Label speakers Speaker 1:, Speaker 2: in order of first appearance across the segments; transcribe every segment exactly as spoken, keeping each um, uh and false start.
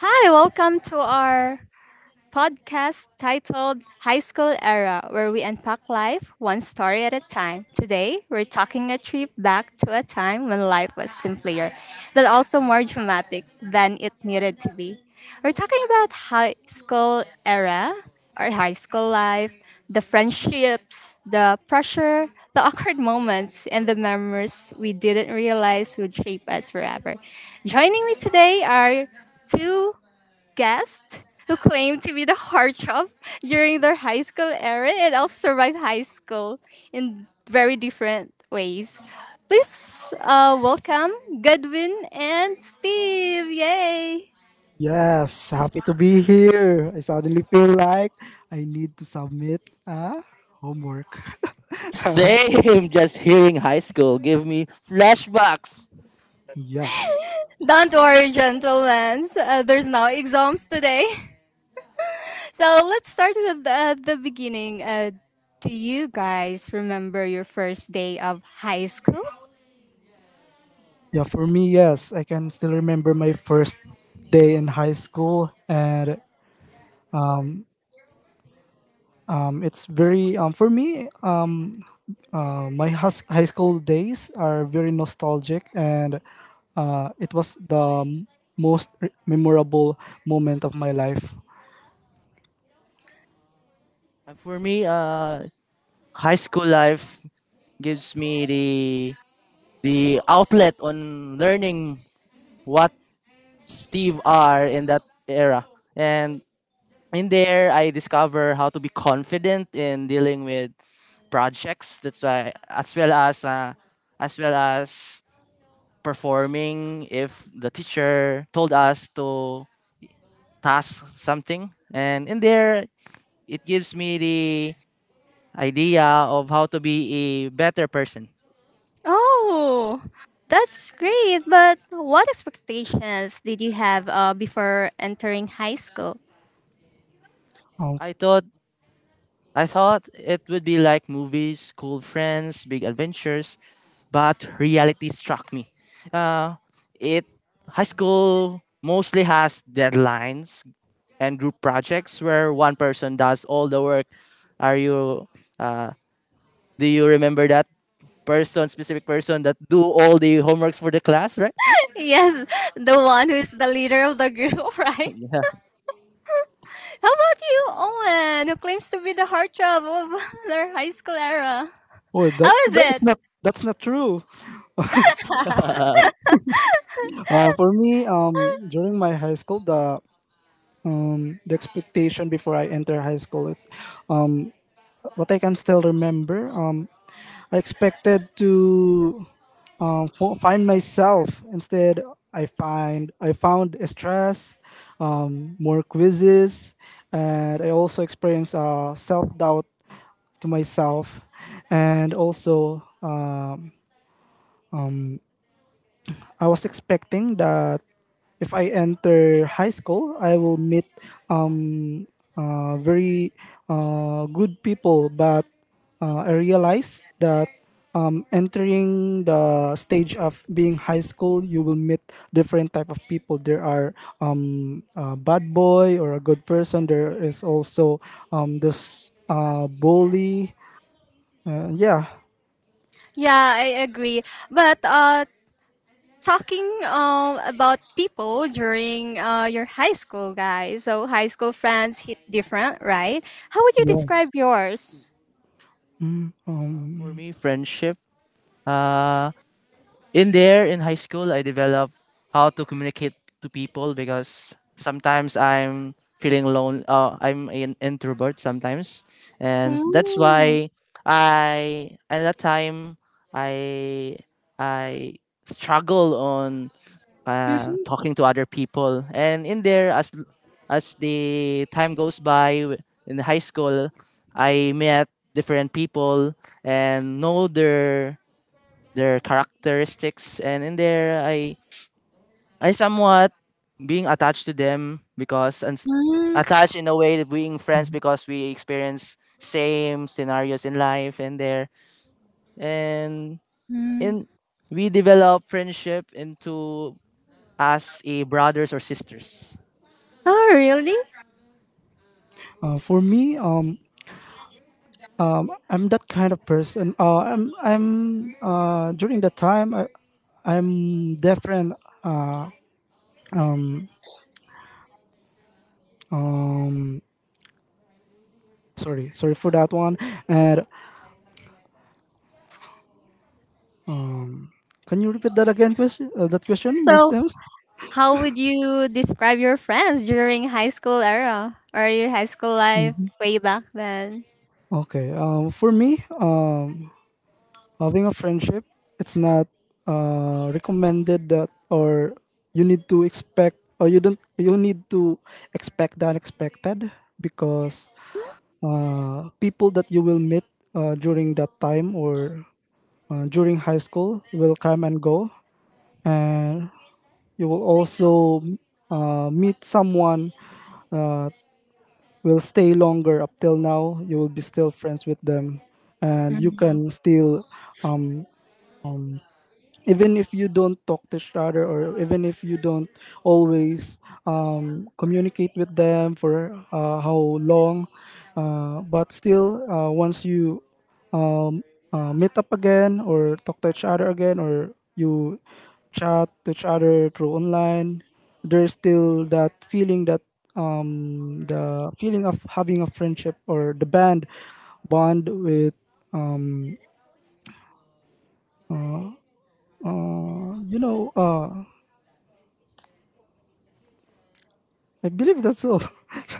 Speaker 1: Hi, welcome to our podcast titled High School Era, where we unpack life one story at a time. Today, we're talking a trip back to a time when life was simpler, but also more dramatic than it needed to be. We're talking about high school era, our high school life, the friendships, the pressure, the awkward moments, and the memories we didn't realize would shape us forever. Joining me today are two guests who claim to be the heart shop during their high school era and also survive high school in very different ways. Please uh, welcome Godwin and Steve. Yay!
Speaker 2: Yes, happy to be here. I suddenly feel like I need to submit a homework.
Speaker 3: Same, just hearing high school give me flashbacks.
Speaker 2: yes.
Speaker 1: Don't worry, gentlemen. so, Uh, there's no exams today. So let's start with uh, the beginning. Uh, do you guys remember your first day of high school?
Speaker 2: Yeah, for me, yes. I can still remember my first day in high school and um, it's very um, for me uh, uh, my hus- high school days are very nostalgic and uh, it was the m- most re- memorable moment of my life.
Speaker 3: And for me, uh, high school life gives me the the outlet on learning what Steve are in that era. And in there, I discover how to be confident in dealing with projects. That's why, as well as uh, as well as performing if the teacher told us to task something. And in there, it gives me the idea of how to be a better person.
Speaker 1: Oh, that's great. But what expectations did you have uh, before entering high school?
Speaker 2: um,
Speaker 3: I thought I thought it would be like movies, cool friends, big adventures, but reality struck me. Uh, it high school mostly has deadlines and group projects where one person does all the work. Are you? Uh, do you remember that person, specific person that do all the homeworks for the class, right?
Speaker 1: Yes, the one who is the leader of the group, right?
Speaker 3: Yeah.
Speaker 1: How about you, Owen, who claims to be the heartthrob of their high school era?
Speaker 2: oh, that,
Speaker 1: How is it?
Speaker 2: that's not that's not true.
Speaker 3: Uh,
Speaker 2: Uh, for me, um, during my high school, the um, the expectation before I enter high school, it, um, what I can still remember, um, I expected to um, fo- find myself. Instead, I find I found stress, um, more quizzes, and I also experienced uh, self doubt to myself, and also. Um, I was expecting that if I enter high school, I will meet um, uh, very uh, good people. But uh, I realized that um, entering the stage of being high school, you will meet different type of people. There are um, a bad boy or a good person. There is also um, this uh, bully. Uh, yeah.
Speaker 1: Yeah, I agree. But uh, talking um, about people during uh, your high school, guys, so high school friends hit different, right? How would you
Speaker 2: Yes.
Speaker 1: describe yours?
Speaker 2: Mm,
Speaker 3: for
Speaker 2: um,
Speaker 3: me, friendship Uh, in there, in high school, I developed how to communicate to people because sometimes I'm feeling lone. Uh, I'm an introvert sometimes, and that's
Speaker 1: Mm.
Speaker 3: why I at that time I I struggle on uh, talking to other people. And in there, as as the time goes by w- in high school, I met different people and know their their characteristics, and in there, I I somewhat being attached to them because and
Speaker 1: Mm,
Speaker 3: attached in a way that being friends because we experience same scenarios in life and there and in
Speaker 1: mm.
Speaker 3: we develop friendship into as a brothers or sisters.
Speaker 1: Oh, really?
Speaker 2: uh, for me, um, I'm that kind of person. Uh, I'm I'm uh, during that time I I'm different. Sorry, sorry for that one. And can you repeat that again? Question uh, that question, Miss
Speaker 1: So,
Speaker 2: Ems.
Speaker 1: how would you describe your friends during high school era or your high school life
Speaker 2: Mhm.
Speaker 1: way back then?
Speaker 2: Okay. Um, for me, uh, having a friendship, it's not uh, recommended that or you need to expect or you don't you need to expect the unexpected because uh, people that you will meet uh, during that time or uh, during high school will come and go, and you will also uh, meet someone uh, will stay longer up till now. You will be still friends with them, and you
Speaker 1: Mm.
Speaker 2: can still um even if you don't talk to each other or even if you don't always um, communicate with them for uh, how long, uh, but still uh, once you um, uh, meet up again or talk to each other again or you chat to each other through online, there's still that feeling that, um, the feeling of having a friendship or the band bond with, um, uh, you know uh, I believe that's all.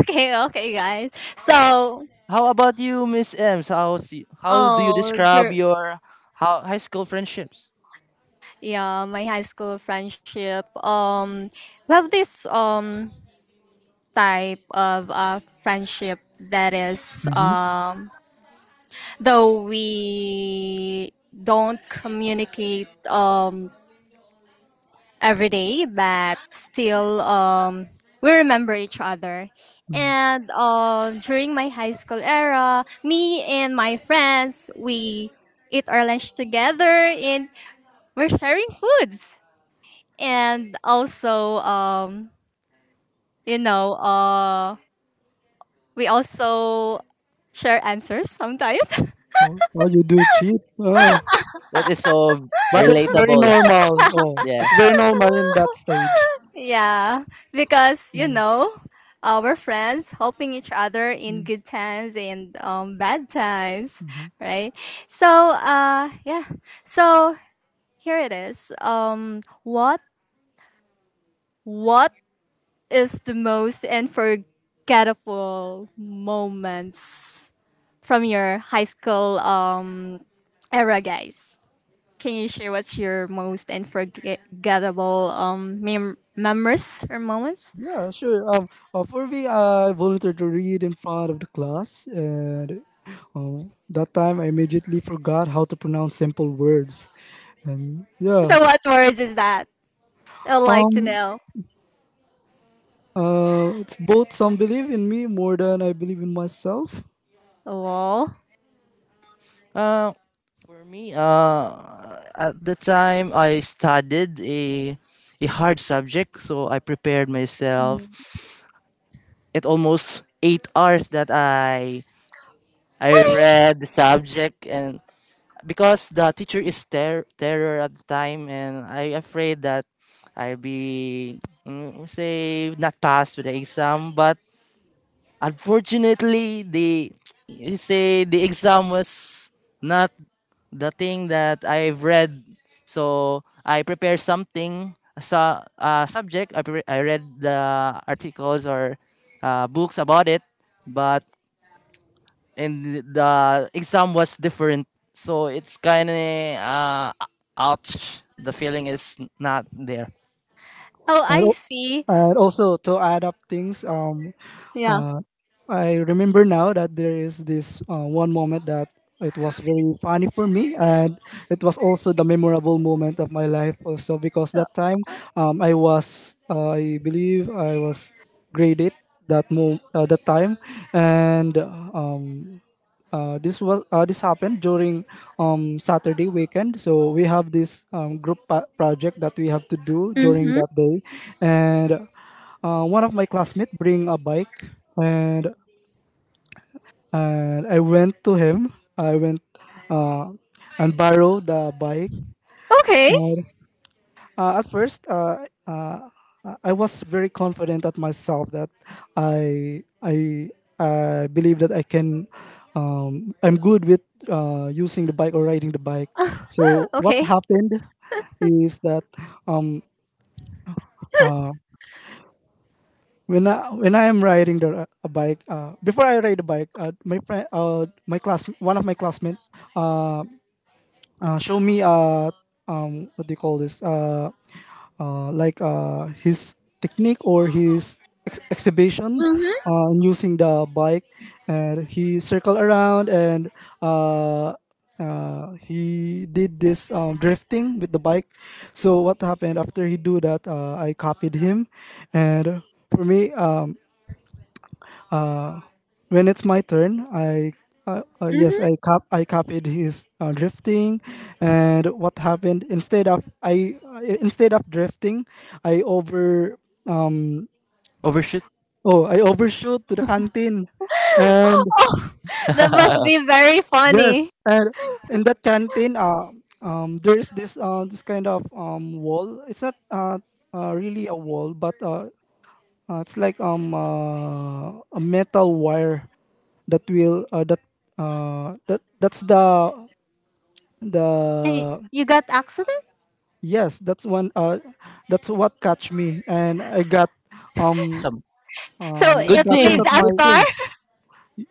Speaker 1: Okay, okay, guys.
Speaker 3: How,
Speaker 1: So,
Speaker 3: how about you, Miss Ems? How how do you
Speaker 1: oh,
Speaker 3: describe
Speaker 1: your
Speaker 3: your how high school friendships?
Speaker 1: yeah, my high school friendship. Um, we have this um type of uh friendship that is,
Speaker 2: Mm-hmm.
Speaker 1: um though we don't communicate um every day, but still, um, we remember each other. And, um, during my high school era, me and my friends, we eat our lunch together and we're sharing foods. And also, um, you know, uh, we also share answers sometimes.
Speaker 2: All, all you do cheat. Ah.
Speaker 3: It is so
Speaker 2: But it's very
Speaker 3: relatable.
Speaker 2: normal. Oh,
Speaker 3: Yeah.
Speaker 2: it's very normal in that stage.
Speaker 1: Yeah, because you know, uh, we're friends helping each other in good times and, um, bad times, right? So, uh, yeah. So here it is. Um, what what is the most unforgettable moments from your high school um era, guys? Can you share what's your most unforgettable um mem- memories or moments?
Speaker 2: Yeah, sure. Um, uh, for me, I volunteered to read in front of the class, and um, that time I immediately forgot how to pronounce simple words. And yeah,
Speaker 1: So what words is that? I'd like to
Speaker 2: um,
Speaker 1: know.
Speaker 2: uh, it's both some believe in me more than I believe in myself.
Speaker 1: Wall.
Speaker 3: Uh, for me, uh, at the time I studied a a hard subject, so I prepared myself. It almost eight hours that I I read the subject, and because the teacher is ter- terror at the time, and I afraid that I be mm, say not pass to the exam, but unfortunately the he say the exam was not the thing that I've read. So I prepare something, so uh, subject. I, pre- I read the articles or uh, books about it, but and the exam was different. So it's kind of uh, ouch. The feeling is not there.
Speaker 1: Oh,
Speaker 2: And,
Speaker 1: I
Speaker 2: al-
Speaker 1: see.
Speaker 2: and also to add up things, um,
Speaker 1: Yeah.
Speaker 2: uh, I remember now that there is this uh, one moment that it was very funny for me, and it was also the memorable moment of my life also because that time, um, I was, uh, I believe I was grade eight that mo- uh, that time, and um, uh, this was uh, this happened during, um, Saturday weekend. So we have this um, group pa- project that we have to do during
Speaker 1: Mm-hmm.
Speaker 2: that day, and uh, one of my classmates bring a bike, and and I went to him. I went uh, and borrowed the bike.
Speaker 1: Okay.
Speaker 2: Uh, at first, uh, uh, I I was very confident at myself that I I I believe that I can. Um, I'm good with uh, using the bike or riding the bike. So what
Speaker 1: Okay.
Speaker 2: happened is that, um, uh, when I when I am riding the a bike, uh, before I ride the bike, uh, my friend, uh, my class, one of my classmates, uh, uh, show me uh um what do you call this uh uh like uh his technique or his ex- exhibition
Speaker 1: Mm-hmm.
Speaker 2: uh, using the bike, and he circled around and uh uh, he did this, um, drifting with the bike. So what happened after he do that, uh, I copied him. And for me, um, when it's my turn, I, uh, uh, yes, I cop I copied his uh, drifting, and what happened instead of I I- instead of drifting, I over—
Speaker 3: Overshoot.
Speaker 2: oh, I overshoot to the canteen. And
Speaker 1: Mm-hmm. That must be very
Speaker 2: yes,
Speaker 1: funny.
Speaker 2: and in that canteen, uh, um, there is this uh this kind of um wall. It's not uh, uh really a wall, but uh, uh it's like um uh, a metal wire that will uh, that uh that that's the
Speaker 1: And y-
Speaker 2: the.
Speaker 1: you got accident?
Speaker 2: Yes, that's one uh that's what catch me and I got um
Speaker 3: Some
Speaker 1: So
Speaker 2: um
Speaker 3: good
Speaker 1: it
Speaker 2: scratches
Speaker 3: thing.
Speaker 1: leaves
Speaker 2: at
Speaker 1: a
Speaker 2: my—
Speaker 3: Good
Speaker 1: scar?
Speaker 3: thing.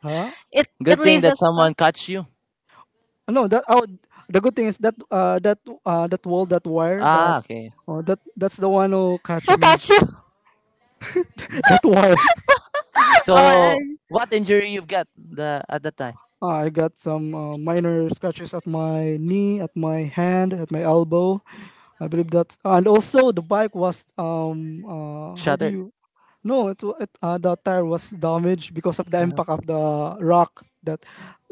Speaker 2: huh?
Speaker 1: It it
Speaker 3: Good thing
Speaker 1: leaves a
Speaker 3: that
Speaker 1: scar.
Speaker 3: someone catch you.
Speaker 2: No, that oh the good thing is that uh that uh that wall, that wire, that
Speaker 3: Ah, okay.
Speaker 2: oh, that that's the one who catch
Speaker 1: Who
Speaker 2: me.
Speaker 1: catch you?
Speaker 2: That wire.
Speaker 1: oh,
Speaker 3: So
Speaker 1: I-
Speaker 3: what injury you've got the at that time?
Speaker 2: I got some uh, minor scratches at my knee, at my hand, at my elbow. I believe that, and also the bike was um uh, how do
Speaker 3: Shattered.
Speaker 2: you? No, it, wa- it uh, the tire was damaged because of the impact of the rock. That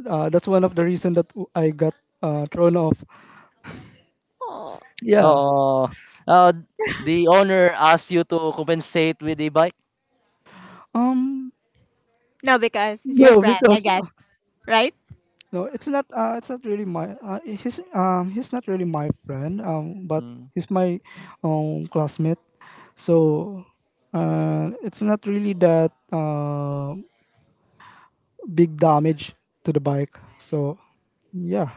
Speaker 2: uh, That's one of the reason that I got uh, thrown off.
Speaker 1: oh.
Speaker 2: Yeah.
Speaker 3: Oh, uh, the owner asks you to compensate with a bike?
Speaker 2: Um.
Speaker 1: No, because it's your
Speaker 2: No,
Speaker 1: friend, I
Speaker 2: because.
Speaker 1: guess. Right?
Speaker 2: No, it's not. Uh, it's not really my. Uh, he's um he's not really my friend. Um, but
Speaker 3: Hmm.
Speaker 2: he's my um classmate. So, uh, it's not really that uh big damage to the bike. So, yeah,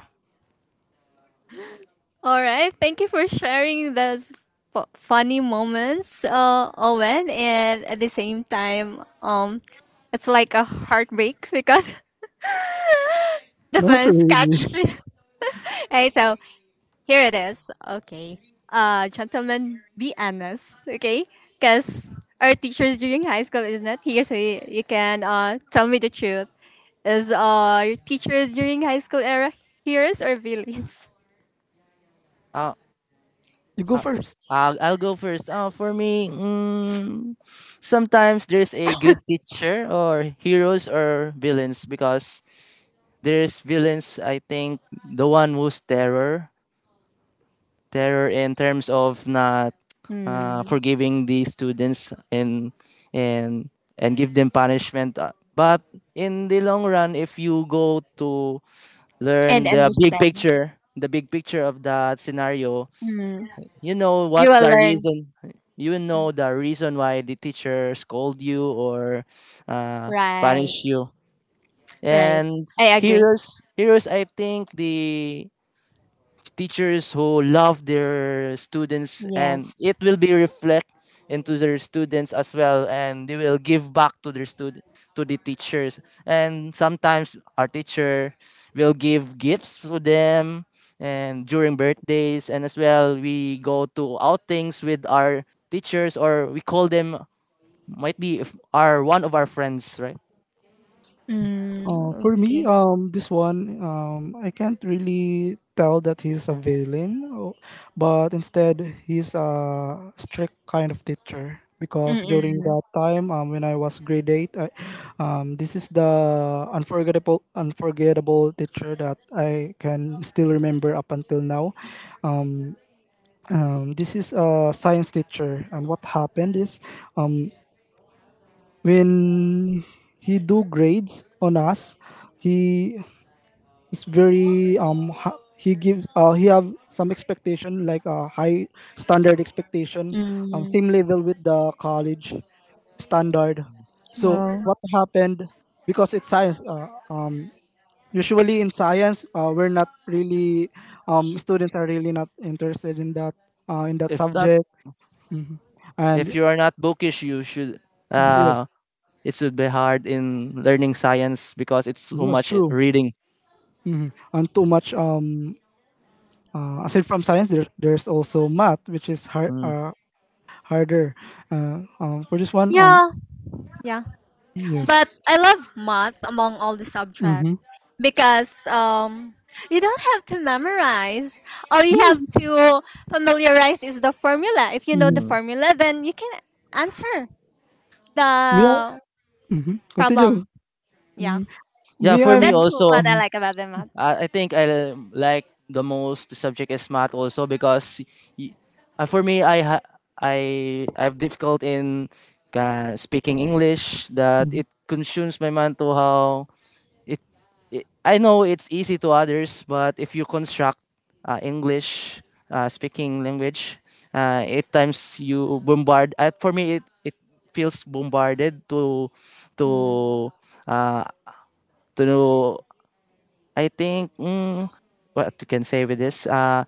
Speaker 1: All right. Thank you for sharing those fu- funny moments, uh, Owen. And at the same time, um, it's like a heartbreak because the
Speaker 2: not
Speaker 1: fans
Speaker 2: really.
Speaker 1: catch. Hey, so here it is. Okay. Uh, gentlemen, be honest. Okay, because our teachers during high school is not here, so, you, you can uh tell me the truth. Is uh your teachers during high school era heroes or villains?
Speaker 3: Ah,
Speaker 2: You go
Speaker 3: ah,
Speaker 2: first.
Speaker 3: I'll I'll go first. Ah, for me, mm, sometimes there's a good teacher or heroes or villains because there's villains, I think, the one who's terror. Terror in terms of not uh,
Speaker 1: Hmm.
Speaker 3: forgiving the students and and and give them punishment. Uh, But in the long run, if you go to
Speaker 1: And
Speaker 3: learn the big
Speaker 1: understand.
Speaker 3: picture, the big picture of that scenario.
Speaker 1: Hmm.
Speaker 3: You know what
Speaker 1: You will
Speaker 3: the
Speaker 1: learn.
Speaker 3: reason, you know the reason why the teacher scold you or uh,
Speaker 1: Right.
Speaker 3: punish you.
Speaker 1: Right.
Speaker 3: And
Speaker 1: I agree.
Speaker 3: heroes, heroes, I think the teachers who love their students and it
Speaker 1: Yes.
Speaker 3: will be reflect into their students as well and they will give back to their student to the teachers and sometimes our teacher will give gifts to them and during birthdays and as well we go to outings with our teachers or we call them might be if our one of our friends right
Speaker 1: Mm,
Speaker 2: Uh, for me,
Speaker 1: okay.
Speaker 2: um, this one, um, I can't really tell that he's a villain, o- but instead he's a strict kind of teacher. Because
Speaker 1: Mm-mm.
Speaker 2: during that time, um, when I was grade eight, I, um, this is the unforgettable, unforgettable teacher that I can still remember up until now. Um, um, this is a science teacher, and what happened is, um, when he do grades on us, he it's very um ha- he gives, uh, he have some expectation like a high standard expectation, um, same
Speaker 1: Mm.
Speaker 2: level with the college standard. So
Speaker 1: Oh.
Speaker 2: what happened, because it's science, uh, usually in science, uh, we're not really, um, students are really not interested in that, uh, in that
Speaker 3: if not
Speaker 2: subject.
Speaker 3: if
Speaker 2: And
Speaker 3: you are not bookish you should uh
Speaker 2: yes.
Speaker 3: it should be hard in learning science because it's so
Speaker 2: Yes,
Speaker 3: much
Speaker 2: true.
Speaker 3: reading.
Speaker 2: Hmm. And too much um uh, aside from science, there, there's also math, which is hard,
Speaker 3: Mm,
Speaker 2: uh, harder. Uh, um, for this one, um,
Speaker 1: Yeah. Yeah. But
Speaker 2: yes.
Speaker 1: I love math among all the subjects
Speaker 2: Mm-hmm.
Speaker 1: because um you don't have to memorize. All you have to familiarize is the formula. If you know
Speaker 2: Mm-hmm.
Speaker 1: the
Speaker 3: mm.
Speaker 1: formula, then you can answer
Speaker 2: Me,
Speaker 1: the
Speaker 2: I- mhm.
Speaker 1: problem.
Speaker 2: Continue.
Speaker 1: Yeah.
Speaker 2: Mm,
Speaker 3: Yeah,
Speaker 2: me,
Speaker 3: for
Speaker 2: I'm.
Speaker 3: me
Speaker 1: That's what
Speaker 3: also,
Speaker 1: I
Speaker 2: Mhm,
Speaker 1: like about the math.
Speaker 3: I, I think I like the most subject is math also because y- uh, for me I ha- I I've difficult in uh, speaking English that
Speaker 2: mhm.
Speaker 3: it consumes my mental how It, it I know it's easy to others, but if you construct uh, English uh, speaking language, uh, at times you bombard. Uh, for me, it, it feels bombarded to to
Speaker 1: Mm,
Speaker 3: uh, to know I think mm, what you can say with this uh,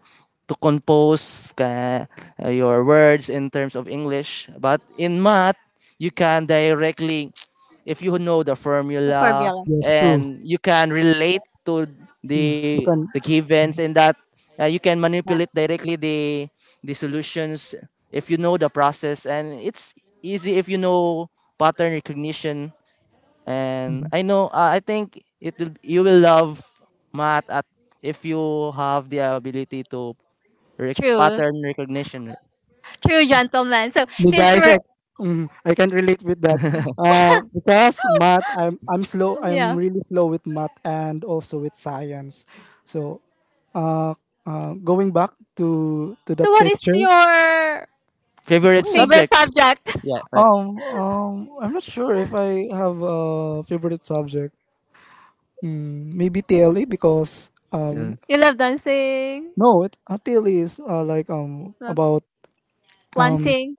Speaker 3: to compose uh, your words in terms of English, but in math you can directly if you know the
Speaker 1: the
Speaker 3: formula
Speaker 1: formula.
Speaker 2: Yes, true.
Speaker 3: and you can relate to
Speaker 2: Mm.
Speaker 3: the
Speaker 2: You
Speaker 3: the
Speaker 2: can,
Speaker 3: givens and that uh, you can manipulate
Speaker 1: Yes.
Speaker 3: directly the the solutions if you know the process and it's easy if you know pattern recognition and I know uh, I think it will you will love math at if you have the ability to rec-
Speaker 1: True.
Speaker 3: pattern recognition.
Speaker 1: True, gentleman. So
Speaker 2: me
Speaker 1: since
Speaker 2: guys,
Speaker 1: we're,
Speaker 2: I, mm, I can relate with that. Uh, because math, I'm, I'm slow. I'm
Speaker 1: yeah.
Speaker 2: really slow with math and also with science. So, uh, uh, going back to to the
Speaker 1: So what is
Speaker 2: teacher.
Speaker 1: your
Speaker 3: Favorite
Speaker 2: Wait.
Speaker 1: favorite
Speaker 3: subject?
Speaker 1: subject?
Speaker 3: Yeah, right.
Speaker 2: Um, um, I'm not sure if I have a favorite subject. Mm, maybe T L E because
Speaker 3: Yeah.
Speaker 2: um
Speaker 1: You love dancing,
Speaker 2: no, it, uh, T L E is uh, like um
Speaker 1: love
Speaker 2: about um s-
Speaker 1: planting,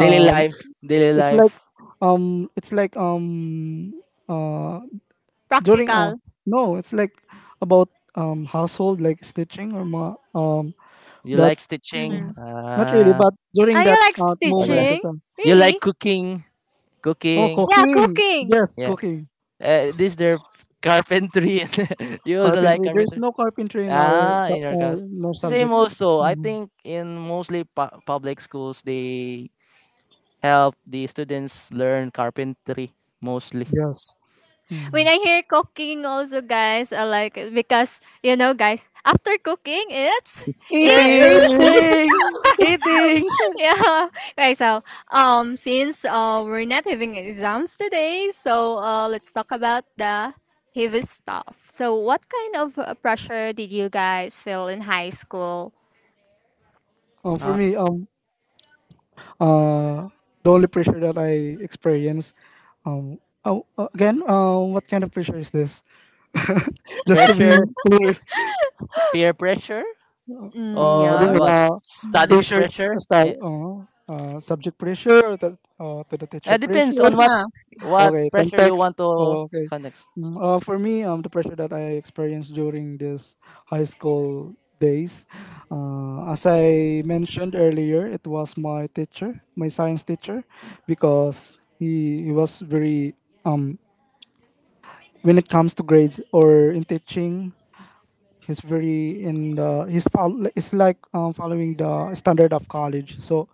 Speaker 3: Daily life, daily
Speaker 2: it's
Speaker 3: life.
Speaker 2: like um it's like um uh during uh
Speaker 1: practical.
Speaker 2: no, it's like about um household, like stitching or ma- um
Speaker 3: You like
Speaker 2: that's
Speaker 3: stitching?
Speaker 2: uh,
Speaker 1: Mm.
Speaker 2: not really,
Speaker 3: Ah,
Speaker 2: but during
Speaker 1: Are you
Speaker 2: that
Speaker 1: like
Speaker 2: uh,
Speaker 3: uh,
Speaker 2: moment
Speaker 1: stitching?
Speaker 2: that, um,
Speaker 3: you like
Speaker 1: Really?
Speaker 3: cooking?
Speaker 2: oh,
Speaker 3: Cooking?
Speaker 1: Yeah,
Speaker 2: cooking,
Speaker 1: cooking.
Speaker 2: yes,
Speaker 3: Yeah.
Speaker 2: cooking.
Speaker 3: Uh, this their carpentry. you also like
Speaker 2: Carpentry, there's
Speaker 3: carpentry?
Speaker 2: no carpentry in our
Speaker 3: Ah,
Speaker 2: su-
Speaker 3: in your class.
Speaker 2: uh, no
Speaker 3: Same
Speaker 2: subject.
Speaker 1: Mm.
Speaker 3: also. I
Speaker 2: Mm,
Speaker 3: think in mostly pu- public schools they help the students learn carpentry mostly.
Speaker 2: yes. Mm.
Speaker 1: When I hear cooking also, guys, I like it because you know, guys, after cooking it's eating.
Speaker 2: Eating.
Speaker 3: Tasting, eating,
Speaker 1: Yeah. Right, so, um since uh we're not having exams today, so uh let's talk about the heavy stuff. So what kind of, uh, pressure did you guys feel in high school?
Speaker 2: Um, for
Speaker 3: uh,
Speaker 2: me, um, uh, the only pressure that I experience, um, oh, uh, again, uh, what kind of pressure is this? Just to be
Speaker 3: pressure,
Speaker 2: clear,
Speaker 3: peer pressure,
Speaker 1: Mm,
Speaker 2: uh, what do
Speaker 1: yeah.
Speaker 2: you
Speaker 3: or
Speaker 2: mean?
Speaker 3: what?
Speaker 2: Uh,
Speaker 1: Mm.
Speaker 3: Studies
Speaker 2: pressure, uh,
Speaker 3: pressure.
Speaker 2: style,
Speaker 3: Eh,
Speaker 2: uh, uh, subject pressure, or uh, to the teacher
Speaker 3: it depends
Speaker 2: pressure.
Speaker 3: on what
Speaker 1: Yeah,
Speaker 3: what
Speaker 2: Okay,
Speaker 3: pressure you
Speaker 2: context.
Speaker 3: want to
Speaker 2: Oh, okay.
Speaker 3: connect.
Speaker 2: Mm, Uh, for me, um, the pressure that I experienced during this high school days, uh, as I mentioned earlier, it was my teacher, my science teacher, because he, he was very um when it comes to grades or in teaching, he's very in the he's follow, it's like um, following the standard of college. So,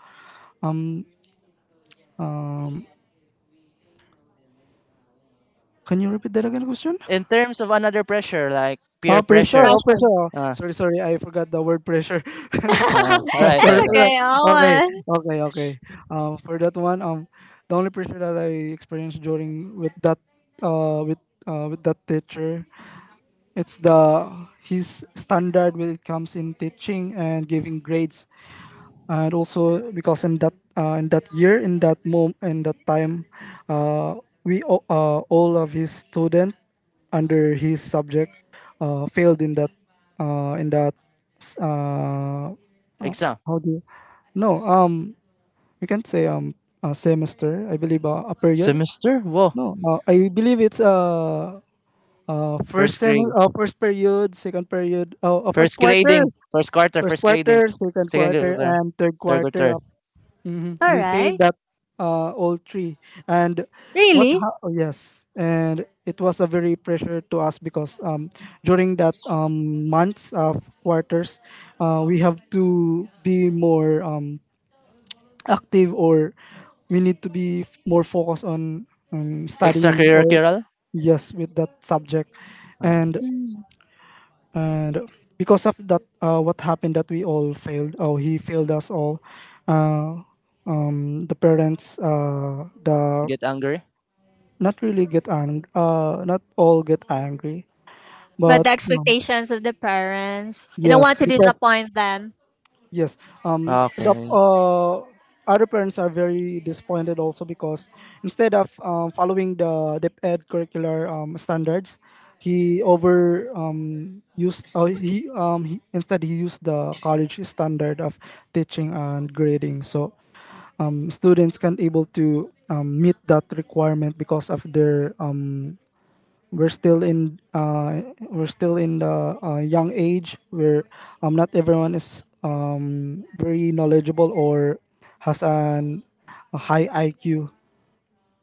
Speaker 2: can you repeat that again, question?
Speaker 3: In terms of another pressure, like peer
Speaker 2: Oh, pressure.
Speaker 3: pressure.
Speaker 2: Oh, pressure.
Speaker 1: pressure.
Speaker 2: Oh,
Speaker 3: Uh,
Speaker 2: sorry, sorry. I forgot the word pressure.
Speaker 3: uh, all right, all right.
Speaker 1: That's
Speaker 2: Sorry
Speaker 3: all
Speaker 2: for
Speaker 3: right.
Speaker 2: that.
Speaker 1: okay.
Speaker 2: Okay,
Speaker 1: Oh,
Speaker 2: okay, okay. Um, for that one, um, the only pressure that I experienced during with that, uh, with uh, with that teacher, it's the his standard when it comes in teaching and giving grades, and also because in that uh, in that year in that mom in that time, uh, we all- uh, all of his student under his subject uh, failed in that uh, in that s- uh, uh,
Speaker 3: Exam
Speaker 2: how do you, no um you can say, um a semester I believe, uh, a period,
Speaker 3: semester. Whoa,
Speaker 2: no uh, I believe it's, uh, uh first
Speaker 3: first
Speaker 2: sem
Speaker 3: grade,
Speaker 2: uh, first period, second period, oh, uh, first
Speaker 3: first
Speaker 2: quarter.
Speaker 3: grading, first quarter,
Speaker 2: First
Speaker 3: first grading,
Speaker 2: quarter, second
Speaker 3: second
Speaker 2: quarter,
Speaker 3: quarter,
Speaker 2: and third
Speaker 3: third
Speaker 2: quarter.
Speaker 3: quarter.
Speaker 2: Mhm.
Speaker 1: all
Speaker 2: We failed
Speaker 1: right.
Speaker 2: that, uh, all three. And what?
Speaker 1: Really.
Speaker 2: Ha- oh, yes, and it was a very pressure to us because, um, during that, um, months of quarters, uh, we have to be more, um, active, or we need to be f- more focused on, um, studying or
Speaker 3: Extracurricular.
Speaker 2: yes with that subject, and
Speaker 1: Mm.
Speaker 2: and because of that, uh, what happened that we all failed. Oh, he failed us all. Uh, the parents, uh the
Speaker 3: Get angry.
Speaker 2: not really get ang- uh not all get angry,
Speaker 1: But
Speaker 2: but
Speaker 1: the
Speaker 2: um,
Speaker 1: expectations of the parents, you don't
Speaker 2: yes
Speaker 1: want to
Speaker 2: because
Speaker 1: disappoint them.
Speaker 2: yes um the
Speaker 3: Okay.
Speaker 2: uh other parents are very disappointed also, because instead of um, following the dep ed curricular um, standards, he over um, used uh, he, um, he instead he used the college standard of teaching and grading. So um, students can't able to um, meet that requirement because of their, um, we're still in uh, we're still in the uh, young age where um, not everyone is um, very knowledgeable or has an a high I Q.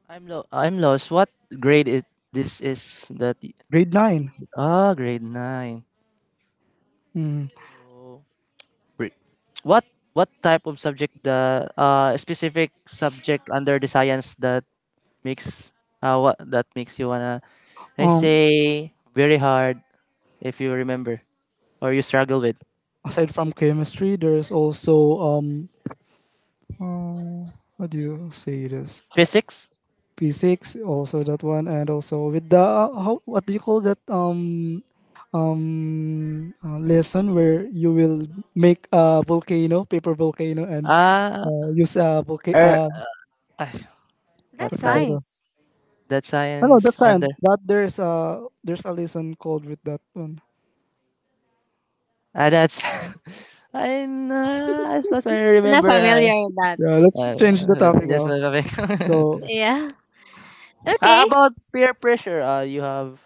Speaker 3: I'm lo- I'm lost. What grade is this is that y-
Speaker 2: Grade nine.
Speaker 3: ah grade nine.
Speaker 2: Mm.
Speaker 3: So br- what what type of subject the uh specific subject under the science that makes uh what that makes you wanna I
Speaker 2: Um,
Speaker 3: say very hard if you remember or you struggle with
Speaker 2: Aside from chemistry, there's also um, uh, what do you say this?
Speaker 3: physics?
Speaker 2: Physics, also that one, and also with the uh, how, what do you call that, um um uh, lesson where you will make a volcano, paper volcano, and
Speaker 3: Ah
Speaker 2: uh, use a volcano.
Speaker 3: er
Speaker 2: Uh,
Speaker 3: ah, what
Speaker 2: I
Speaker 1: That's
Speaker 3: type?
Speaker 2: forgot. what-
Speaker 1: nice.
Speaker 3: That
Speaker 2: I know
Speaker 3: science
Speaker 2: that's
Speaker 3: under
Speaker 2: time, but there's a there's a lesson called with that one.
Speaker 3: ah that's I uh, as far as I
Speaker 1: I'm not
Speaker 3: remember uh,
Speaker 1: familiar with that.
Speaker 2: Yeah, let's
Speaker 3: Uh,
Speaker 2: change the topic
Speaker 3: just
Speaker 2: now.
Speaker 3: like a big-
Speaker 2: So
Speaker 1: Yeah.
Speaker 3: Ah,
Speaker 1: Okay,
Speaker 3: about peer pressure, uh, you have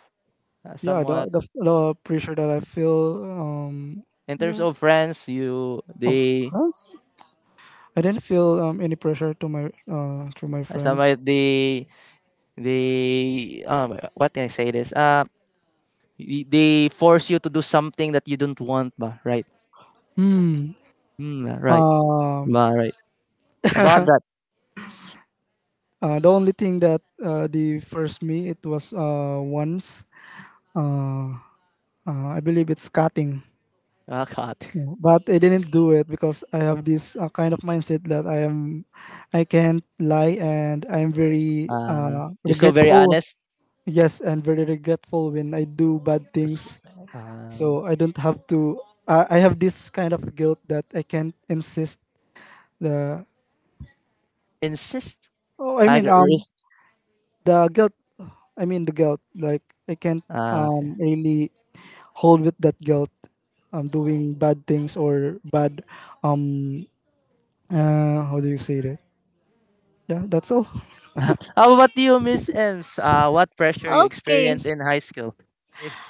Speaker 3: uh,
Speaker 2: yeah, the
Speaker 3: somewhat
Speaker 2: the, the pressure that I feel. Um,
Speaker 3: in terms
Speaker 2: yeah,
Speaker 3: of friends, you
Speaker 2: of
Speaker 3: they
Speaker 2: friends. I didn't feel um, any pressure to my uh through my
Speaker 3: uh,
Speaker 2: friends.
Speaker 3: somewhat they they uh, what can I say this? Uh, y- they force you to do something that you don't want, ba? Right?
Speaker 2: Hmm.
Speaker 3: Mm, right.
Speaker 2: Um.
Speaker 3: Ba, right. About that.
Speaker 2: Uh, the only thing that uh, the first me it was uh, once, uh, uh, I believe it's cutting,
Speaker 3: Ah, God.
Speaker 2: but I didn't do it because I have this uh, kind of mindset that I am I can't lie, and I'm very
Speaker 3: Uh,
Speaker 2: uh,
Speaker 3: you're so very
Speaker 2: regretful.
Speaker 3: honest.
Speaker 2: Yes, and very regretful when I do bad things.
Speaker 3: Uh,
Speaker 2: So I don't have to. I I have this kind of guilt that I can't insist. The
Speaker 3: insist.
Speaker 2: oh, I
Speaker 3: I
Speaker 2: mean
Speaker 3: agree.
Speaker 2: um the guilt i mean the guilt, like I can't
Speaker 3: Uh,
Speaker 2: um really hold with that guilt, um doing bad things or bad. um uh how do you say that? Yeah, that's all.
Speaker 3: How about you, Miss Ems? Uh, what pressure you
Speaker 1: okay.
Speaker 3: experienced in high school? If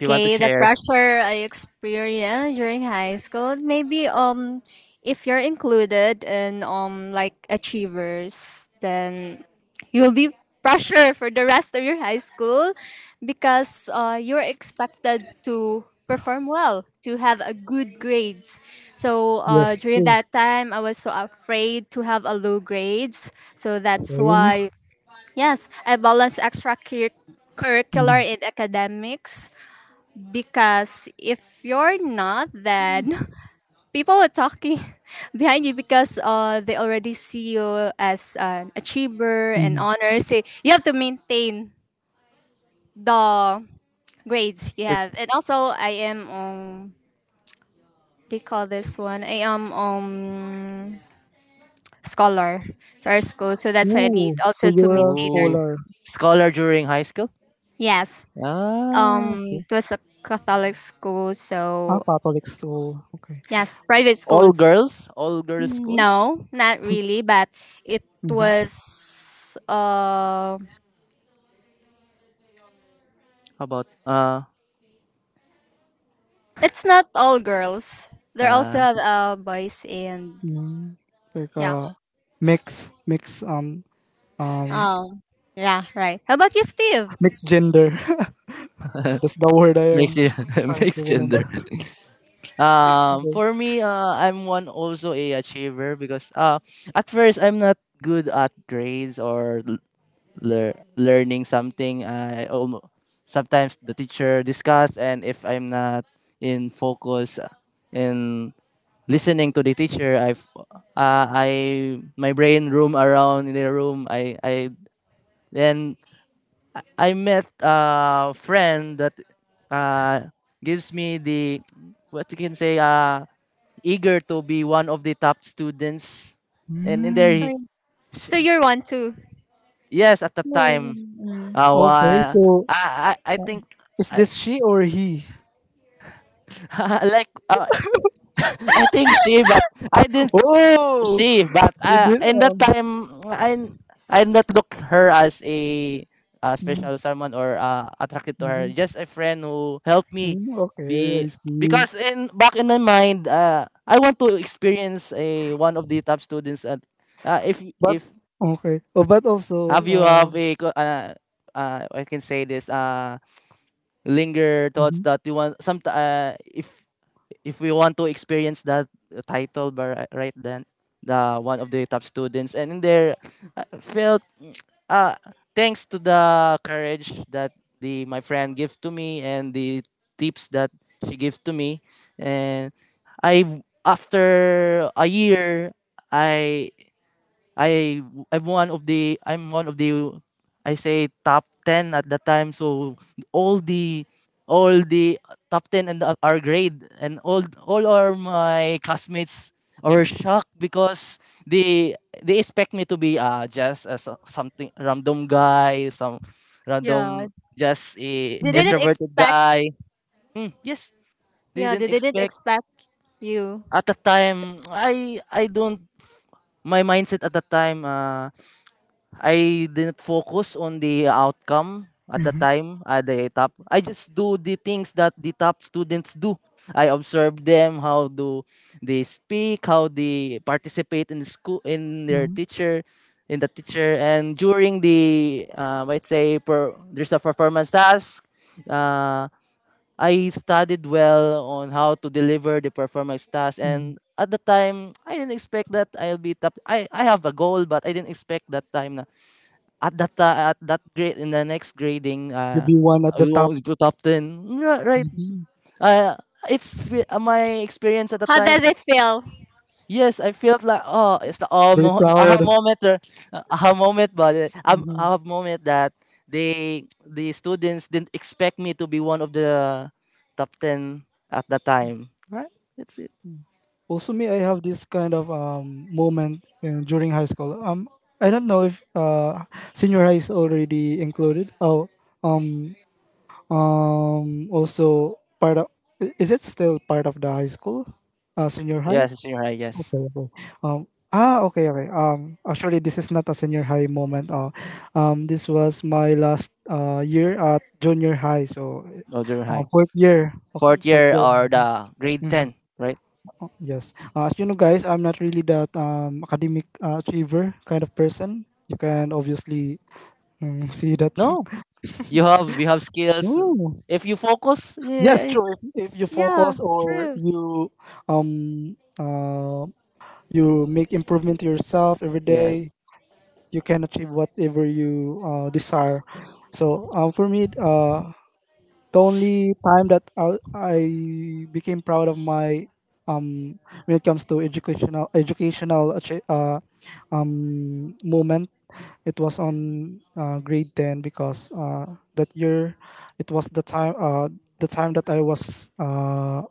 Speaker 3: you want to
Speaker 1: the
Speaker 3: share,
Speaker 1: pressure I experienced during high school, maybe, um if you're included in, um like, achievers, then you'll be pressure for the rest of your high school because, uh, you're expected to perform well, to have a good grades. So, uh,
Speaker 2: Yes,
Speaker 1: during
Speaker 2: true.
Speaker 1: that time, I was so afraid to have a low grades. So that's
Speaker 2: Same.
Speaker 1: why. Yes, I balance extracurricular in academics, because if you're not then people are talking behind you because, uh, they already see you as an achiever and
Speaker 2: Mm-hmm.
Speaker 1: honor say you have to maintain the grades you
Speaker 3: it's
Speaker 1: have. And also, I am um they call this one, I am, um scholar to our school, so that's why I need
Speaker 2: Oh, so
Speaker 1: also to
Speaker 2: you're a
Speaker 1: maintain our
Speaker 3: ooh,
Speaker 2: scholar.
Speaker 1: school.
Speaker 3: scholar during high school.
Speaker 1: Yes, um
Speaker 3: Ah, okay.
Speaker 1: it was a Catholic school,
Speaker 2: Ah,
Speaker 1: so
Speaker 2: Catholic school. Okay.
Speaker 1: yes, private school.
Speaker 3: All girls, all girls school.
Speaker 1: No, not really, but it
Speaker 2: Mm-hmm.
Speaker 1: was, uh
Speaker 3: How about uh,
Speaker 1: it's not all girls. There also
Speaker 3: uh
Speaker 1: have uh boys and,
Speaker 2: Mm, like
Speaker 1: yeah.
Speaker 2: uh mix mix um um
Speaker 1: Um yeah, right. How about you, Steve?
Speaker 2: mixed gender. That's the word I am
Speaker 3: mixed
Speaker 2: trying to
Speaker 3: mixed gender.
Speaker 2: remember.
Speaker 3: Um,
Speaker 2: Okay.
Speaker 3: for me, uh, I'm one also a achiever because uh, at first I'm not good at grades or lear- learning something I almo sometimes the teacher discuss and if I'm not in focus in listening to the teacher I've, uh, I my brain roam around in the room I I then I met a friend that uh gives me the what you can say uh eager to be one of the top students and in there
Speaker 2: Mm.
Speaker 3: he,
Speaker 1: So you're one too.
Speaker 3: yes at the time uh,
Speaker 2: Okay,
Speaker 3: wa-
Speaker 2: so
Speaker 3: I, I i think
Speaker 2: is
Speaker 3: I,
Speaker 2: this she or he?
Speaker 3: like uh, I think she, but I didn't
Speaker 2: Oh,
Speaker 3: she, but
Speaker 2: she
Speaker 3: uh,
Speaker 2: did.
Speaker 3: in that
Speaker 2: Um,
Speaker 3: time I I did not look her as a uh,
Speaker 2: mm,
Speaker 3: special someone or uh, attracted to her.
Speaker 2: mhm,
Speaker 3: Just a friend who helped me
Speaker 2: mm, okay,
Speaker 3: be
Speaker 2: I see.
Speaker 3: because in back in my mind, uh, I want to experience a one of the top students. At uh, if
Speaker 2: But
Speaker 3: if
Speaker 2: okay, oh, but also,
Speaker 3: have you
Speaker 2: uh,
Speaker 3: have a co- uh, uh, I can say this uh linger thoughts
Speaker 2: mhm,
Speaker 3: that you want some uh, if if we want to experience that title by right right then the one of the top students and in there I felt uh, thanks to the courage that the my friend gives to me and the tips that she gives to me and I after a year I I I'm one of the I'm one of the I say top ten at the time so all the all the top ten and the- our grade and all all our my classmates are shocked because they they expect me to be uh just as a- so, something random guy some
Speaker 1: Yeah.
Speaker 3: random just a
Speaker 1: They
Speaker 2: mhm,
Speaker 1: didn't
Speaker 3: introverted
Speaker 1: expect,
Speaker 3: guy mm, yes they
Speaker 1: yeah,
Speaker 3: didn't
Speaker 1: they didn't
Speaker 3: expect
Speaker 1: expect you.
Speaker 3: at the time I I don't my mindset at the time uh I didn't focus on the outcome at the
Speaker 2: mhm,
Speaker 3: time at the top. I just do the things that the top students do. I observe them how do they speak, how they participate in the school in their
Speaker 2: mhm,
Speaker 3: teacher, in the teacher, and during the uh, might say per, there's a performance task. Uh, I studied well on how to deliver the performance task
Speaker 2: mhm.
Speaker 3: and at the time I didn't expect that I'll be top I, I have a goal but I didn't expect that time na at that uh, at that grade in the next grading
Speaker 2: You
Speaker 3: uh
Speaker 2: be one at the
Speaker 3: we
Speaker 2: top.
Speaker 3: always put top ten. Ri- right,
Speaker 2: Mhm.
Speaker 3: uh it's fe- uh, my experience at the
Speaker 1: How
Speaker 3: time
Speaker 1: does it feel?
Speaker 3: yes I felt like oh it's the aha,
Speaker 2: Very
Speaker 3: mo- aha
Speaker 2: proud.
Speaker 3: moment or, uh, aha moment but uh, um,
Speaker 2: Mhm.
Speaker 3: aha moment that they the students didn't expect me to be one of the top ten at that time right it's it
Speaker 2: Also, me, I have this kind of um moment uh, during high school. Um, I don't know if uh senior high is already included. Oh, um, Um, also part of, i- is it still part of the high school, uh, senior high?
Speaker 3: yes it's senior high yes
Speaker 2: Okay, okay. Um, ah, okay, okay. Um, actually, this is not a senior high moment. Uh, um, this was my last uh year at junior high, so
Speaker 3: no junior
Speaker 2: uh,
Speaker 3: high
Speaker 2: fourth year. Okay,
Speaker 3: fourth
Speaker 2: fourth
Speaker 3: year
Speaker 2: year.
Speaker 3: or
Speaker 2: Mhm.
Speaker 3: the grade
Speaker 2: Mhm.
Speaker 3: ten right
Speaker 2: Oh, yes. Uh, as you know, guys, I'm not really that um academic uh, achiever kind of person. You can obviously um, see that.
Speaker 3: no. You have we have skills.
Speaker 2: No.
Speaker 3: If you focus,
Speaker 2: Yes,
Speaker 3: yeah,
Speaker 2: true. If, if you
Speaker 1: Yeah,
Speaker 2: focus or
Speaker 1: true.
Speaker 2: you, um uh, you make improvement to yourself every
Speaker 3: yeah,
Speaker 2: day, you can achieve whatever you uh, desire. So um, for me, uh, the only time that I, I became proud of my, um when it comes to educational educational achi- uh, um moment, it was on uh, grade ten, because uh, that year, it was the time uh, the time that I was, uh,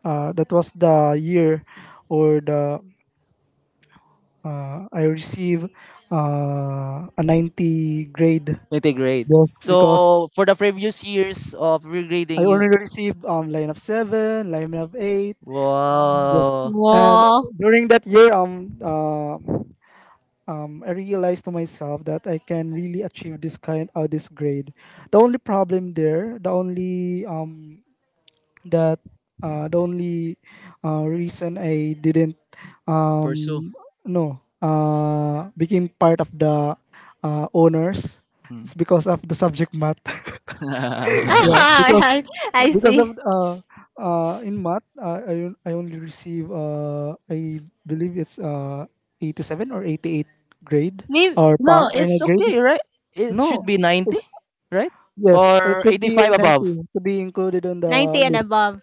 Speaker 2: uh, that was the year or the, uh, I received uh, a ninety grade.
Speaker 3: integrate.
Speaker 2: Yes, because
Speaker 3: So for the previous years of
Speaker 2: I
Speaker 3: regrading, you
Speaker 2: already received um line of seven, line of eight. Yes,
Speaker 3: wow
Speaker 2: and
Speaker 1: Wow.
Speaker 2: during that year, um, uh, um, I realized to myself that I can really achieve this kind of this grade. The only problem there, the only, um that uh, the only uh, reason I didn't,
Speaker 3: pursue.
Speaker 2: um no uh became part of the, uh, owners,
Speaker 3: Hmm.
Speaker 2: it's because of the subject math. Yeah, because
Speaker 1: I I
Speaker 2: because of
Speaker 1: see.
Speaker 2: uh uh in math, uh, i on- I only receive, uh I believe it's uh eighty-seven or eighty-eight grade
Speaker 1: Me
Speaker 2: or pa-
Speaker 3: No,
Speaker 2: final
Speaker 3: it's
Speaker 2: grade.
Speaker 3: okay, right? It should
Speaker 2: No
Speaker 3: be ninety,
Speaker 2: it's,
Speaker 3: right?
Speaker 2: yes it
Speaker 3: Or
Speaker 2: should be
Speaker 3: eighty-five above.
Speaker 2: ninety to be included on the
Speaker 1: ninety and
Speaker 2: list.
Speaker 1: above.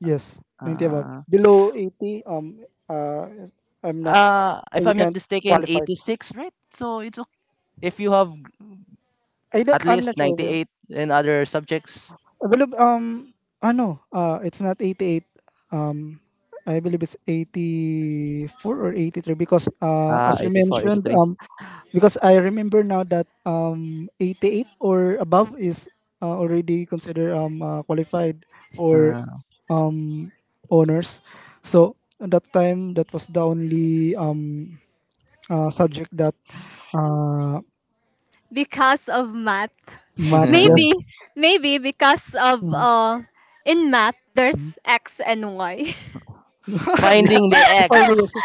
Speaker 2: Yes, ninety above,
Speaker 3: Uh,
Speaker 2: below eighty. um uh I'm not,
Speaker 3: uh if
Speaker 2: you
Speaker 3: I'm not
Speaker 2: can't
Speaker 3: mistaken,
Speaker 2: qualify.
Speaker 3: eighty-six, right? So it's okay. If you have
Speaker 2: I don't,
Speaker 3: at
Speaker 2: I'm not
Speaker 3: least
Speaker 2: sure.
Speaker 3: ninety-eight in other subjects.
Speaker 2: Well, um, ano, uh, it's not eighty-eight. Um, I believe it's eighty-four or eighty-three, because uh,
Speaker 3: Ah,
Speaker 2: as you
Speaker 3: eighty-four,
Speaker 2: mentioned,
Speaker 3: eighty-three.
Speaker 2: um, because I remember now that um, eighty-eight or above is uh, already considered, um, uh, qualified for,
Speaker 3: 83.
Speaker 2: um, honors. So at that time, that was the only, um, uh, subject that, uh,
Speaker 1: Because of math.
Speaker 2: math,
Speaker 3: Ah.
Speaker 1: Maybe,
Speaker 2: yes.
Speaker 1: maybe because of,
Speaker 2: Mm.
Speaker 1: uh, in math there's x and y.
Speaker 2: Yeah,
Speaker 3: Finding the
Speaker 2: five
Speaker 3: X.
Speaker 2: years.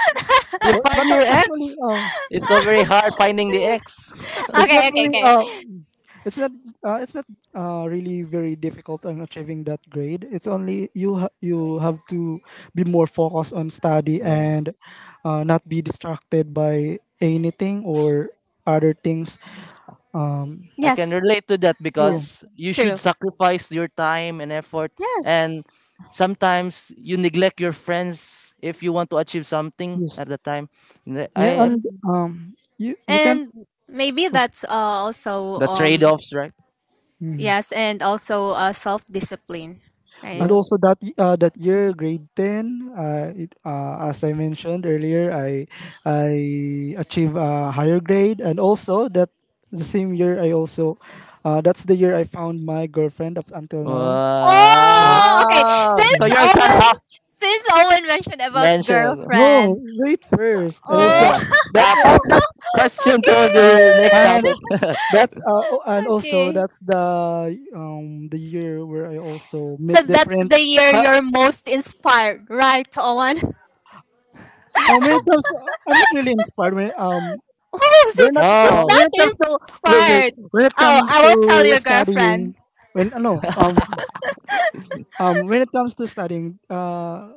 Speaker 3: You
Speaker 2: But
Speaker 3: find
Speaker 2: but
Speaker 3: your
Speaker 2: ac- actually,
Speaker 3: X?
Speaker 2: um,
Speaker 3: It's so very hard finding the X.
Speaker 2: it's not
Speaker 1: Okay, okay,
Speaker 2: very,
Speaker 1: okay.
Speaker 2: uh, it's not uh, it's not uh, really very difficult on achieving that grade. It's only, you ha- you have to be more focused on study,
Speaker 3: Uh,
Speaker 2: and uh, not be distracted by anything or other things. Um,
Speaker 3: I can
Speaker 1: Yes,
Speaker 3: relate to that
Speaker 2: True.
Speaker 1: yes,
Speaker 3: because you
Speaker 1: true.
Speaker 3: should sacrifice your time and effort.
Speaker 1: Yes.
Speaker 3: And sometimes you neglect your friends if you want to achieve something
Speaker 2: Yes.
Speaker 3: at the time. The-
Speaker 2: Yeah,
Speaker 3: I
Speaker 2: and
Speaker 1: Mm.
Speaker 2: um, you you can.
Speaker 1: And maybe that's, uh, also,
Speaker 3: the
Speaker 1: um
Speaker 3: trade offs, right?
Speaker 1: yes, and also, uh, self discipline,
Speaker 2: And
Speaker 1: right?
Speaker 3: Yeah.
Speaker 2: also that, y- uh, that year, grade ten, uh, it, uh, as I mentioned earlier, I I achieved a higher grade, and also that the same year I also, uh, that's the year I found my girlfriend up until now. So
Speaker 1: Oh,
Speaker 3: Wow.
Speaker 1: okay.
Speaker 3: So
Speaker 1: Since
Speaker 2: yes.
Speaker 3: your question,
Speaker 1: Owen,
Speaker 3: ah,
Speaker 1: since Owen mentioned about
Speaker 3: mention also.
Speaker 2: No,
Speaker 1: girlfriend,
Speaker 2: wait first, and
Speaker 1: oh,
Speaker 2: also
Speaker 3: Yeah.
Speaker 2: that,
Speaker 3: Uh, part that question to
Speaker 1: okay,
Speaker 3: the next
Speaker 2: and
Speaker 3: topic.
Speaker 2: that's uh, o- and also
Speaker 1: okay.
Speaker 2: that's the, um the year where I also
Speaker 1: So
Speaker 2: met
Speaker 1: that's
Speaker 2: different.
Speaker 1: the year
Speaker 2: ca-
Speaker 1: you're most inspired, right, Owen?
Speaker 2: Um, when it comes, I'm not really inspired. When, um,
Speaker 1: Oh, so
Speaker 2: We're not
Speaker 1: it's
Speaker 2: uh,
Speaker 3: Oh.
Speaker 1: not
Speaker 2: when it comes to wait wait
Speaker 1: inspired.
Speaker 2: when it
Speaker 1: Oh,
Speaker 2: comes
Speaker 1: I
Speaker 2: to
Speaker 1: will tell your girlfriend.
Speaker 2: studying, when uh, no um um when it comes to studying uh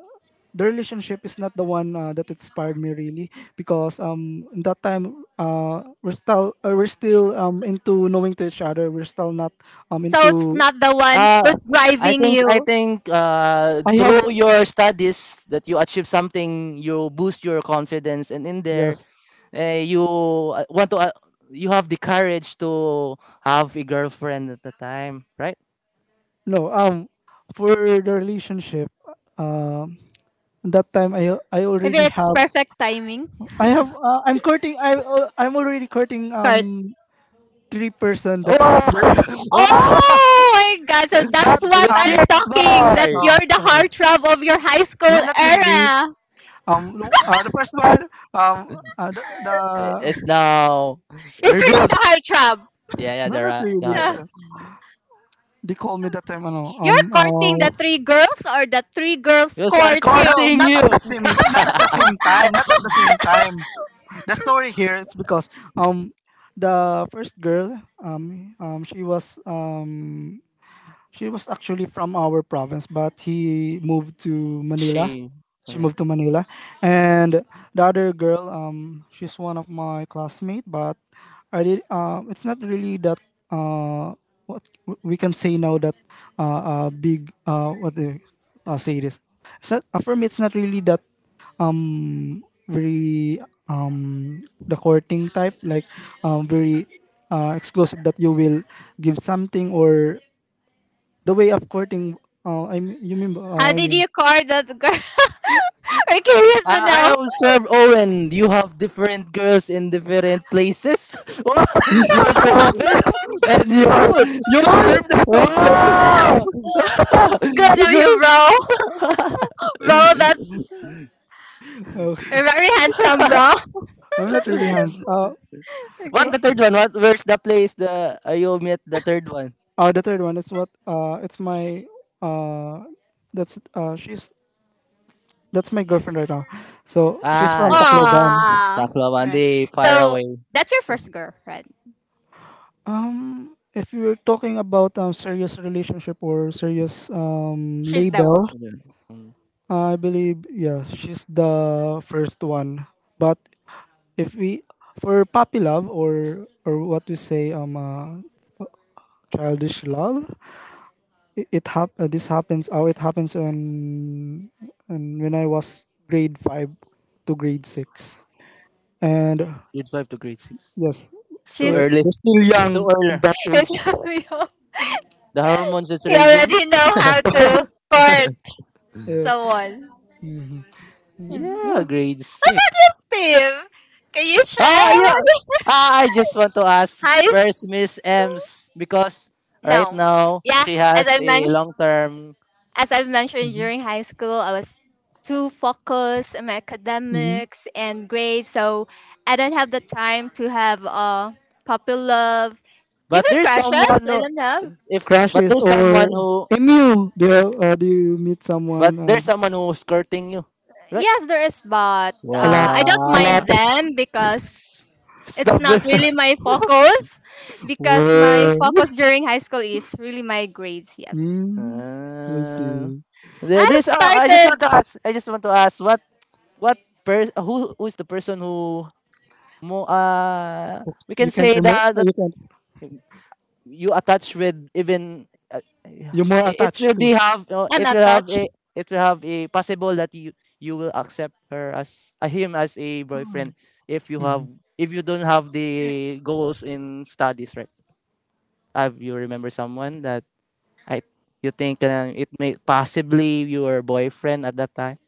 Speaker 2: the relationship is not the one uh, that inspired me really, because um in that time, uh we're still uh, we're still um into knowing to each other. We're still not um
Speaker 1: So it's
Speaker 2: into.
Speaker 1: not the one
Speaker 3: Uh,
Speaker 1: who's
Speaker 3: I
Speaker 1: driving
Speaker 3: think I
Speaker 1: you.
Speaker 3: think uh,
Speaker 2: I have,
Speaker 3: through your studies that you achieve something, you boost your confidence, and in there,
Speaker 2: yes.
Speaker 3: uh, you uh, want to uh, you have the courage to have a girlfriend at the time, right?
Speaker 2: No um for the relationship, um that time, I I
Speaker 1: Maybe
Speaker 2: already
Speaker 1: it's
Speaker 2: have
Speaker 1: perfect timing.
Speaker 2: I have uh, I'm courting. I uh, I'm already courting,
Speaker 1: Kurt.
Speaker 2: um three person that.
Speaker 3: Oh, wow,
Speaker 1: Oh my god, so
Speaker 2: but
Speaker 1: that's what
Speaker 3: the
Speaker 1: I'm
Speaker 2: um
Speaker 3: chicks
Speaker 1: talking. That
Speaker 3: boy.
Speaker 2: oh,
Speaker 1: you're the
Speaker 2: okay.
Speaker 1: heartthrob of your high school
Speaker 2: No, not really,
Speaker 1: era.
Speaker 2: um no, uh, the first one, um uh, the,
Speaker 3: Eh, It's
Speaker 2: the
Speaker 3: now
Speaker 1: It's really
Speaker 3: revealed.
Speaker 1: the heartthrob.
Speaker 3: Yeah, yeah,
Speaker 2: no,
Speaker 3: the
Speaker 2: not
Speaker 3: ra- the
Speaker 2: really.
Speaker 3: heart.
Speaker 2: That
Speaker 1: Yeah.
Speaker 2: time they called me that time, ano, um
Speaker 1: You're courting
Speaker 2: uh,
Speaker 1: the three girls or the three girls
Speaker 3: Because are
Speaker 1: court
Speaker 2: not
Speaker 1: you?
Speaker 3: courting
Speaker 2: not at
Speaker 3: you.
Speaker 2: the same, not at the same time not at the same time. The story here, it's because, um the first girl, um um she was, um she was actually from our province, but he moved to Manila.
Speaker 3: She.
Speaker 2: She moved to Manila, and the other girl, um, she's one of my classmate, but I did. Uh, it's not really that. Uh, what we can say now that, uh, uh big, uh what do I say this? It's not, uh, for me, it's not really that, um very, um the courting type, like um very, uh, exclusive that you will give something or the way of courting. Uh, I mean, you mean?
Speaker 1: How
Speaker 2: Uh, I
Speaker 1: did
Speaker 2: mean,
Speaker 1: you court that girl? We're curious to
Speaker 3: Uh,
Speaker 1: know.
Speaker 3: I observe, Owen, you have different girls in different places. Oh, your
Speaker 2: no,
Speaker 3: province and your
Speaker 2: you
Speaker 3: school.
Speaker 2: observed that also.
Speaker 3: Oh!
Speaker 1: It's good of you,
Speaker 3: Good.
Speaker 1: bro. Bro, that's
Speaker 2: Okay.
Speaker 1: very handsome, bro.
Speaker 2: I'm not really hands. Uh, uh,
Speaker 3: What
Speaker 1: Okay.
Speaker 3: the third one? What? Where's the place? The uh, You met the third one?
Speaker 2: uh, the third one is what? Uh, it's my. Uh, that's uh, she's that's my girlfriend right now. So she's
Speaker 3: Ah,
Speaker 2: from
Speaker 3: I see.
Speaker 2: Tacloban.
Speaker 1: Aww. Right.
Speaker 3: Tacloban, far
Speaker 1: So
Speaker 3: away.
Speaker 1: that's your first girlfriend.
Speaker 2: Um, if you're talking about um serious relationship or serious um
Speaker 1: She's the one.
Speaker 2: label,
Speaker 3: Mm.
Speaker 2: I believe, yeah, she's the first one. But if we, for puppy love, or or what we say, um uh, childish love, it, it hap- uh, this happens. Oh, it happens on, on when I was grade five to grade six, and
Speaker 3: Grade five to grade six.
Speaker 2: yes,
Speaker 3: It's too
Speaker 2: we're,
Speaker 3: early.
Speaker 1: She's.
Speaker 2: we're still
Speaker 3: It's too
Speaker 2: young in
Speaker 3: early.
Speaker 2: that age.
Speaker 1: You
Speaker 3: The hormones is raging.
Speaker 1: already know how to court
Speaker 2: Yeah.
Speaker 1: someone.
Speaker 2: Hmm. Yeah.
Speaker 3: Yeah, grade
Speaker 1: What
Speaker 3: six.
Speaker 1: about you, Steve? Can you
Speaker 3: Ah,
Speaker 1: share about
Speaker 3: yeah.
Speaker 1: your-
Speaker 3: Ah, I just want to ask
Speaker 1: Hi.
Speaker 3: first
Speaker 1: s-
Speaker 3: Miss Ems because right
Speaker 1: No.
Speaker 3: now
Speaker 1: Yeah.
Speaker 3: she
Speaker 1: As
Speaker 3: has
Speaker 1: I
Speaker 3: a
Speaker 1: mentioned.
Speaker 3: long term,
Speaker 1: as I've mentioned
Speaker 2: Hmm.
Speaker 1: during high school, I was too focused on my
Speaker 2: Hmm.
Speaker 1: academics and grades, so I don't have the time to have uh puppy love,
Speaker 3: but
Speaker 1: even
Speaker 3: there's
Speaker 1: crushes.
Speaker 3: someone
Speaker 1: I
Speaker 3: who,
Speaker 1: don't have.
Speaker 3: if but
Speaker 2: Crashes
Speaker 3: there's
Speaker 2: or
Speaker 3: someone who
Speaker 2: Emu. Do you, uh, do you meet
Speaker 3: but
Speaker 2: someone? Uh,
Speaker 3: there's someone who's courting you, right?
Speaker 1: Yes, there is, but,
Speaker 2: a
Speaker 1: uh,
Speaker 2: lot,
Speaker 1: I don't
Speaker 2: a lot
Speaker 1: mind
Speaker 3: Wow,
Speaker 2: of
Speaker 1: them because it's
Speaker 3: stop
Speaker 1: not
Speaker 3: it.
Speaker 1: really my focus. Because my
Speaker 2: work.
Speaker 1: focus during high school is really my grades. Yes,
Speaker 2: Mm, I
Speaker 3: Uh,
Speaker 2: see.
Speaker 3: there-
Speaker 1: I
Speaker 3: there's oh, I just want
Speaker 1: started.
Speaker 3: to ask. I just want to ask what what person who who is the person who mo uh
Speaker 2: Ok-
Speaker 3: we can
Speaker 2: You can't
Speaker 3: say
Speaker 2: remember.
Speaker 3: that that
Speaker 2: You can't.
Speaker 3: you attach with, even uh, yeah,
Speaker 2: You're more
Speaker 3: it it
Speaker 2: attached
Speaker 3: will
Speaker 2: to.
Speaker 3: be have, uh,
Speaker 1: I'm
Speaker 3: it will have a
Speaker 1: attached.
Speaker 3: it will have a possible that you you will accept her as, uh, him as a boyfriend if you have
Speaker 2: Mhm,
Speaker 3: if you don't have the goals in studies, right? Have you remember someone that I you think, uh, it may possibly your boyfriend at that time.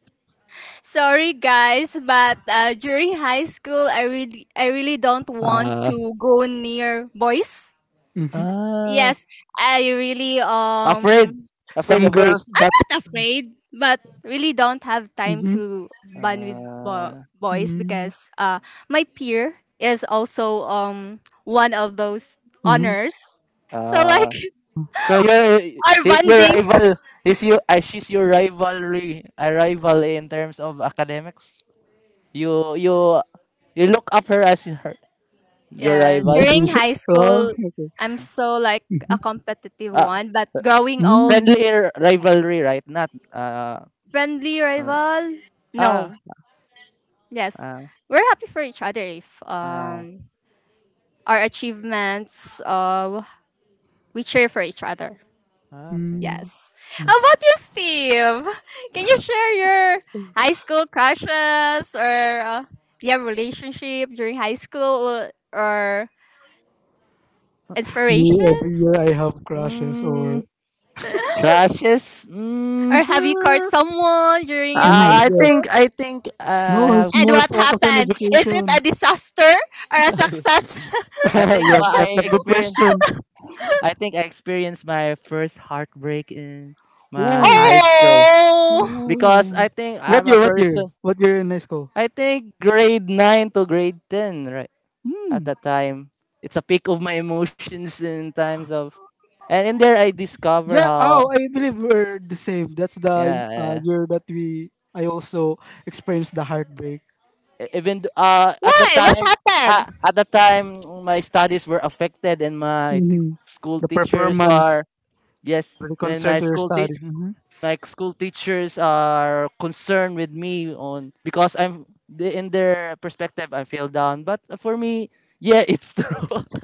Speaker 1: Sorry guys, but, uh, during high school, I really, I really don't want
Speaker 3: uh,
Speaker 1: to go near boys.
Speaker 2: mhm.
Speaker 3: ah.
Speaker 1: Yes, I really,
Speaker 3: afraid
Speaker 1: um
Speaker 3: afraid
Speaker 2: Some
Speaker 3: of
Speaker 2: girls.
Speaker 3: boys.
Speaker 2: That's
Speaker 1: not afraid, but really don't have time
Speaker 2: mm-hmm,
Speaker 1: to bond with bo-
Speaker 3: uh,
Speaker 1: boys,
Speaker 2: mm,
Speaker 1: because, uh my peer is also, um one of those
Speaker 2: hmm
Speaker 1: honors. So
Speaker 3: uh,
Speaker 1: like,
Speaker 3: So you're
Speaker 1: our
Speaker 3: he's your
Speaker 1: bonding.
Speaker 3: rival. He's you. Uh, she's your rivalry. A rival in terms of academics. You you you look up her as her, your
Speaker 1: Yes,
Speaker 3: rival.
Speaker 1: during
Speaker 2: motivation.
Speaker 1: high
Speaker 2: Oh,
Speaker 1: school,
Speaker 2: okay.
Speaker 1: I'm so like a
Speaker 2: Mhm,
Speaker 1: competitive
Speaker 3: Uh,
Speaker 1: one, but growing old,
Speaker 2: mm,
Speaker 3: Friendly r- rivalry, right? Not, uh
Speaker 1: friendly
Speaker 3: uh,
Speaker 1: rival? No.
Speaker 3: ah
Speaker 1: Yes.
Speaker 3: ah
Speaker 1: We're happy for each other if,
Speaker 3: ah.
Speaker 1: um our achievements, uh we cheer for each other.
Speaker 3: ah, okay.
Speaker 2: mm.
Speaker 1: Yes. How about you, Steve? Can you share your high school crushes or, uh, your relationship during high school or
Speaker 2: Me, every year
Speaker 1: inspirations?
Speaker 2: I have crushes or,
Speaker 3: Mm, crushes. Mm,
Speaker 1: Or have you caught someone during your
Speaker 2: mm,
Speaker 1: high
Speaker 3: uh, I
Speaker 2: yes.
Speaker 1: school?
Speaker 3: think I think uh,
Speaker 2: No,
Speaker 3: I
Speaker 2: it's
Speaker 3: have.
Speaker 1: And
Speaker 2: more
Speaker 1: what
Speaker 2: focus on
Speaker 1: happened? Is it
Speaker 2: education.
Speaker 1: a disaster or a success?
Speaker 3: I think
Speaker 2: Yes,
Speaker 3: but
Speaker 2: that's
Speaker 3: I
Speaker 2: a good
Speaker 3: experienced.
Speaker 2: question.
Speaker 3: I think I experienced my first heartbreak in my
Speaker 2: Oh,
Speaker 3: high school.
Speaker 1: Oh!
Speaker 3: Because I
Speaker 2: oh.
Speaker 3: think
Speaker 2: What
Speaker 3: I'm a
Speaker 2: year? What year?
Speaker 3: person.
Speaker 2: What year in high school?
Speaker 3: I think grade nine to grade ten, right at
Speaker 2: Hmm.
Speaker 3: that time, it's a peak of my emotions in times of, and in there I discover
Speaker 2: Yeah. Oh,
Speaker 3: how,
Speaker 2: I believe we're the same. That's the, uh,
Speaker 3: yeah,
Speaker 2: year that we I also experienced the heartbreak.
Speaker 3: e- even th- uh at the
Speaker 1: Why? What
Speaker 3: time,
Speaker 1: happened?
Speaker 3: ah, at the time my studies were affected and my t-
Speaker 2: Hmm.
Speaker 3: school
Speaker 2: The
Speaker 3: teachers
Speaker 2: performance,
Speaker 3: are, yes,
Speaker 2: the
Speaker 3: and
Speaker 2: concern
Speaker 3: my
Speaker 2: to your
Speaker 3: school
Speaker 2: study.
Speaker 3: teach,
Speaker 2: Hmm.
Speaker 3: like school teachers are concerned with me on because I'm the- in their perspective I fell down, but for me, yeah it's true.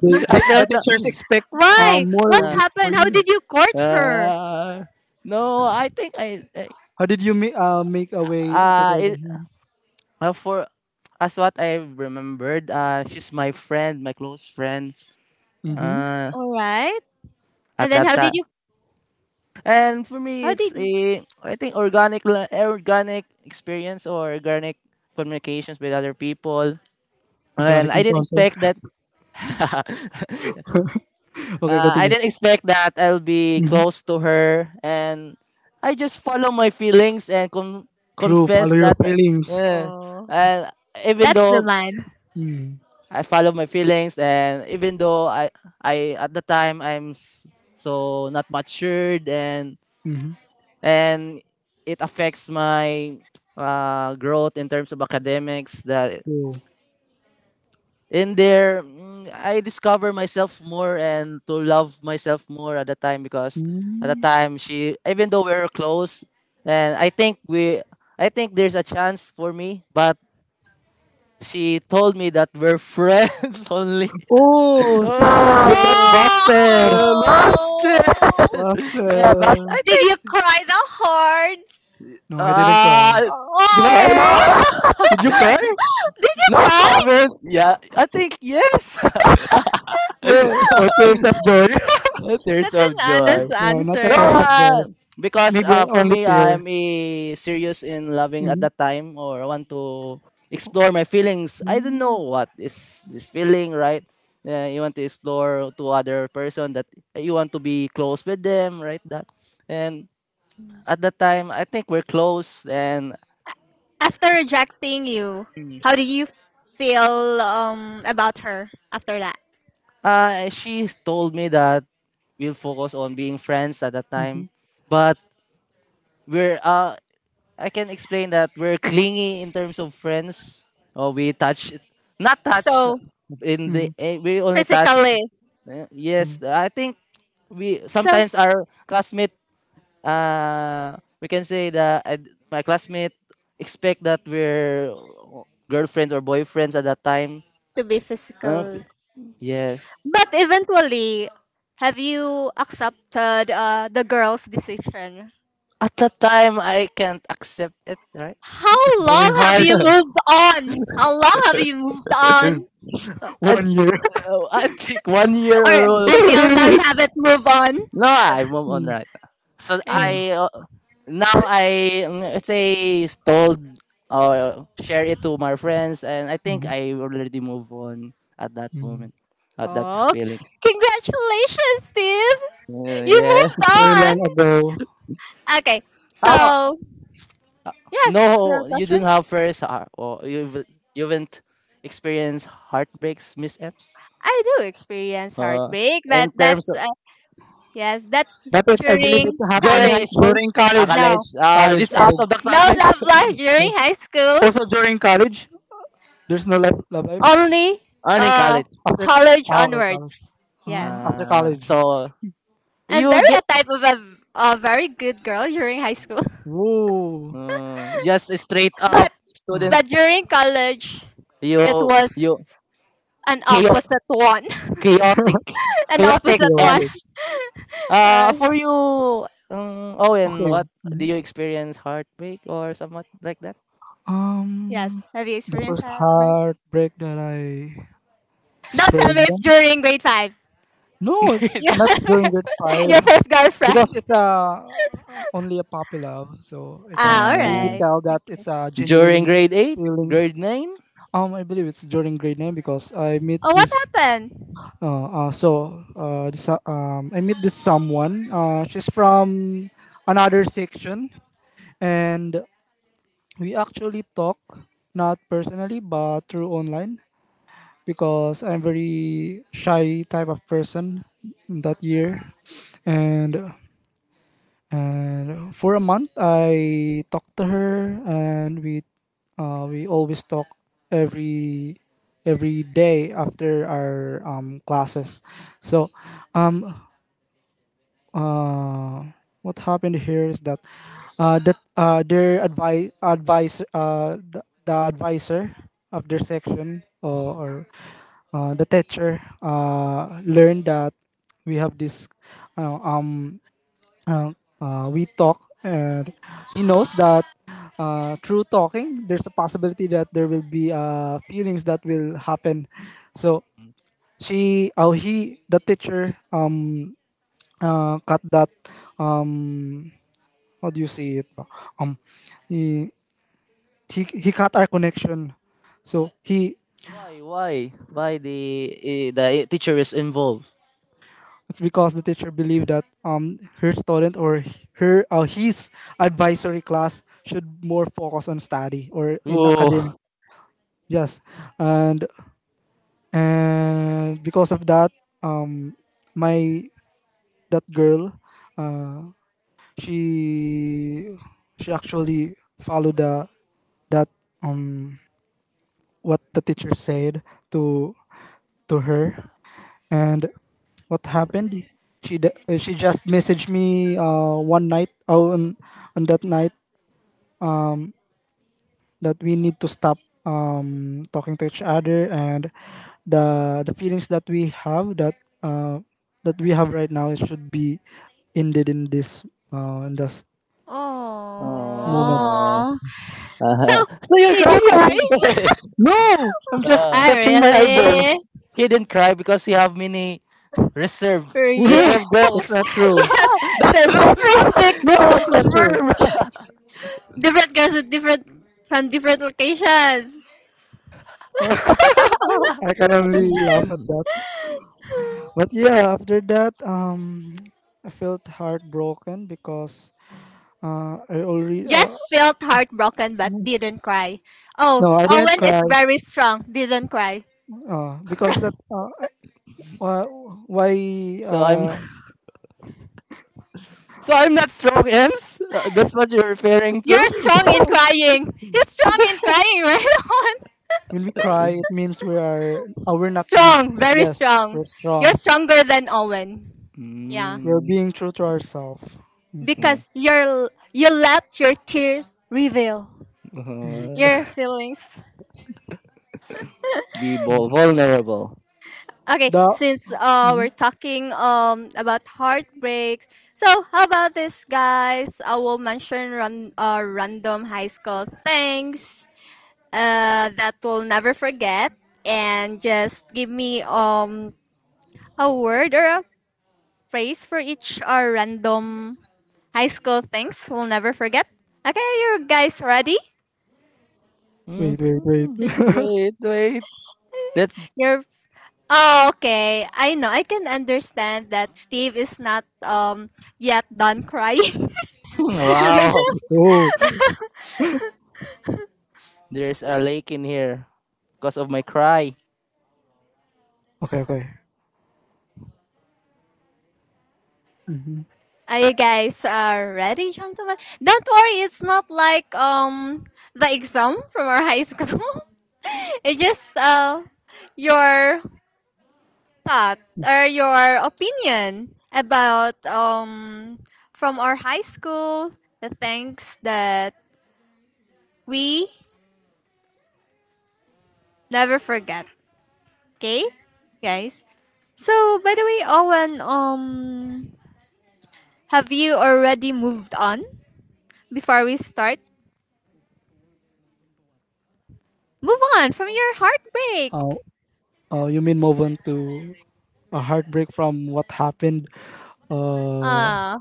Speaker 2: They,
Speaker 3: I
Speaker 2: they,
Speaker 3: fell
Speaker 2: the
Speaker 3: down.
Speaker 2: teachers expect, uh,
Speaker 1: Why? What
Speaker 2: more
Speaker 3: uh,
Speaker 2: with for
Speaker 1: happened? How
Speaker 2: you.
Speaker 1: did you court her?
Speaker 3: uh, no, I think I, I
Speaker 2: How did you make uh, make a way to.
Speaker 3: uh, it, uh for, as what I remembered, uh she's my friend, my close friends,
Speaker 2: Mm-hmm.
Speaker 3: uh
Speaker 1: All right.
Speaker 3: at
Speaker 1: And then
Speaker 3: that
Speaker 1: how did
Speaker 3: time,
Speaker 1: you?
Speaker 3: and for me
Speaker 1: How
Speaker 3: it's
Speaker 1: did you?
Speaker 3: a I think organic la- organic experience or organic communications with other people. Well,
Speaker 2: Organic
Speaker 3: I didn't
Speaker 2: encounter.
Speaker 3: expect that. uh,
Speaker 2: Okay,
Speaker 3: I
Speaker 2: continue.
Speaker 3: didn't expect that I'll be
Speaker 2: Mm-hmm.
Speaker 3: close to her, and I just follow my feelings and con-
Speaker 2: True.
Speaker 3: confess
Speaker 2: Follow your
Speaker 3: that.
Speaker 2: feelings.
Speaker 3: Uh,
Speaker 1: Oh,
Speaker 3: and even
Speaker 1: that's the
Speaker 3: though
Speaker 1: man.
Speaker 2: Mm-hmm.
Speaker 3: I follow my feelings, and even though I, I at the time I'm s- so not matured, and
Speaker 2: Mm-hmm.
Speaker 3: and it affects my uh, growth in terms of academics. That
Speaker 2: True.
Speaker 3: in there, mm, I discover myself more and to love myself more at the time, because at the
Speaker 2: Mm.
Speaker 3: time she, even though we were close, and i think we I think there's a chance for me, but she told me that we're friends only.
Speaker 2: Oh, she, you got
Speaker 3: Oh
Speaker 1: Oh!
Speaker 2: busted.
Speaker 3: you lost it. Yeah but
Speaker 2: Busted.
Speaker 3: I
Speaker 1: Did you
Speaker 3: think,
Speaker 1: cry that hard?
Speaker 2: No, I didn't cry.
Speaker 3: uh
Speaker 2: Did you
Speaker 3: no,
Speaker 2: cry?
Speaker 1: Oh!
Speaker 3: no.
Speaker 2: Did you cry?
Speaker 1: Did you
Speaker 3: No
Speaker 1: cry?
Speaker 3: comments. Yeah I think yes.
Speaker 2: Whoa, or tears of joy?
Speaker 3: Tears
Speaker 1: That's an
Speaker 3: of joy.
Speaker 1: honest
Speaker 2: No, not a tears
Speaker 3: Well,
Speaker 1: answer.
Speaker 2: of joy.
Speaker 3: uh, because
Speaker 2: Maybe
Speaker 3: uh, for
Speaker 2: only
Speaker 3: me,
Speaker 2: tear.
Speaker 3: I'm a serious in loving at
Speaker 2: Mm-hmm.
Speaker 3: that time, or I want to explore my feelings. I don't
Speaker 2: Mm-hmm.
Speaker 3: know what is this feeling, right? Uh, you want to explore to other person that you want to be close with them, right? That, and at that time, I think we're close, and
Speaker 1: After rejecting you, how did you feel, um about her after that?
Speaker 3: uh, she told me that we'll focus on being friends at that time, but we're uh I can explain that we're clingy in terms of friends. Oh, we touch, not touch
Speaker 1: So
Speaker 3: in the,
Speaker 2: Mm-hmm.
Speaker 3: eh, we only touch.
Speaker 1: physically.
Speaker 3: eh, Yes,
Speaker 2: Mm-hmm.
Speaker 3: I think we
Speaker 1: So
Speaker 3: sometimes our classmate. Uh, we can say that I d- my classmate expect that we're girlfriends or boyfriends at that time.
Speaker 1: to be physical.
Speaker 3: Okay. Yes.
Speaker 1: But eventually, have you accepted, uh, the girl's decision?
Speaker 3: At that time, I can't accept it. Right.
Speaker 2: It's
Speaker 1: How
Speaker 2: very
Speaker 1: long have
Speaker 2: hard.
Speaker 1: you moved on? How long have you moved on?
Speaker 3: I,
Speaker 2: One year.
Speaker 3: I think one year
Speaker 1: Or
Speaker 3: or,
Speaker 2: Oh,
Speaker 1: until now you
Speaker 2: really?
Speaker 1: haven't moved on?
Speaker 3: no, I move on
Speaker 2: Mm-hmm.
Speaker 3: right now. So
Speaker 1: Eh.
Speaker 3: I uh, now I mm, let's say told or share it to my friends, and I think
Speaker 2: Mm-hmm.
Speaker 3: I already move on at that
Speaker 2: Mm-hmm.
Speaker 3: moment, at that
Speaker 1: Oh,
Speaker 3: feeling.
Speaker 1: congratulations, Steve!
Speaker 3: Uh,
Speaker 1: You
Speaker 3: yeah.
Speaker 2: It's
Speaker 1: moved
Speaker 2: very
Speaker 1: on!
Speaker 2: long ago.
Speaker 1: Okay,
Speaker 3: Oh
Speaker 1: so, yes, you
Speaker 3: no,
Speaker 1: have
Speaker 3: you don't
Speaker 1: questions?
Speaker 3: have first. Uh, or you have you haven't experienced heartbreaks, Miss Epps.
Speaker 1: I do experience
Speaker 3: Uh,
Speaker 1: heartbreak, but
Speaker 3: in terms
Speaker 1: that's,
Speaker 3: of
Speaker 1: uh, yes, that's
Speaker 2: But it, I believe it
Speaker 1: during
Speaker 3: during
Speaker 2: happens
Speaker 3: high
Speaker 1: college.
Speaker 3: school,
Speaker 2: during
Speaker 3: uh,
Speaker 2: college.
Speaker 1: No,
Speaker 3: college. Uh,
Speaker 2: College,
Speaker 3: this out
Speaker 2: college.
Speaker 3: of the
Speaker 1: no
Speaker 3: topic.
Speaker 1: love life during high school.
Speaker 2: Also during college, there's no life, love life.
Speaker 1: Only,
Speaker 3: Earning
Speaker 1: uh,
Speaker 3: college.
Speaker 2: After,
Speaker 1: college
Speaker 2: ah, okay, college.
Speaker 1: onwards.
Speaker 2: Ah,
Speaker 1: Yes.
Speaker 2: after
Speaker 3: Uh,
Speaker 2: college.
Speaker 3: so
Speaker 1: I'm
Speaker 3: you
Speaker 1: very
Speaker 3: di,
Speaker 1: a type of a, a very good girl during high school.
Speaker 2: Whoa.
Speaker 3: mm, just straight up
Speaker 2: Oh.
Speaker 3: student.
Speaker 1: But during college, it
Speaker 3: you
Speaker 1: was
Speaker 3: you
Speaker 1: an
Speaker 3: chao-
Speaker 1: opposite one.
Speaker 3: chaotic
Speaker 1: An
Speaker 3: chaotic
Speaker 1: opposite one.
Speaker 3: M's.
Speaker 2: Chaotic.
Speaker 1: Uh,
Speaker 3: Uh for you, um, Owen, what
Speaker 2: Okay.
Speaker 3: do
Speaker 2: Mhm.
Speaker 3: you experience heartbreak or somewhat like that?
Speaker 2: Um,
Speaker 1: yes. Have you
Speaker 2: the
Speaker 1: experienced
Speaker 2: first
Speaker 1: that? Right?
Speaker 2: heartbreak that I
Speaker 1: Don't tell me it's during
Speaker 2: experienced.
Speaker 1: grade five.
Speaker 2: No,
Speaker 3: Grade
Speaker 1: Your,
Speaker 2: not during grade five
Speaker 1: your first
Speaker 3: five.
Speaker 2: because
Speaker 1: girlfriend.
Speaker 2: it's a only a puppy love, so I can't
Speaker 1: Ah, all
Speaker 2: really
Speaker 3: Uh,
Speaker 1: right.
Speaker 2: tell that
Speaker 1: Okay.
Speaker 2: it's a
Speaker 3: During
Speaker 2: genuine
Speaker 3: grade eight,
Speaker 2: feelings.
Speaker 3: grade nine?
Speaker 2: Um, I believe it's during grade nine, because I meet
Speaker 1: Oh, what
Speaker 2: this.
Speaker 1: happened?
Speaker 2: Uh, uh so uh, this, uh, um, I meet this someone. Uh, she's from another section, and we actually talk, not personally, but through online, because I'm very shy type of person that year. And and for a month I talked to her, and we, uh, we always talk every every day after our um, classes. So um, uh, what happened here is that uh, that uh, their advi- advisor, uh, the, the advisor of their section, or, or uh, the teacher uh, learned that we have this— uh, um uh, uh, we talk. And he knows that uh, through talking there's a possibility that there will be uh, feelings that will happen, so she oh he the teacher um uh, cut that. um how do you say it? um he, he, he cut our connection. So he—
Speaker 3: Why why why the eh, the teacher is involved?
Speaker 2: it's because the teacher believed that um her student, or her uh, his advisory class should more focus on study or in academic.
Speaker 3: Oh.
Speaker 2: Yes. And and because of that, um my— that girl, uh she— she actually followed the— that— um what the teacher said to— to her. And what happened, she— d- uh, she just messaged me uh, one night— oh, on on that night— that we need to stop um, talking to each other, and the the feelings that we have, that uh, that we have right now, it should be ended in this— uh, in this moment.
Speaker 3: Uh,
Speaker 1: Oh. So,
Speaker 3: so you're
Speaker 1: did
Speaker 3: crying.
Speaker 1: you cry?
Speaker 2: No, I'm just
Speaker 3: Ah,
Speaker 1: I
Speaker 2: scratching my
Speaker 3: so
Speaker 2: eyeball.
Speaker 1: really?
Speaker 3: he didn't cry because he have many reserve
Speaker 1: Yeah.
Speaker 2: No,
Speaker 3: reserve
Speaker 2: that's
Speaker 3: goals.
Speaker 2: not true.
Speaker 1: Yes,
Speaker 3: That's
Speaker 1: they're
Speaker 3: true. So
Speaker 1: different, dic-
Speaker 2: No,
Speaker 3: so
Speaker 2: that's not true.
Speaker 3: confirm.
Speaker 1: different girls with different, from different locations.
Speaker 2: I can only laugh at that. But yeah, after that, um, I felt heartbroken because uh, I already— uh,
Speaker 1: Just felt heartbroken but didn't cry. Oh,
Speaker 2: no, I didn't
Speaker 1: Owen is
Speaker 2: cry.
Speaker 1: very strong. Didn't cry.
Speaker 2: Uh, because that, uh, I— why why
Speaker 3: so I'm
Speaker 2: uh,
Speaker 3: so I'm not strong, Ems. Uh, That's what you're referring
Speaker 1: You're
Speaker 3: to.
Speaker 1: strong in crying. He's strong in crying, right, Owen?
Speaker 2: when we cry, it means we are uh, we're not weak.
Speaker 1: Strong, very
Speaker 2: Yes,
Speaker 1: strong.
Speaker 2: we're
Speaker 1: You're
Speaker 2: strong.
Speaker 1: stronger than Owen. Yeah,
Speaker 2: We're
Speaker 3: Mm,
Speaker 2: being true to ourselves. Mhm,
Speaker 3: mm.
Speaker 1: because you're you let your tears reveal
Speaker 2: mm,
Speaker 3: uh,
Speaker 1: your feelings.
Speaker 3: be vul-
Speaker 2: mm.
Speaker 3: vulnerable.
Speaker 1: Okay,
Speaker 2: The—
Speaker 1: since, uh, we're
Speaker 2: mhm.
Speaker 1: talking, um about heartbreaks, so how about this, guys? I will mention run uh, random high school things uh that we'll never forget, and just give me, um a word or a phrase for each, uh, random high school things we'll never forget. Okay, you guys ready?
Speaker 3: Mhm.
Speaker 2: Wait, wait, wait.
Speaker 3: Wait, wait. That's,
Speaker 1: You're Oh, okay. I know. I can understand that Steve is not um yet done crying.
Speaker 3: wow.
Speaker 2: Oh,
Speaker 3: There's a lake in here because of my cry.
Speaker 2: okay, okay. Mm-hmm.
Speaker 1: Are you guys uh, ready, gentlemen? Don't worry, it's not like um the exam from our high school. it's just uh your thought or your opinion about um from our high school the things that we never forget. Okay, guys. So by the way, Owen, um, have you already moved on? Before we start, move on from your heartbreak.
Speaker 2: Uh, uh, you mean move on to a heartbreak from what happened uh
Speaker 1: Uh,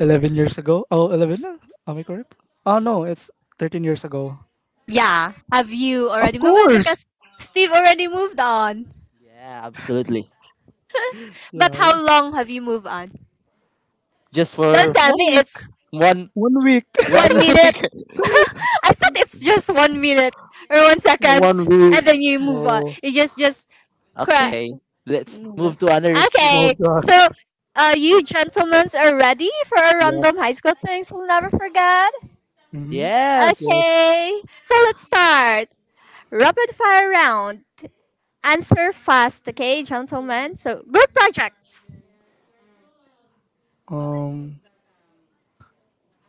Speaker 2: eleven years ago. Oh, eleven? Na? Am I correct? Oh no, it's thirteen years ago.
Speaker 1: yeah. Have you
Speaker 2: Of
Speaker 1: already moved on? Because
Speaker 2: course.
Speaker 1: Steve already moved on.
Speaker 3: Yeah, absolutely.
Speaker 2: Yeah,
Speaker 1: But
Speaker 2: w-
Speaker 1: how long have you moved on?
Speaker 3: Just
Speaker 1: Don't
Speaker 3: for
Speaker 2: just
Speaker 1: tell
Speaker 2: one
Speaker 1: me
Speaker 2: week.
Speaker 1: it's
Speaker 3: one
Speaker 2: One week.
Speaker 1: one
Speaker 3: one
Speaker 1: minute.
Speaker 3: week.
Speaker 1: I thought it's just one minute or one
Speaker 2: One
Speaker 1: seconds,
Speaker 2: week.
Speaker 1: and then you move on.
Speaker 2: No,
Speaker 1: You just just cry.
Speaker 3: Okay, let's move to another trick.
Speaker 1: Okay,
Speaker 2: moved
Speaker 1: so
Speaker 2: on.
Speaker 1: uh, you gentlemen are ready for a random high
Speaker 2: Yes.
Speaker 1: school things we'll never forget.
Speaker 2: Mm-hmm.
Speaker 3: Yes,
Speaker 2: Yes.
Speaker 1: Okay, so let's start rapid fire round. Answer fast, okay, gentlemen. So group projects.
Speaker 2: Um,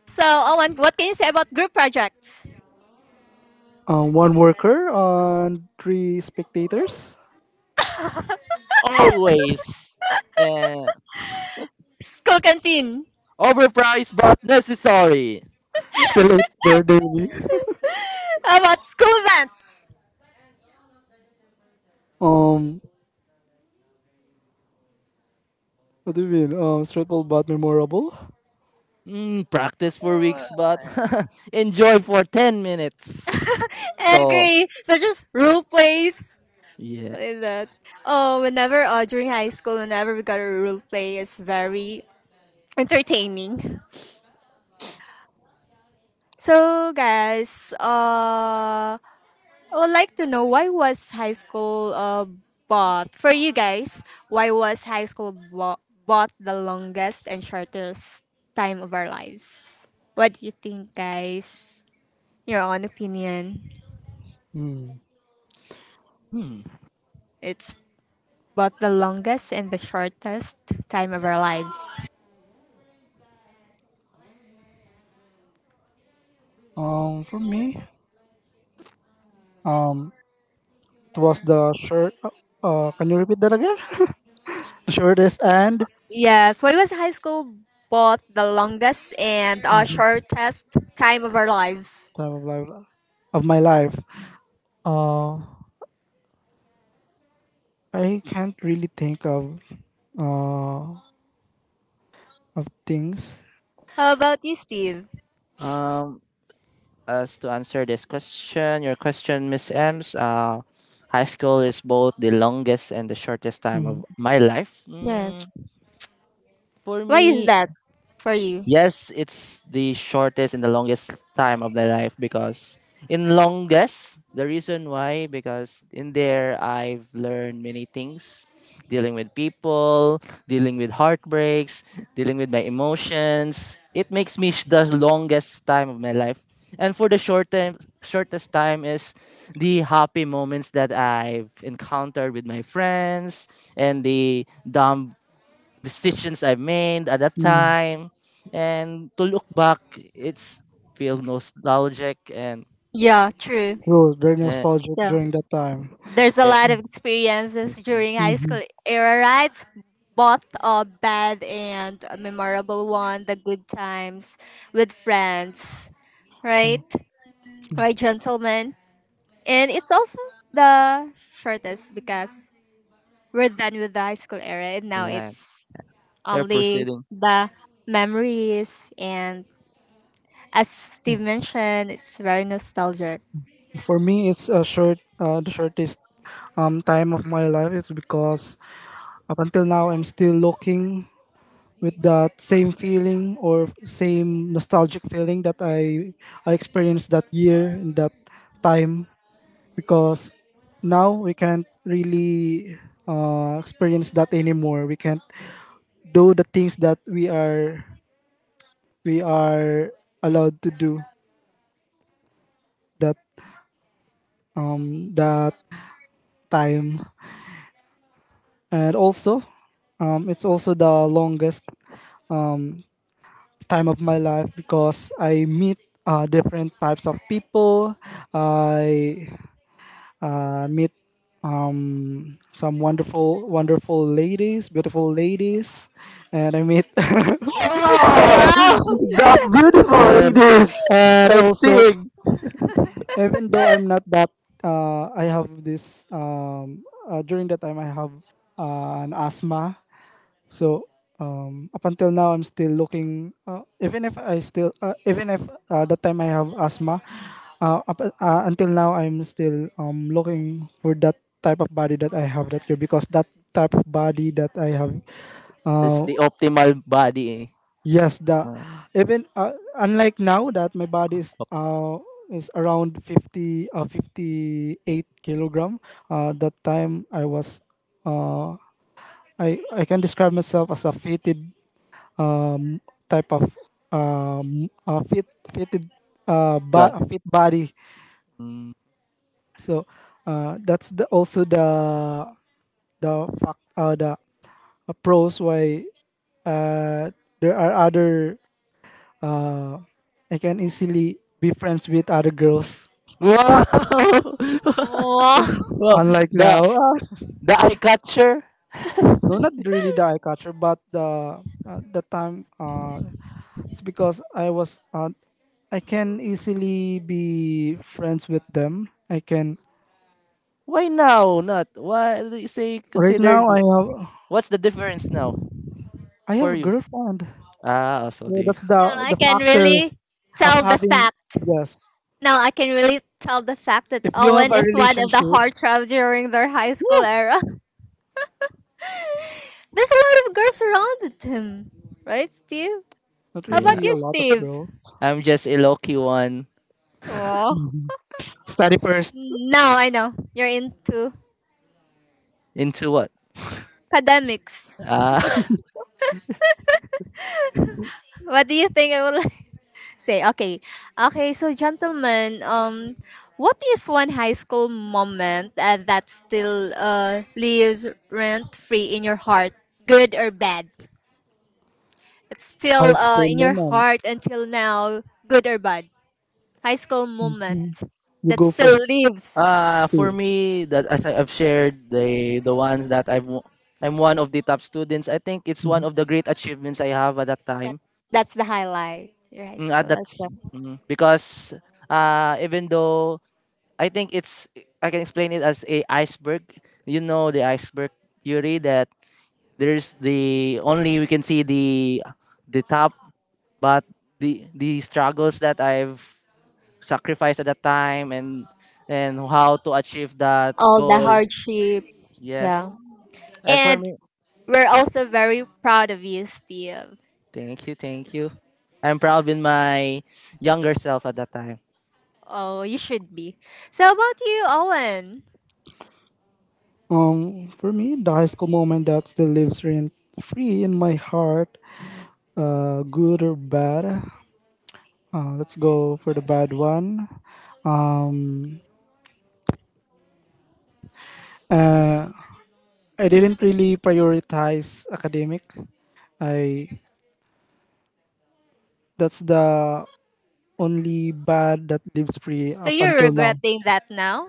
Speaker 1: So, Owen, what can you say about group projects?
Speaker 2: Uh, one worker and three spectators.
Speaker 3: always. Uh,
Speaker 1: School canteen.
Speaker 3: Overpriced but necessary.
Speaker 2: Still out there daily.
Speaker 1: How about school events?
Speaker 2: um, what do you mean? Um, stressful but memorable.
Speaker 3: Mm, practice for weeks but enjoy for ten minutes. So,
Speaker 1: Agree. Such as role plays.
Speaker 3: yeah.
Speaker 1: Like that. Oh, whenever uh, during high school, whenever we got a role play, it's very entertaining. So, guys, uh, I would like to know why was high school uh, bought for you guys? Why was high school bo- bought the longest and shortest time of our lives? What do you think, guys? Your own opinion.
Speaker 2: Hmm.
Speaker 3: Hmm.
Speaker 1: It's both the longest and the shortest time of our lives.
Speaker 2: Um, for me, um, it was the short— Uh, uh, can you repeat that again? The shortest and—
Speaker 1: Yes, why was high school both the longest and uh,
Speaker 2: Mhm.
Speaker 1: shortest time of our lives?
Speaker 2: Time of life— of my life. Uh, I can't really think of— uh of things.
Speaker 1: How about you, Steve?
Speaker 3: Um, as to answer this question, your question, Miss Ems, uh, high school is both the longest and the shortest time
Speaker 2: Mm,
Speaker 3: of my life. Mm,
Speaker 1: Yes.
Speaker 3: for
Speaker 1: Why is
Speaker 3: me,
Speaker 1: that for you?
Speaker 3: yes, it's the shortest and the longest time of my life because in longest, the reason why, because in there I've learned many things, dealing with people, dealing with heartbreaks, dealing with my emotions. It makes me sh- the longest time of my life. And for the short time, shortest time is the happy moments that I've encountered with my friends and the dumb decisions I made at that
Speaker 2: mm.
Speaker 3: time. And to look back, it's feel nostalgic, and
Speaker 1: Yeah, true.
Speaker 2: True, very
Speaker 3: uh,
Speaker 2: nostalgic
Speaker 1: Yeah.
Speaker 2: during that time.
Speaker 1: There's a
Speaker 3: uh,
Speaker 1: lot of experiences
Speaker 3: it's-
Speaker 1: during high school
Speaker 2: Mhm,
Speaker 1: era, right? Both a bad and a memorable one, the good times with friends,
Speaker 2: mm,
Speaker 1: right?
Speaker 2: mm.
Speaker 1: Right, gentlemen? And it's also the shortest because we're done with the high school era and now
Speaker 3: yeah,
Speaker 1: it's
Speaker 3: they're
Speaker 1: only
Speaker 3: proceeding.
Speaker 1: the memories. And as Steve mentioned, it's very nostalgic.
Speaker 2: For me, it's a short— uh, the shortest um time of my life. It's because up until now, I'm still looking with that same feeling, or same nostalgic feeling that I I experienced that year in that time, because now we can't really uh, experience that anymore. We can't do the things that we are we are allowed to do that— um that time. And also, um it's also the longest um time of my life, because I meet uh, different types of people. I uh, meet um, some wonderful, wonderful ladies, beautiful ladies, and I meet—
Speaker 3: Oh,
Speaker 1: Wow!
Speaker 3: for
Speaker 2: and,
Speaker 3: this
Speaker 2: and also,
Speaker 3: sightseeing.
Speaker 2: even though I'm not that— uh, I have this— um, uh, during that time I have uh, an asthma. So um, up until now, I'm still looking. Uh, even if I still— uh, even if, uh, that time I have asthma, uh, up— uh, until now I'm still um, looking for that type of body that I have that year, because that type of body that I have—
Speaker 3: It's
Speaker 2: uh,
Speaker 3: the optimal body.
Speaker 2: yes, the—
Speaker 3: Uh,
Speaker 2: even uh, unlike now that my body is uh, is around fifty— uh, fifty-eight kilogram. Uh, that time I was uh, I— I can describe myself as a fitted— um, type of— um, uh, fit— fitted— uh, bo-
Speaker 3: Guy.
Speaker 2: fit body.
Speaker 3: Mm.
Speaker 2: So uh, that's the— also the the fact— uh, the uh, pros, why uh, there are other— uh, I can easily be friends with other girls.
Speaker 3: Wow!
Speaker 1: Wow!
Speaker 3: Well,
Speaker 2: Unlike now,
Speaker 3: the the eye catcher.
Speaker 2: no, not really the eye catcher, but the— uh, the time— uh, it's because I was— uh, I can easily be friends with them. I can—
Speaker 3: Why now? Not why do you say
Speaker 2: right
Speaker 3: consider?
Speaker 2: now I have—
Speaker 3: What's the difference now
Speaker 2: I have
Speaker 3: for
Speaker 2: a
Speaker 3: you?
Speaker 2: girlfriend.
Speaker 3: Ah, also
Speaker 2: So
Speaker 3: the,
Speaker 2: that's the—
Speaker 1: Now I
Speaker 2: the
Speaker 1: can really
Speaker 2: factors of
Speaker 1: tell the
Speaker 2: having.
Speaker 1: fact.
Speaker 2: Yes.
Speaker 1: Now I can really tell the fact that
Speaker 2: If you have
Speaker 1: Owen
Speaker 2: a
Speaker 1: is one of
Speaker 2: relationship,
Speaker 1: the heartthrobs during their high school
Speaker 2: woo.
Speaker 1: era. There's a lot of girls around with him, right, Steve?
Speaker 2: Not
Speaker 1: How
Speaker 3: yeah.
Speaker 1: about
Speaker 2: really a
Speaker 1: you,
Speaker 2: lot of
Speaker 1: Steve?
Speaker 2: girls.
Speaker 3: I'm just a lucky one.
Speaker 1: Oh,
Speaker 2: Mhm. Study first.
Speaker 1: now I know you're into
Speaker 3: Into what?
Speaker 1: academics.
Speaker 3: Uh,
Speaker 1: What do you think I will say? Okay, okay. So, gentlemen, um, what is one high school moment uh, that still uh lives rent free in your heart, good or bad? It's still
Speaker 2: High
Speaker 1: uh
Speaker 2: school
Speaker 1: in your
Speaker 2: moment.
Speaker 1: heart until now, good or bad. High school moment
Speaker 2: Mhm. You
Speaker 1: that
Speaker 2: go
Speaker 1: still
Speaker 2: first,
Speaker 1: lives.
Speaker 3: uh for
Speaker 2: Steve.
Speaker 3: me that as I- I've shared the the ones that I've w- I'm one of the top students. I think it's one of the great achievements I have at that
Speaker 1: That
Speaker 3: time.
Speaker 1: that's the highlight. Your high
Speaker 3: Mm, at
Speaker 1: school,
Speaker 3: that s-
Speaker 1: awesome.
Speaker 3: mm, because uh even though I think it's I can explain it as a iceberg. You know the iceberg theory that there's the only we can see the the top, but the the struggles that I've sacrifice at that time, and and how to achieve that
Speaker 1: All the
Speaker 3: goal.
Speaker 1: hardship.
Speaker 3: Yes.
Speaker 1: Yeah.
Speaker 3: And for
Speaker 1: And
Speaker 3: me,
Speaker 1: we're also very proud of you, Steve.
Speaker 3: thank you, thank you. I'm proud in my younger self at that time.
Speaker 1: Oh, you should be. So how about you, Owen?
Speaker 2: Um, for me, the high school moment that still lives rent free in my heart, uh, good or bad. Uh, let's go for the bad one. Um, uh, I didn't really prioritize academic. I— that's the only bad that lives free
Speaker 1: So
Speaker 2: up
Speaker 1: you're
Speaker 2: until now.
Speaker 1: regretting that now?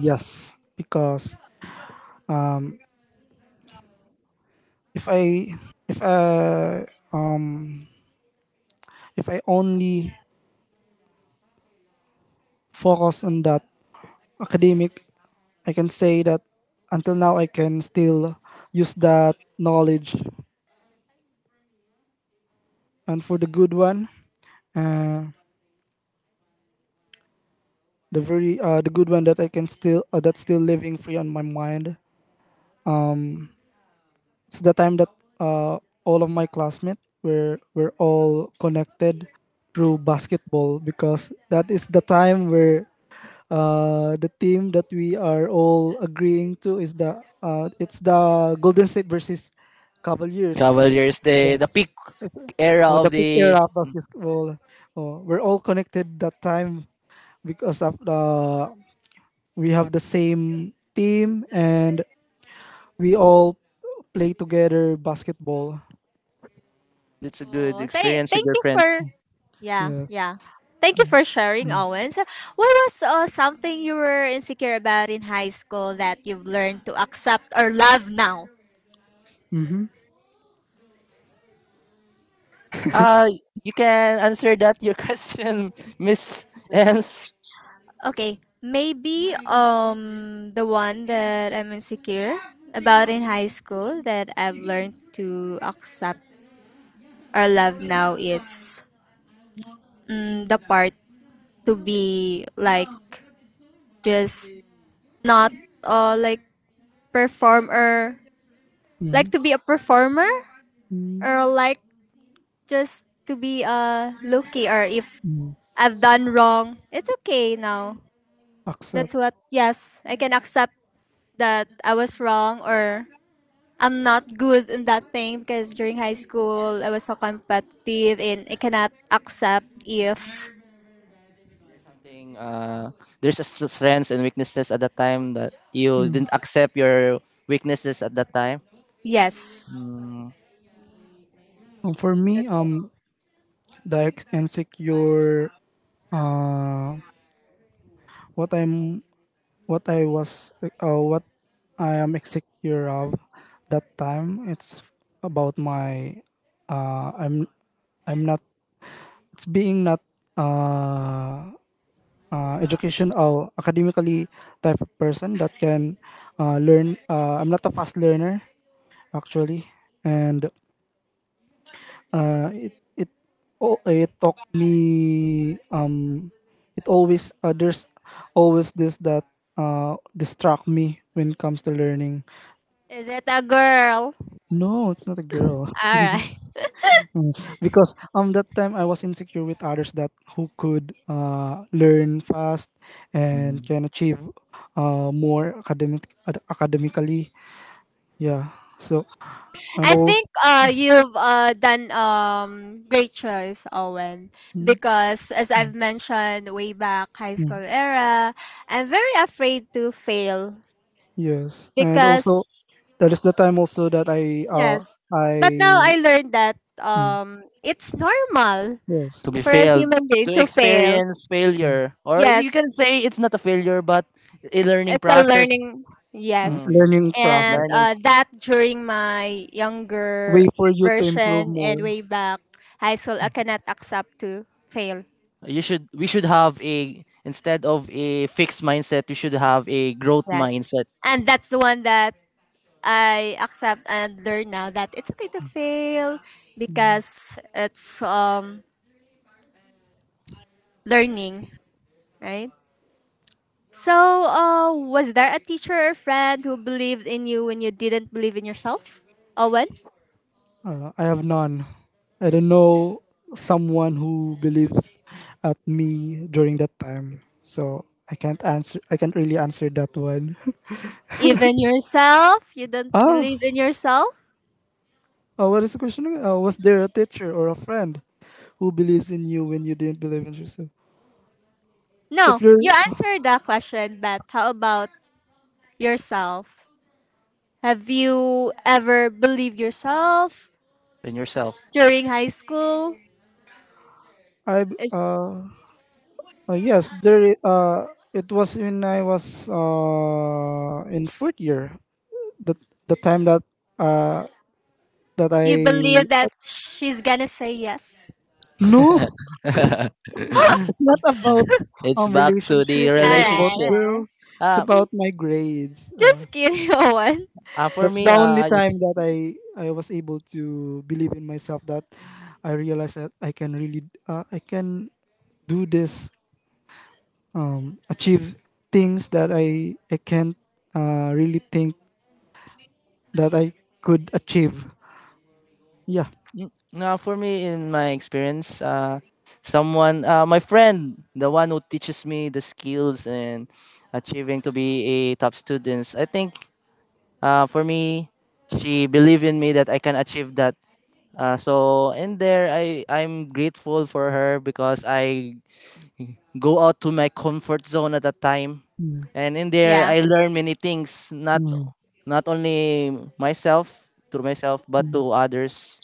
Speaker 2: Yes, because if I if I if I only focus on that academic, I can say that until now I can still use that knowledge. And for the good one, uh, the very— uh, the good one that I can still— uh, that's still living free on my mind. It's the time that uh, all of my classmates were were all connected through basketball, because that is the time where uh, the team that we are all agreeing to is the— uh, it's the Golden State versus Cavaliers.
Speaker 3: Cavaliers, the the
Speaker 2: Yes.
Speaker 3: peak
Speaker 2: Yes.
Speaker 3: era
Speaker 2: Oh, the
Speaker 3: of
Speaker 2: peak
Speaker 3: the,
Speaker 2: era of basketball. Oh, we're all connected that time because of the— we have the same team, and we all play together basketball.
Speaker 3: it's a good
Speaker 1: Oh, th-
Speaker 3: experience with
Speaker 1: thank
Speaker 3: your
Speaker 1: you
Speaker 3: friends.
Speaker 1: for yeah,
Speaker 2: Yes.
Speaker 1: yeah. Thank you for sharing,
Speaker 2: Mm.
Speaker 1: Owen. So, what was uh, something you were insecure about in high school that you've learned to accept or love now?
Speaker 2: Mm-hmm.
Speaker 3: Uh you can answer that your question, Miss Ems.
Speaker 1: Okay, maybe um the one that I'm insecure about in high school that I've learned to accept or love now is mm, the part to be like just not uh like perform or like to be a performer
Speaker 2: Mm-hmm.
Speaker 1: or like just to be a lucky or if
Speaker 2: Mm.
Speaker 1: I've done wrong, it's okay now. That's
Speaker 2: Accept.
Speaker 1: what yes, I can accept that I was wrong or I'm not good in that thing because during high school I was so competitive and I cannot accept if
Speaker 3: Something, uh there's a s- strengths and weaknesses at that time that you
Speaker 2: Mm.
Speaker 3: didn't accept your weaknesses at that time.
Speaker 1: yes.
Speaker 3: Mm.
Speaker 2: Um, for me,
Speaker 1: That's
Speaker 2: um,
Speaker 1: it.
Speaker 2: the ex- insecure. Uh, what I'm— what I was— uh, what I am insecure of that time, it's about my— uh, I'm— I'm not— it's being not— uh, uh, educational, academically type of person that can uh, learn— uh, I'm not a fast learner, actually. And uh, it it oh, it taught me— um it always— uh, there's always this that uh distract me when it comes to learning.
Speaker 1: Is it a girl?
Speaker 2: No, it's not a girl.
Speaker 1: Alright.
Speaker 2: Mm, because um that time I was insecure with others that— who could uh learn fast and
Speaker 3: Mm.
Speaker 2: can achieve uh more academic— ad- academically. Yeah. So— and
Speaker 1: I
Speaker 2: also,
Speaker 1: think uh you've uh done um great choice, Owen. Because as I've mentioned way back high school era, I'm very afraid to fail.
Speaker 2: yes. And also,
Speaker 1: Because
Speaker 2: that is the time also that I— uh
Speaker 1: yes. But now I
Speaker 2: I—
Speaker 1: learned that
Speaker 2: mm,
Speaker 1: um it's normal
Speaker 2: yes,
Speaker 3: To be
Speaker 1: for us
Speaker 3: failed,
Speaker 1: human being
Speaker 3: to
Speaker 1: to fail.
Speaker 3: experience
Speaker 2: mm,
Speaker 3: failure. Or you
Speaker 1: Yes,
Speaker 3: can say it's not a failure, but a learning
Speaker 1: it's a
Speaker 3: process.
Speaker 1: learning.
Speaker 2: mm.
Speaker 1: Yes,
Speaker 3: Mm,
Speaker 2: Learning
Speaker 1: and
Speaker 3: learning.
Speaker 2: process.
Speaker 1: uh, that during my
Speaker 2: Way
Speaker 1: younger
Speaker 2: for you to improve
Speaker 1: version and
Speaker 2: more.
Speaker 1: way back high school, I cannot accept to fail.
Speaker 3: You should. We should have a, instead of a fixed mindset, you should have a growth
Speaker 1: Yes,
Speaker 3: mindset
Speaker 1: and that's the one that I accept and learn now that it's okay to fail because it's um learning, right? So, uh, was there a teacher or friend who believed in you when you didn't believe in yourself, Owen?
Speaker 2: Uh, I have none. I don't know someone who believes at me during that time. So I can't answer. I can't really answer that one.
Speaker 1: Even yourself? You don't
Speaker 2: Ah,
Speaker 1: believe in yourself?
Speaker 2: uh, what is the question? Again? Uh, was there a teacher or a friend who believes in you when you didn't believe in yourself?
Speaker 1: No,
Speaker 2: If
Speaker 1: you
Speaker 2: you—
Speaker 1: answered that question, but how about yourself? Have you ever believed yourself
Speaker 3: in yourself.
Speaker 1: during high school?
Speaker 2: I,
Speaker 1: Is
Speaker 2: uh, uh yes, there. Uh, it was when I was uh in fourth year. The— the time that— uh that
Speaker 1: you
Speaker 2: I—
Speaker 1: believe that she's gonna say yes?
Speaker 2: no. It's not about
Speaker 3: It's
Speaker 2: um
Speaker 3: back to the
Speaker 2: relationship or
Speaker 1: Alright,
Speaker 2: about a
Speaker 3: relationship.
Speaker 1: alright.
Speaker 2: girl. It's
Speaker 3: Uh,
Speaker 2: about my grades. Uh,
Speaker 1: Just kidding, Owen.
Speaker 3: uh, for
Speaker 2: that's the
Speaker 3: me, uh,
Speaker 2: only
Speaker 3: I
Speaker 2: time
Speaker 3: just,
Speaker 2: that I I was able to believe in myself. That I realized that I can really— uh, I can do this. Um, achieve things that I I can't uh, really think that I could achieve. Yeah.
Speaker 3: mm, Uh, for me, in my experience, uh, someone, uh, my friend, the one who teaches me the skills and achieving to be a top student. I think, uh, for me, she believed in me that I can achieve that. Uh, so in there, I I'm grateful for her because I go out to my comfort zone at that time,
Speaker 2: Mm,
Speaker 3: and in there
Speaker 1: Yeah.
Speaker 3: I learn many things, not
Speaker 2: mm,
Speaker 3: not only myself to myself but
Speaker 2: mm,
Speaker 3: to others.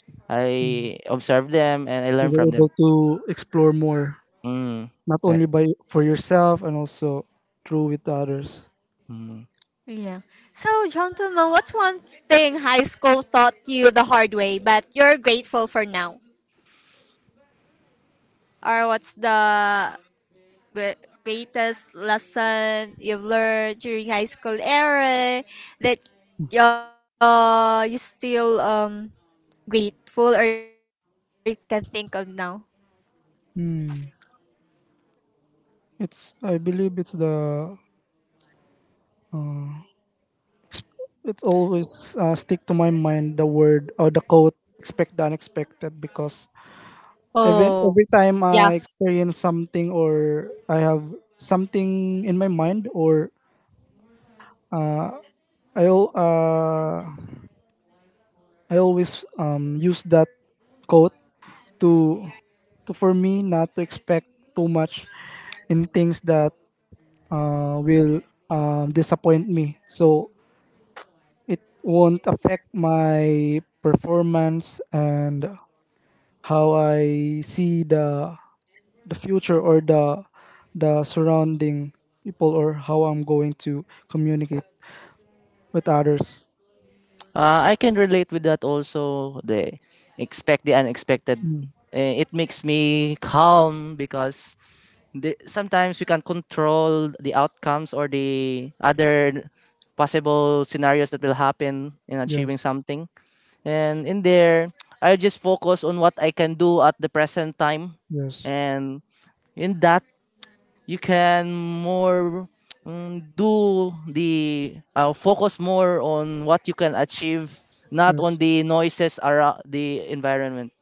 Speaker 2: mm.
Speaker 3: I observe them and I
Speaker 2: You
Speaker 3: learn
Speaker 2: were
Speaker 3: from them.
Speaker 2: able to explore more,
Speaker 3: Mm,
Speaker 2: not
Speaker 3: right.
Speaker 2: only by— for yourself, and also through with others.
Speaker 3: Mm.
Speaker 1: Yeah. So, gentlemen, what's one thing high school taught you the hard way, but you're grateful for now? Or what's the gre- greatest lesson you've learned during high school era that uh, you still um grateful or you can think of now?
Speaker 2: Hmm. It's— I believe it's the— it always uh, stick to my mind the word or the quote, expect the unexpected, because even
Speaker 1: Oh,
Speaker 2: every time
Speaker 1: yeah.
Speaker 2: I experience something, or I have something in my mind, or I al- uh I always um use that quote to— to for me not to expect too much in things that uh, will um, disappoint me. So it won't affect my performance, and how I see the the future, or the the surrounding people, or how I'm going to communicate with others.
Speaker 3: Uh, I can relate with that also, the expect the unexpected.
Speaker 2: Mm,
Speaker 3: Eh, it makes me calm because the, sometimes we can control the outcomes or the other possible scenarios that will happen in achieving
Speaker 2: yes,
Speaker 3: something. And in there, I just focus on what I can do at the present time.
Speaker 2: yes,
Speaker 3: And in that, you can more mm, do the uh, focus more on what you can achieve, not on
Speaker 2: yes.
Speaker 3: the noises around the environment.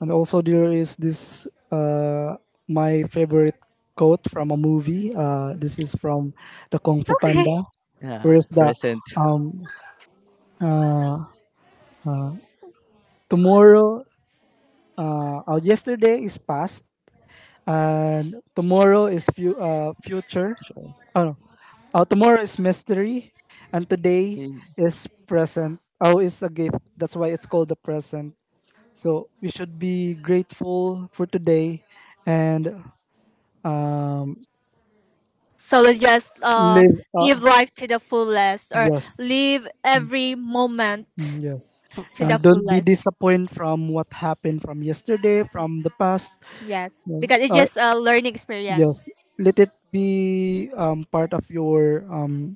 Speaker 2: And also, there is this— uh my favorite quote from a movie. Uh, this is from the Kung Fu
Speaker 1: Okay.
Speaker 2: Panda.
Speaker 3: Yeah,
Speaker 2: Where is the—
Speaker 3: present.
Speaker 2: um uh tomorrow— uh, uh yesterday is past, and tomorrow is fu- uh, future. Oh, no. Uh, tomorrow is mystery, and today
Speaker 3: Yeah.
Speaker 2: is present. Oh, it's a gift. That's why it's called the present. So we should be grateful for today, and um,
Speaker 1: So let's just uh
Speaker 2: live. Uh,
Speaker 1: live life to the fullest or
Speaker 2: yes.
Speaker 1: live every
Speaker 2: Mm,
Speaker 1: moment
Speaker 2: yes,
Speaker 3: F-
Speaker 1: to
Speaker 2: and
Speaker 1: the
Speaker 2: don't be
Speaker 1: fullest.
Speaker 2: disappointed from what happened from yesterday, from the past.
Speaker 1: Yes,
Speaker 2: Yes.
Speaker 1: because it's
Speaker 2: Uh,
Speaker 1: just a learning
Speaker 2: yes,
Speaker 1: experience.
Speaker 2: let it be um, part of your— um,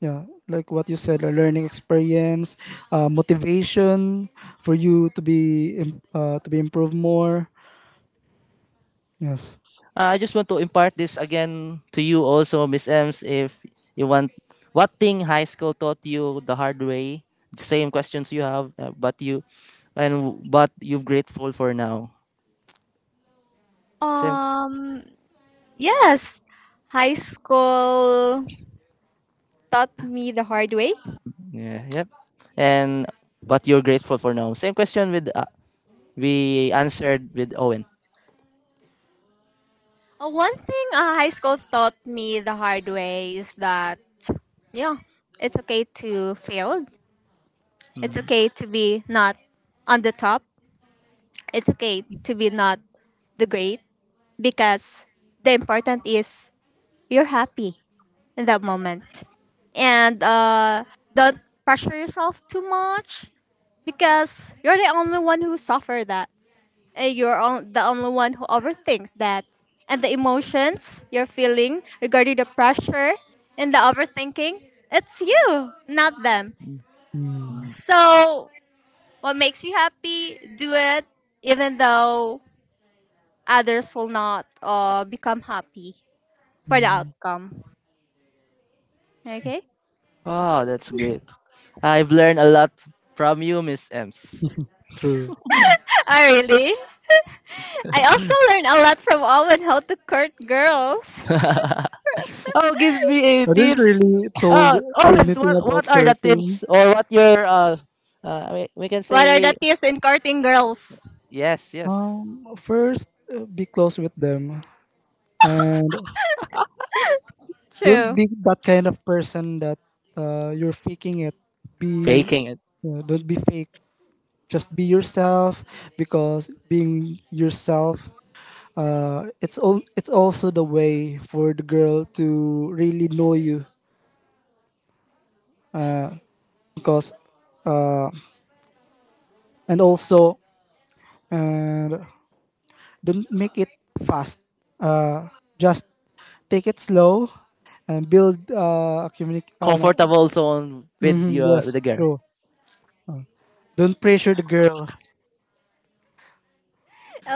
Speaker 2: yeah, like what you said, a learning experience, uh, motivation for you to be im- uh, to be improved more. Yes.
Speaker 3: Uh, I just want to impart this again to you also, Miss Ems, if you want. What thing high school taught you the hard way? Same questions you have, uh, but you, and but you're grateful for now. Same,
Speaker 1: Um, yes, high school taught me the hard way.
Speaker 3: yeah, yep. And but you're grateful for now. Same question with uh, we answered with Owen.
Speaker 1: Uh, one thing uh, high school taught me the hard way is that, yeah, it's okay to fail. It's
Speaker 3: Mm.
Speaker 1: okay to be not on the top. It's okay to be not the great because the important is you're happy in that moment. And uh, don't pressure yourself too much because you're the only one who suffered that. uh, you're on, the only one who overthinks that. And the emotions you're feeling regarding the pressure and the overthinking, it's you, not them.
Speaker 2: Mm,
Speaker 1: So, what makes you happy, do it, even though others will not uh, become happy for the
Speaker 2: mm.
Speaker 1: outcome.
Speaker 2: See.
Speaker 1: Okay?
Speaker 3: Wow, that's great. I've learned a lot from you, Miss Ems.
Speaker 2: True.
Speaker 1: Oh, really? I also learned a lot from Owen how to court girls.
Speaker 3: Oh, gives me a
Speaker 2: I didn't
Speaker 3: tips.
Speaker 2: really told
Speaker 3: Uh, Owens,
Speaker 2: anything
Speaker 3: what what
Speaker 2: about
Speaker 3: are the
Speaker 2: flirting.
Speaker 3: tips or what your uh, uh we, we can
Speaker 1: What are the
Speaker 3: say
Speaker 1: tips in courting girls?
Speaker 3: yes, yes.
Speaker 2: Um, first, uh, be close with them, and don't
Speaker 1: True.
Speaker 2: be that kind of person that uh, you're faking it. Be—
Speaker 3: Faking it.
Speaker 2: uh, don't be fake. Just be yourself, because being yourself— uh, it's all— it's also the way for the girl to really know you, uh, because uh, and also, and don't make it fast— uh, just take it slow, and build uh, a communi- uh, no.
Speaker 3: Comfortable zone with
Speaker 2: Mhm.
Speaker 3: your
Speaker 2: Yes,
Speaker 3: with the girl.
Speaker 2: true. Don't pressure the girl.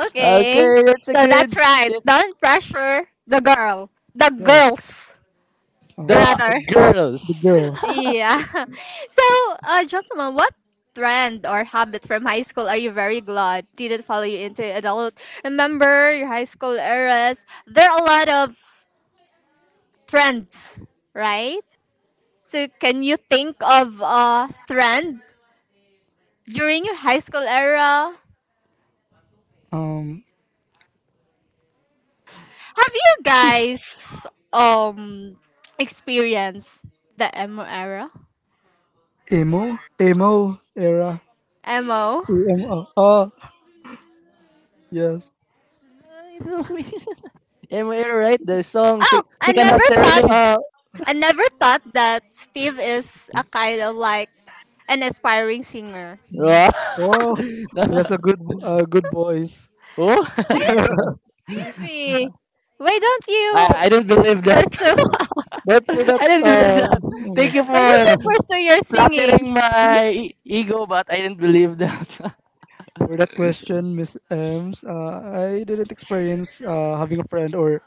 Speaker 1: Okay.
Speaker 3: Okay, that's a
Speaker 1: So that's
Speaker 3: good
Speaker 1: right.
Speaker 3: tip.
Speaker 1: Don't pressure the girl. The
Speaker 2: Yes.
Speaker 1: girls,
Speaker 2: uh,
Speaker 3: The
Speaker 2: the,
Speaker 1: rather.
Speaker 2: the
Speaker 3: girls.
Speaker 2: girls.
Speaker 1: Yeah. So, uh, gentlemen, what trend or habit from high school are you very glad didn't follow you into adult? Remember your high school eras. There are a lot of trends, right? So, can you think of a trend during your high school era?
Speaker 2: um
Speaker 1: Have you guys um experienced the emo era?
Speaker 2: Emo, emo era,
Speaker 1: Emo.
Speaker 2: emo. Oh, yes.
Speaker 3: Am I right? The song
Speaker 1: Oh,
Speaker 3: "She
Speaker 1: I
Speaker 3: Can
Speaker 1: never
Speaker 3: Have
Speaker 2: Well,
Speaker 1: thought
Speaker 3: Serenade."
Speaker 2: uh,
Speaker 1: I never thought that Steve is a kind of like an aspiring singer.
Speaker 3: Wow.
Speaker 2: oh, he
Speaker 3: No.
Speaker 2: has a good— uh, good voice.
Speaker 3: Oh,
Speaker 1: I don't agree. Why don't
Speaker 3: I,
Speaker 1: you
Speaker 3: I don't believe that.
Speaker 1: pursue
Speaker 2: But for that,
Speaker 3: I don't believe
Speaker 2: uh,
Speaker 3: that. Thank
Speaker 2: okay.
Speaker 3: you
Speaker 1: why don't
Speaker 3: for
Speaker 1: you pursue your singing?
Speaker 3: flattering my e- ego, but I didn't believe that.
Speaker 2: For that question, Miss Ems, uh, I didn't experience uh, having a friend, or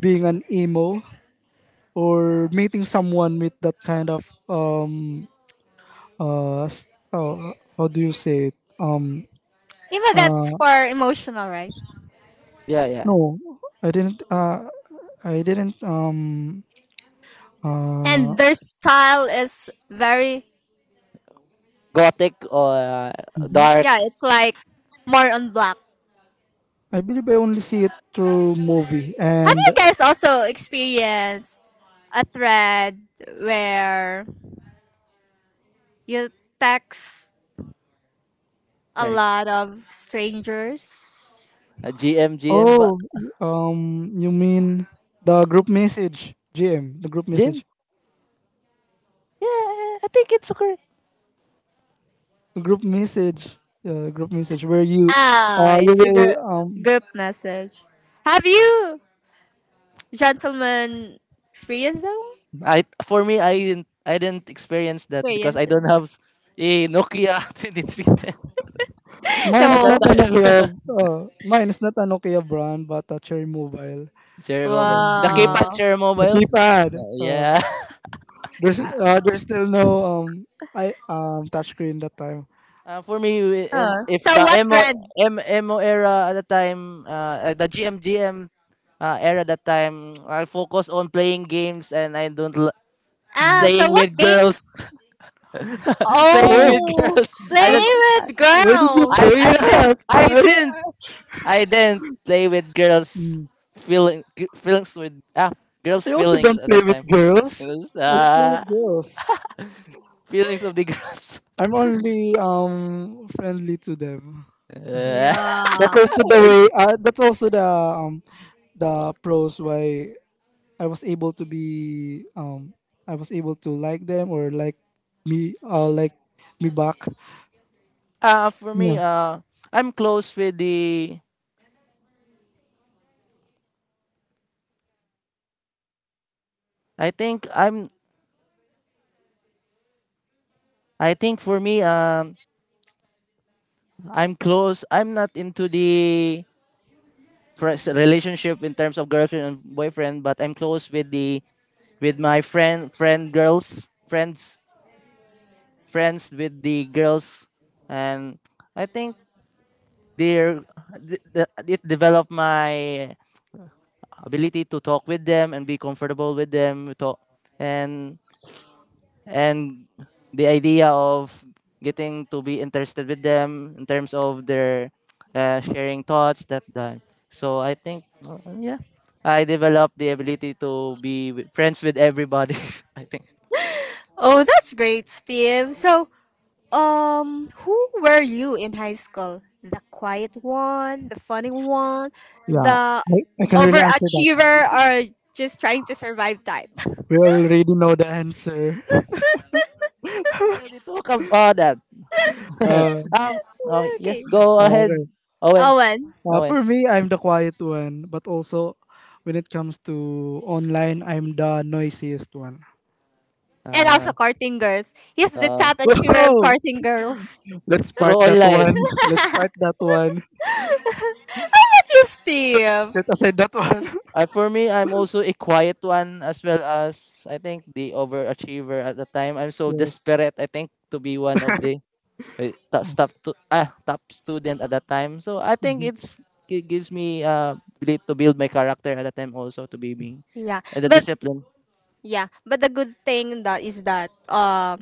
Speaker 2: being an emo, or meeting someone with that kind of— um uh, s- uh how do you say it? um
Speaker 1: Even that's
Speaker 2: uh
Speaker 1: for emotional, right?
Speaker 3: yeah, yeah.
Speaker 2: no, I didn't— uh I didn't— um uh
Speaker 1: And their style is very
Speaker 3: Gothic or uh,
Speaker 2: mhm.
Speaker 3: dark
Speaker 1: yeah, it's like more on black.
Speaker 2: I believe I only see it through movie
Speaker 1: Have you
Speaker 2: and.
Speaker 1: guys also experienced a thread where you text a
Speaker 3: text.
Speaker 1: lot of strangers.
Speaker 3: Uh, G M, but
Speaker 2: Oh, um, you mean the group message, G M, the group
Speaker 3: Jim?
Speaker 2: message,
Speaker 3: Yeah, I think it's okay.
Speaker 2: the group message, uh, group message where you,
Speaker 1: Ah,
Speaker 2: uh, you
Speaker 1: it's a
Speaker 2: will,
Speaker 1: gr-
Speaker 2: um,
Speaker 1: group message. Have you, gentlemen, experienced that one?
Speaker 3: I for me, I didn't, I didn't experience that because
Speaker 1: Experienced
Speaker 3: I
Speaker 1: that
Speaker 3: don't
Speaker 1: one.
Speaker 3: have a Nokia twenty three ten
Speaker 2: mine
Speaker 3: at
Speaker 2: is
Speaker 3: that
Speaker 1: So,
Speaker 2: not a Nokia,
Speaker 3: time.
Speaker 2: uh, mine is not a Nokia brand, but a Cherry Mobile.
Speaker 3: share mobile,
Speaker 2: Mm,
Speaker 3: the
Speaker 1: wow.
Speaker 3: keypad
Speaker 2: yes,
Speaker 3: share
Speaker 2: the
Speaker 3: mobile.
Speaker 2: keypad.
Speaker 3: Uh,
Speaker 2: Uh,
Speaker 3: yeah.
Speaker 2: there's, uh, there's still no um, I um, touchscreen that time.
Speaker 3: Uh, for me, we- and
Speaker 1: Oh.
Speaker 3: if
Speaker 1: So,
Speaker 3: the
Speaker 1: what trend?
Speaker 3: emo era at the time, uh, uh, the G M G M G M uh, era at that time, I focus on playing games and I don't l-
Speaker 1: Ah,
Speaker 2: Mm.
Speaker 1: so
Speaker 3: playing
Speaker 1: what
Speaker 3: with girls,
Speaker 1: games?
Speaker 3: playing
Speaker 2: Oh,
Speaker 3: with
Speaker 1: Oh,
Speaker 3: girls. I
Speaker 2: I'm,
Speaker 1: play
Speaker 3: don't,
Speaker 1: with
Speaker 2: where did you
Speaker 3: I,
Speaker 1: girls.
Speaker 2: say
Speaker 3: I didn't,
Speaker 2: that?
Speaker 3: I didn't, I didn't play with girls,
Speaker 2: I,
Speaker 3: feeling g- feelings with ah girls
Speaker 2: I also
Speaker 3: feelings
Speaker 2: don't
Speaker 3: at
Speaker 2: play
Speaker 3: that
Speaker 2: with
Speaker 3: time,
Speaker 2: girls. I don't play
Speaker 3: uh,
Speaker 2: with girls.
Speaker 3: feelings of the girls.
Speaker 2: I'm only um friendly to them. Mhm.
Speaker 3: Uh,
Speaker 2: That's
Speaker 1: Yeah.
Speaker 2: also the way. Uh, that's also the um the pros why I was able to be um I was able to like them or like me uh like me back.
Speaker 3: Uh, for me,
Speaker 2: Yeah,
Speaker 3: uh, I'm close with the. I think I'm. I think for me, um, I'm close. I'm not into the first relationship in terms of girlfriend and boyfriend, but I'm close with the, with my friend, friend girls, friends, friends with the girls, and I think they're th- th- it developed my ability to talk with them and be comfortable with them. We talk and and the idea of getting to be interested with them in terms of their uh, sharing thoughts that that so I think uh, yeah, I developed the ability to be with, friends with everybody. I think
Speaker 1: Oh, that's great, Steve. So, Um, who were you in high school? The quiet one, the funny one,
Speaker 2: yeah.
Speaker 1: the
Speaker 2: I, I can really answer that.
Speaker 1: overachiever, or just trying to survive type?
Speaker 2: We already know the answer.
Speaker 3: already talk about that.
Speaker 2: Uh,
Speaker 3: Uh, oh, yes,
Speaker 1: okay.
Speaker 3: go ahead,
Speaker 2: okay.
Speaker 3: Owen.
Speaker 1: Owen.
Speaker 2: Uh,
Speaker 3: Owen,
Speaker 2: for me, I'm the quiet one, but also when it comes to online, I'm the noisiest one.
Speaker 1: And also
Speaker 3: uh,
Speaker 1: courting girls. He's the
Speaker 3: uh,
Speaker 1: top achiever of
Speaker 2: Whoa!
Speaker 1: courting girls.
Speaker 2: Let's
Speaker 3: through
Speaker 2: part that
Speaker 3: online.
Speaker 2: one. Let's
Speaker 1: How
Speaker 2: part that one.
Speaker 1: about you, Steve?
Speaker 2: Set aside that one.
Speaker 3: Uh, for me, I'm also a quiet one as well as I think the overachiever at the time. I'm so
Speaker 2: Yes.
Speaker 3: desperate, I think, to be one of the eh, top top to, ah, top student at that time. So I think
Speaker 2: Mhm.
Speaker 3: it's it gives me uh ability to build my character at that time also to be me
Speaker 1: Yeah.
Speaker 3: and the
Speaker 1: But
Speaker 3: discipline.
Speaker 1: yeah, but the good thing that is that uh,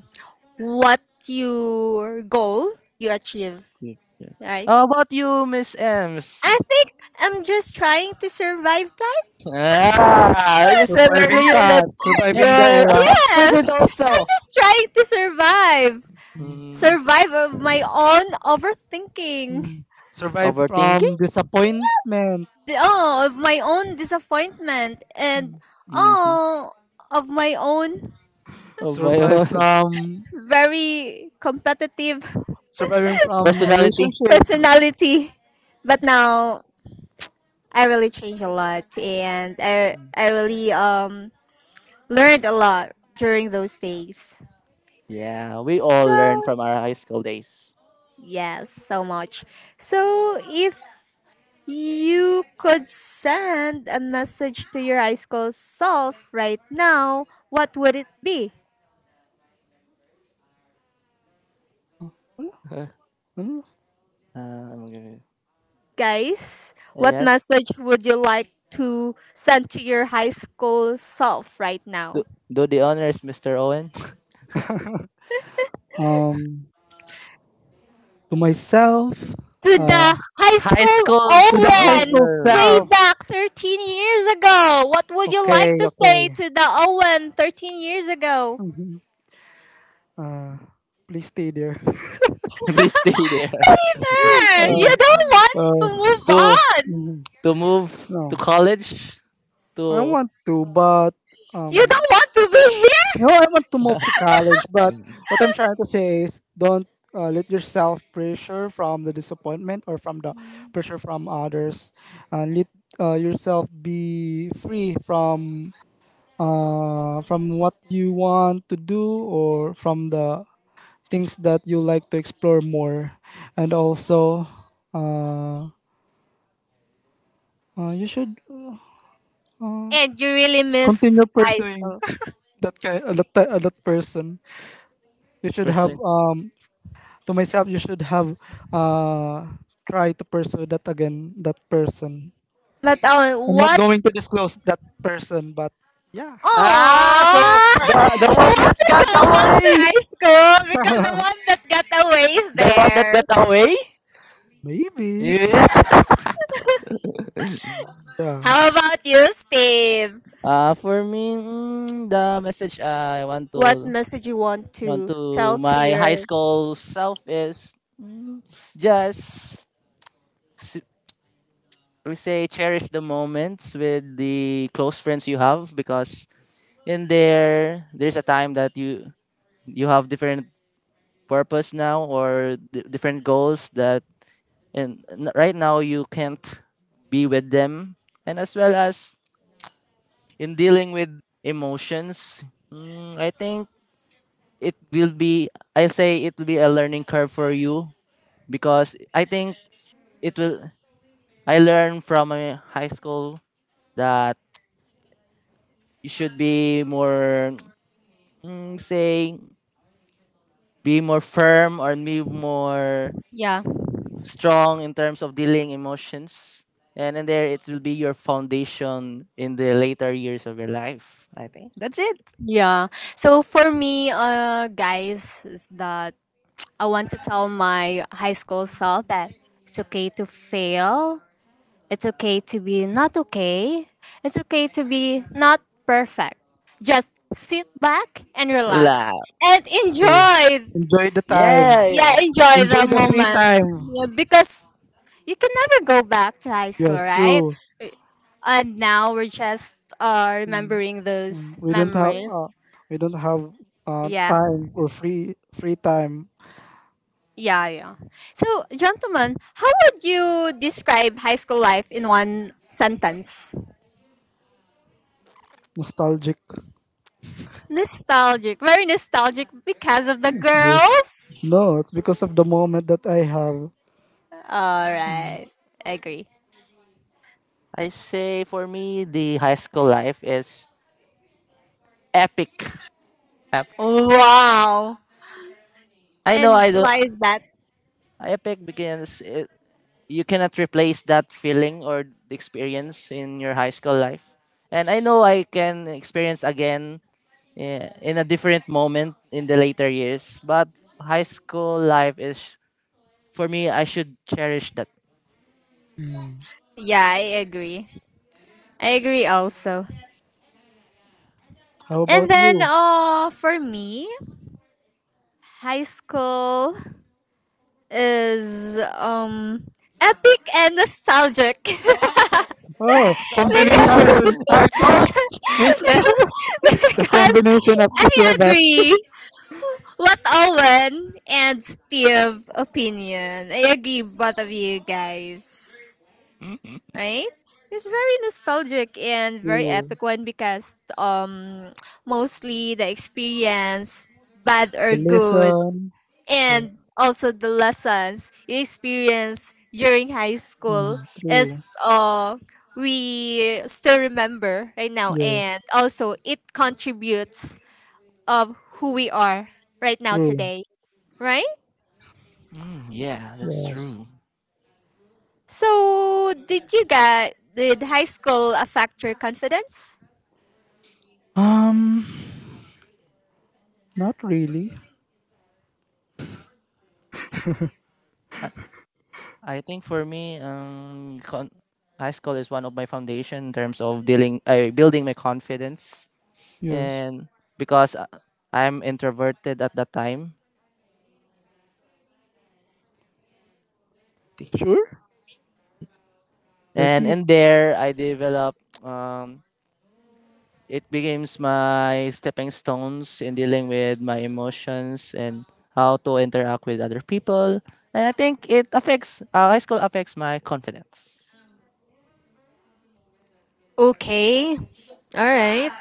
Speaker 1: what your goal you achieve,
Speaker 3: Yeah.
Speaker 1: right?
Speaker 3: How about you, Miss Ems?
Speaker 1: I think I'm just trying to survive time.
Speaker 3: Ah, you said
Speaker 2: Surviving
Speaker 3: earlier that
Speaker 2: time. Surviving the
Speaker 3: you're a
Speaker 2: era.
Speaker 3: top student
Speaker 1: yes, I'm
Speaker 3: also.
Speaker 1: just trying to survive.
Speaker 2: Mm.
Speaker 3: Hmm.
Speaker 1: Survive of my own overthinking.
Speaker 2: Mm. Survive
Speaker 3: Overthinking?
Speaker 2: from disappointment.
Speaker 1: The- Oh, of my own disappointment and
Speaker 2: Mm.
Speaker 3: Mm-hmm.
Speaker 1: oh, of my own
Speaker 3: Of my
Speaker 2: Survive
Speaker 3: own
Speaker 2: from
Speaker 1: very competitive
Speaker 2: surviving from
Speaker 3: personality.
Speaker 2: relationship.
Speaker 1: personality. But now I really changed a lot and I I really um learned a lot during those days.
Speaker 3: Yeah, we all
Speaker 1: So
Speaker 3: learn from our high school days.
Speaker 1: yes, so much. So, if you could send a message to your high school self right now, what would it be?
Speaker 3: Huh?
Speaker 2: Ano?
Speaker 3: Uh, I'm gonna-
Speaker 1: Guys, what
Speaker 3: yes.
Speaker 1: message would you like to send to your high school self right
Speaker 3: Do,
Speaker 1: now?
Speaker 3: do the honors, mister Owen.
Speaker 2: Um, to myself.
Speaker 1: To
Speaker 2: Uh,
Speaker 1: the high
Speaker 3: High
Speaker 1: school
Speaker 2: to
Speaker 3: schools
Speaker 2: the high
Speaker 1: Owen
Speaker 2: school
Speaker 3: over.
Speaker 1: way
Speaker 2: self.
Speaker 1: back thirteen years ago. What would you like
Speaker 2: Okay,
Speaker 1: to
Speaker 2: okay.
Speaker 1: say to the Owen thirteen years ago?
Speaker 2: Mm-hmm. Uh, please stay there.
Speaker 3: Please stay there.
Speaker 1: Stay there.
Speaker 2: Uh,
Speaker 1: You don't want to
Speaker 2: uh,
Speaker 1: move
Speaker 3: to
Speaker 1: on.
Speaker 2: mhm.
Speaker 3: to move to
Speaker 2: No,
Speaker 3: college
Speaker 2: I
Speaker 3: to
Speaker 2: want to, but
Speaker 1: You
Speaker 2: um,
Speaker 1: don't want to be here?
Speaker 2: no, I want to move to college, but what I'm trying to say is don't uh, let yourself pressure from the disappointment or from the pressure from others. Uh, let uh, yourself be free from uh, from what you want to do or from the things that you like to explore more, and also uh, uh, you should
Speaker 1: And you really miss
Speaker 2: continue
Speaker 1: high
Speaker 2: pursuing
Speaker 1: school.
Speaker 2: that kind uh, that, ti- uh, that person you should have
Speaker 3: pursue.
Speaker 2: um to myself you should have uh try to pursue that again, that person.
Speaker 1: But oh,
Speaker 2: I'm not
Speaker 1: what?
Speaker 2: going to disclose that person, but yeah.
Speaker 3: Ah, so
Speaker 1: Oh,
Speaker 3: the the
Speaker 1: you
Speaker 3: one
Speaker 1: want
Speaker 3: that
Speaker 1: to
Speaker 3: got
Speaker 1: go back to
Speaker 3: away,
Speaker 1: high school because the one that got away is
Speaker 3: the one that
Speaker 1: there.
Speaker 3: got away,
Speaker 2: Maybe.
Speaker 3: yeah.
Speaker 2: Yeah.
Speaker 1: How about you, Steve?
Speaker 3: Uh, for me, mm, the message I want
Speaker 1: What
Speaker 3: to
Speaker 1: message you want
Speaker 3: want
Speaker 1: to
Speaker 3: to
Speaker 1: tell to
Speaker 3: my
Speaker 1: your
Speaker 3: high school self is mm, just s- we say cherish the moments with the close friends you have because in there there's a time that you you have different purpose now or d- different goals that and n- right now you can't be with them, and as well as in dealing with emotions, mm, I think it will be, I say, it will be a learning curve for you because I think it will, I learned from my high school that you should be more mm, say, be more firm or be more
Speaker 1: yeah
Speaker 3: strong in terms of dealing emotions. And in there, it will be your foundation in the later years of your life. I think that's it.
Speaker 1: yeah? So for me, uh, guys, is that I want to tell my high school self that it's okay to fail. It's okay to be not okay. It's okay to be not perfect. Just sit back and relax
Speaker 3: Love.
Speaker 1: and
Speaker 2: True.
Speaker 1: enjoy.
Speaker 2: Enjoy the time.
Speaker 1: Yeah,
Speaker 3: Yeah.
Speaker 1: enjoy the
Speaker 2: Enjoy the free
Speaker 1: moment.
Speaker 2: time.
Speaker 1: Yeah, because you can never go back to high school,
Speaker 2: Yes,
Speaker 1: right?
Speaker 2: true.
Speaker 1: And now we're just uh,
Speaker 2: Hmm.
Speaker 1: remembering
Speaker 2: Um,
Speaker 1: those
Speaker 2: we don't have uh,
Speaker 1: memories.
Speaker 2: we don't have uh,
Speaker 1: Yeah,
Speaker 2: time or free free time.
Speaker 1: yeah, yeah. So, gentlemen, how would you describe high school life in one sentence?
Speaker 2: Nostalgic.
Speaker 1: Nostalgic. Very nostalgic because of the
Speaker 2: Yeah.
Speaker 1: girls.
Speaker 2: No, it's because of the moment that I have.
Speaker 1: All right. Agree.
Speaker 3: I say for me, the high school life is epic. Ep-
Speaker 1: Wow.
Speaker 3: I know I
Speaker 1: And
Speaker 3: don't.
Speaker 1: why is that?
Speaker 3: Epic because it, you cannot replace that feeling or the experience in your high school life. And I know I can experience again eh, in a different moment in the later years, but high school life is for me I should cherish that.
Speaker 2: Hmm.
Speaker 1: Yeah, I agree. I agree also.
Speaker 2: How
Speaker 1: And
Speaker 2: about
Speaker 1: then
Speaker 2: you?
Speaker 1: uh for me, high school is um epic and nostalgic.
Speaker 2: Oh,
Speaker 3: Just copying
Speaker 1: Because
Speaker 3: our,
Speaker 2: combination.
Speaker 3: our thoughts, Miss E.
Speaker 2: The
Speaker 1: because
Speaker 2: combination of the two
Speaker 1: I
Speaker 2: of us.
Speaker 1: agree. What Owen and Steve opinion? I agree, both of you guys. Right? It's very nostalgic and very
Speaker 2: True.
Speaker 1: epic one because um mostly the experience, bad or
Speaker 2: The
Speaker 1: good,
Speaker 2: lesson. Yes.
Speaker 1: and also the lessons you experience during high
Speaker 2: Mhm.
Speaker 1: school
Speaker 2: True.
Speaker 1: is uh we still remember right now
Speaker 2: Yes,
Speaker 1: and also it contributes of who we are right now
Speaker 2: true.
Speaker 1: today, right?
Speaker 3: Mm, yeah, that's
Speaker 2: Yes.
Speaker 3: true.
Speaker 1: So, did you get did high school affect your confidence?
Speaker 2: um not really.
Speaker 3: I, I think for me um con- high school is one of my foundation in terms of dealing uh, building my confidence
Speaker 2: Yes.
Speaker 3: and because uh, I'm introverted at that time.
Speaker 2: Sure.
Speaker 3: And
Speaker 2: thirty.
Speaker 3: in there, I developed, um, it becomes my stepping stones in dealing with my emotions and how to interact with other people. And I think it affects, uh, high school affects my confidence.
Speaker 1: Okay. All right.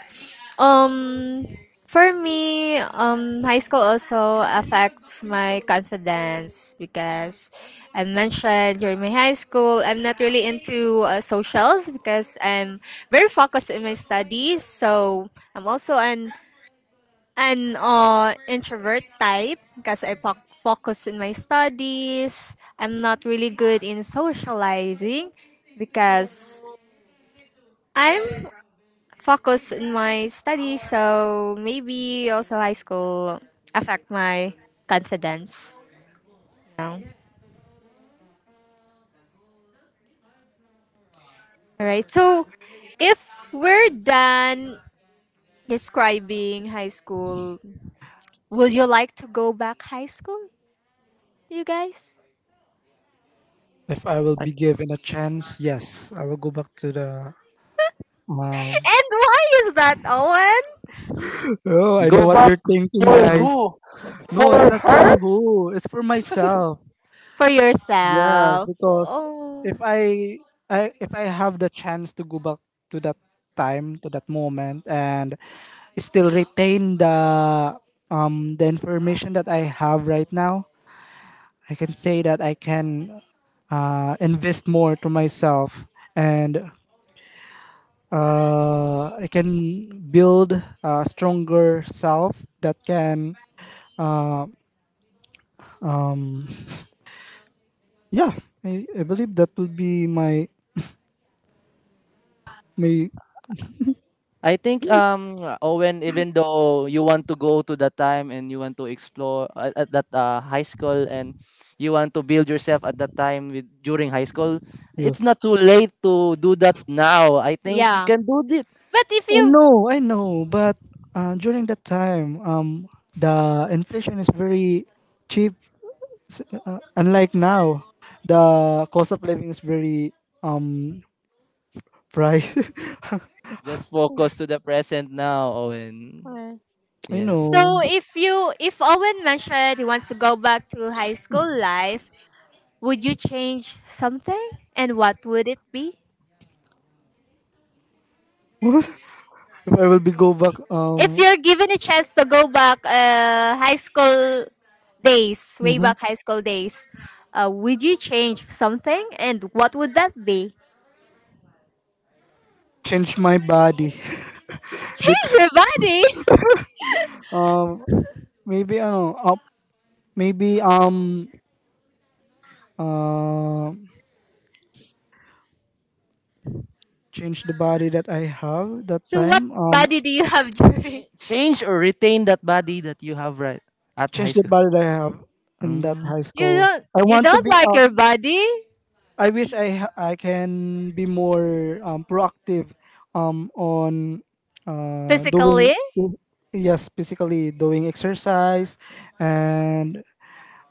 Speaker 1: Um for me, um high school also affects my confidence because I mentioned during my high school I'm not really into uh, socials because I'm very focused in my studies. So, I'm also an an uh, introvert type because I poc- focus in my studies. I'm not really good in socializing because I'm focused in my studies. So maybe also high school affect my confidence. All right. So if we're done describing high school, would you like to go back high school, you guys?
Speaker 2: If I will
Speaker 3: I-
Speaker 2: be given a chance, yes, I will go back to the um
Speaker 1: And why is that, Owen?
Speaker 2: Oh, I know
Speaker 3: Go
Speaker 2: what
Speaker 3: back
Speaker 2: you're thinking,
Speaker 3: for
Speaker 2: guys.
Speaker 3: who?
Speaker 2: No, it's
Speaker 3: For
Speaker 2: not for
Speaker 3: her?
Speaker 2: who. It's for myself.
Speaker 1: For
Speaker 2: Yes,
Speaker 1: yourself.
Speaker 2: because
Speaker 1: Oh,
Speaker 2: if I, I if I have the chance to go back to that time, to that moment, and still retain the um the information that I have right now, I can say that I can uh, invest more to myself and uh, I can build a stronger self that can. Yeah, I, I believe that will be my my
Speaker 3: I think um Owen, even though you want to go to that time and you want to explore at, at that uh, high school and you want to build yourself at that time with during high school, it's
Speaker 2: yes.
Speaker 3: not too late to do that now. I think you
Speaker 1: yeah.
Speaker 3: can do it.
Speaker 1: But if
Speaker 2: Oh
Speaker 1: you
Speaker 2: no, I know, but uh, during that time, um, the inflation is very cheap. s- Uh, unlike now, the cost of living is very um price.
Speaker 3: Just focus to the present now, Owen.
Speaker 1: uh,
Speaker 2: I
Speaker 3: Yeah.
Speaker 1: so
Speaker 2: know.
Speaker 1: if you if Owen mentioned he wants to go back to high school life, would you change something, and what would it be?
Speaker 2: If I will be go back,
Speaker 1: If
Speaker 2: um,
Speaker 1: you're given a chance to go back, uh, high school days, way
Speaker 2: mhm,
Speaker 1: back high school days, uh, would you change something, and what would that be?
Speaker 2: change my body,
Speaker 1: Change
Speaker 2: because
Speaker 1: your body.
Speaker 2: um maybe I don't know, uh, maybe um um change the body that I have that
Speaker 1: So what
Speaker 2: time. Um,
Speaker 1: body do you have during?
Speaker 3: Cha- Change or retain that body that you have right at high
Speaker 2: change the
Speaker 3: school.
Speaker 2: body that I have in that
Speaker 3: Mm.
Speaker 2: high
Speaker 1: You
Speaker 2: school.
Speaker 1: don't
Speaker 2: I
Speaker 1: you
Speaker 2: want to
Speaker 1: don't
Speaker 2: be.
Speaker 1: like
Speaker 2: Uh,
Speaker 1: your body?
Speaker 2: I wish I ha- I can be more um, proactive, um, on uh, doing,
Speaker 1: Physically?
Speaker 2: yes, basically doing exercise, and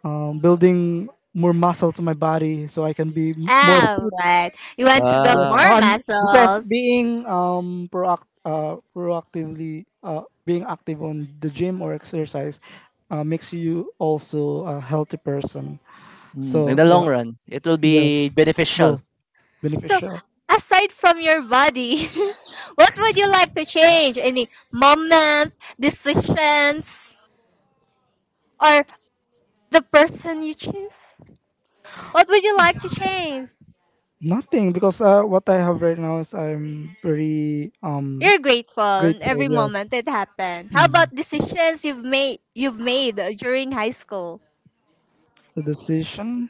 Speaker 2: um, building more muscle to my body so I can be more
Speaker 1: Ah,
Speaker 2: fit.
Speaker 1: right. You want to build
Speaker 2: Yes,
Speaker 3: Ah.
Speaker 1: more
Speaker 2: um, because
Speaker 1: muscles.
Speaker 2: being um proact uh, proactively uh, being active on the gym or exercise uh, makes you also a healthy person.
Speaker 3: Mm, in
Speaker 2: So
Speaker 3: the long
Speaker 2: yeah,
Speaker 3: run, it will be
Speaker 2: yes,
Speaker 3: beneficial.
Speaker 2: true,
Speaker 1: So,
Speaker 2: beneficial.
Speaker 1: aside from your body, what would you like to change? Any moment, decisions, or the person you choose? What would you like to change?
Speaker 2: Nothing because uh, what I have right now is I'm very um
Speaker 1: You're grateful in
Speaker 2: grateful.
Speaker 1: every
Speaker 2: Yes.
Speaker 1: moment it happened. How
Speaker 2: Mhm.
Speaker 1: about decisions you've made you've made during high school?
Speaker 2: The decision.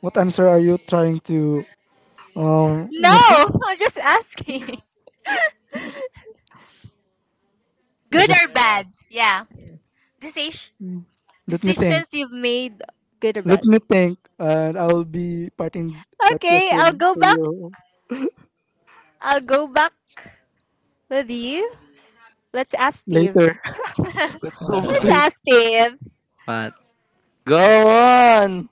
Speaker 2: What answer are you trying to um?
Speaker 1: No, I'm just asking.
Speaker 2: I
Speaker 1: Good
Speaker 2: just,
Speaker 1: or
Speaker 3: General.
Speaker 1: bad? Yeah. Decision
Speaker 2: let me think.
Speaker 1: Decisions you've made, good or
Speaker 2: Let
Speaker 1: bad?
Speaker 2: me think, and I'll be parting that
Speaker 1: Okay, I'll
Speaker 2: question
Speaker 1: go
Speaker 2: for
Speaker 1: back.
Speaker 2: you
Speaker 1: I'll go back with you. Let's ask Steve.
Speaker 2: later. Let's go back
Speaker 1: Let's
Speaker 2: later.
Speaker 1: ask Steve.
Speaker 3: But go on.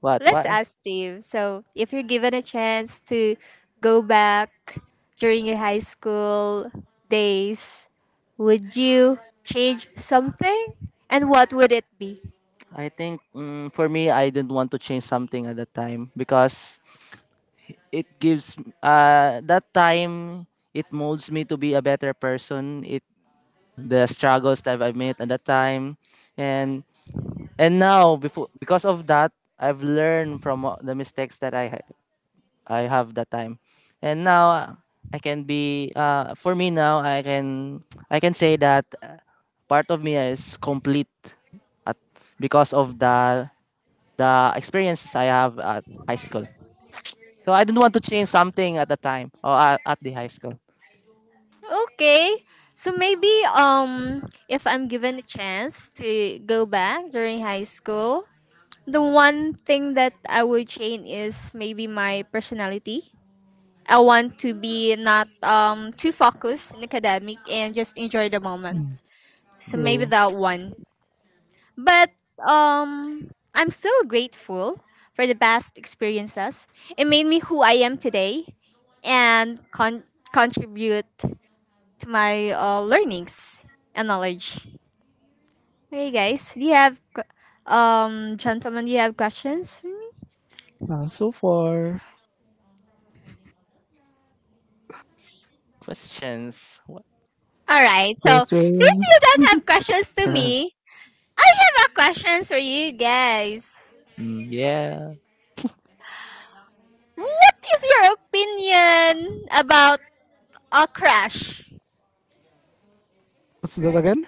Speaker 3: What?
Speaker 1: Let's
Speaker 3: What?
Speaker 1: ask Steve. So, if you're given a chance to go back during your high school days, would you change something? And what would it be?
Speaker 3: I think mm, for me, I didn't want to change something at that time because it gives uh that time it molds me to be a better person. It the struggles that I've met at that time, and and now before because of that, I've learned from uh, the mistakes that I ha- I have that time, and now uh, I can be uh for me now I can I can say that uh, part of me is complete at because of that the experiences I have at high school. So I don't want to change something at the time or at, at the high school.
Speaker 1: Okay. So maybe um if I'm given a chance to go back during high school, the one thing that I would change is maybe my personality. I want to be not um too focused in academic and just enjoy the
Speaker 2: Hmm.
Speaker 1: moment. So
Speaker 3: Mm.
Speaker 1: maybe
Speaker 2: So,
Speaker 1: that one. But um I'm still grateful for the past experiences. It made me who I am today and con- contribute to my uh, learnings and knowledge. Hey guys, do you have que- um gentlemen, do you have questions for me?
Speaker 2: uh, so far,
Speaker 3: Questions? What?
Speaker 1: All right. So since
Speaker 2: censoring.
Speaker 1: you don't have questions to me, I have a question for you guys.
Speaker 3: Mm, yeah.
Speaker 1: What is your opinion about a crash?
Speaker 2: What's that again?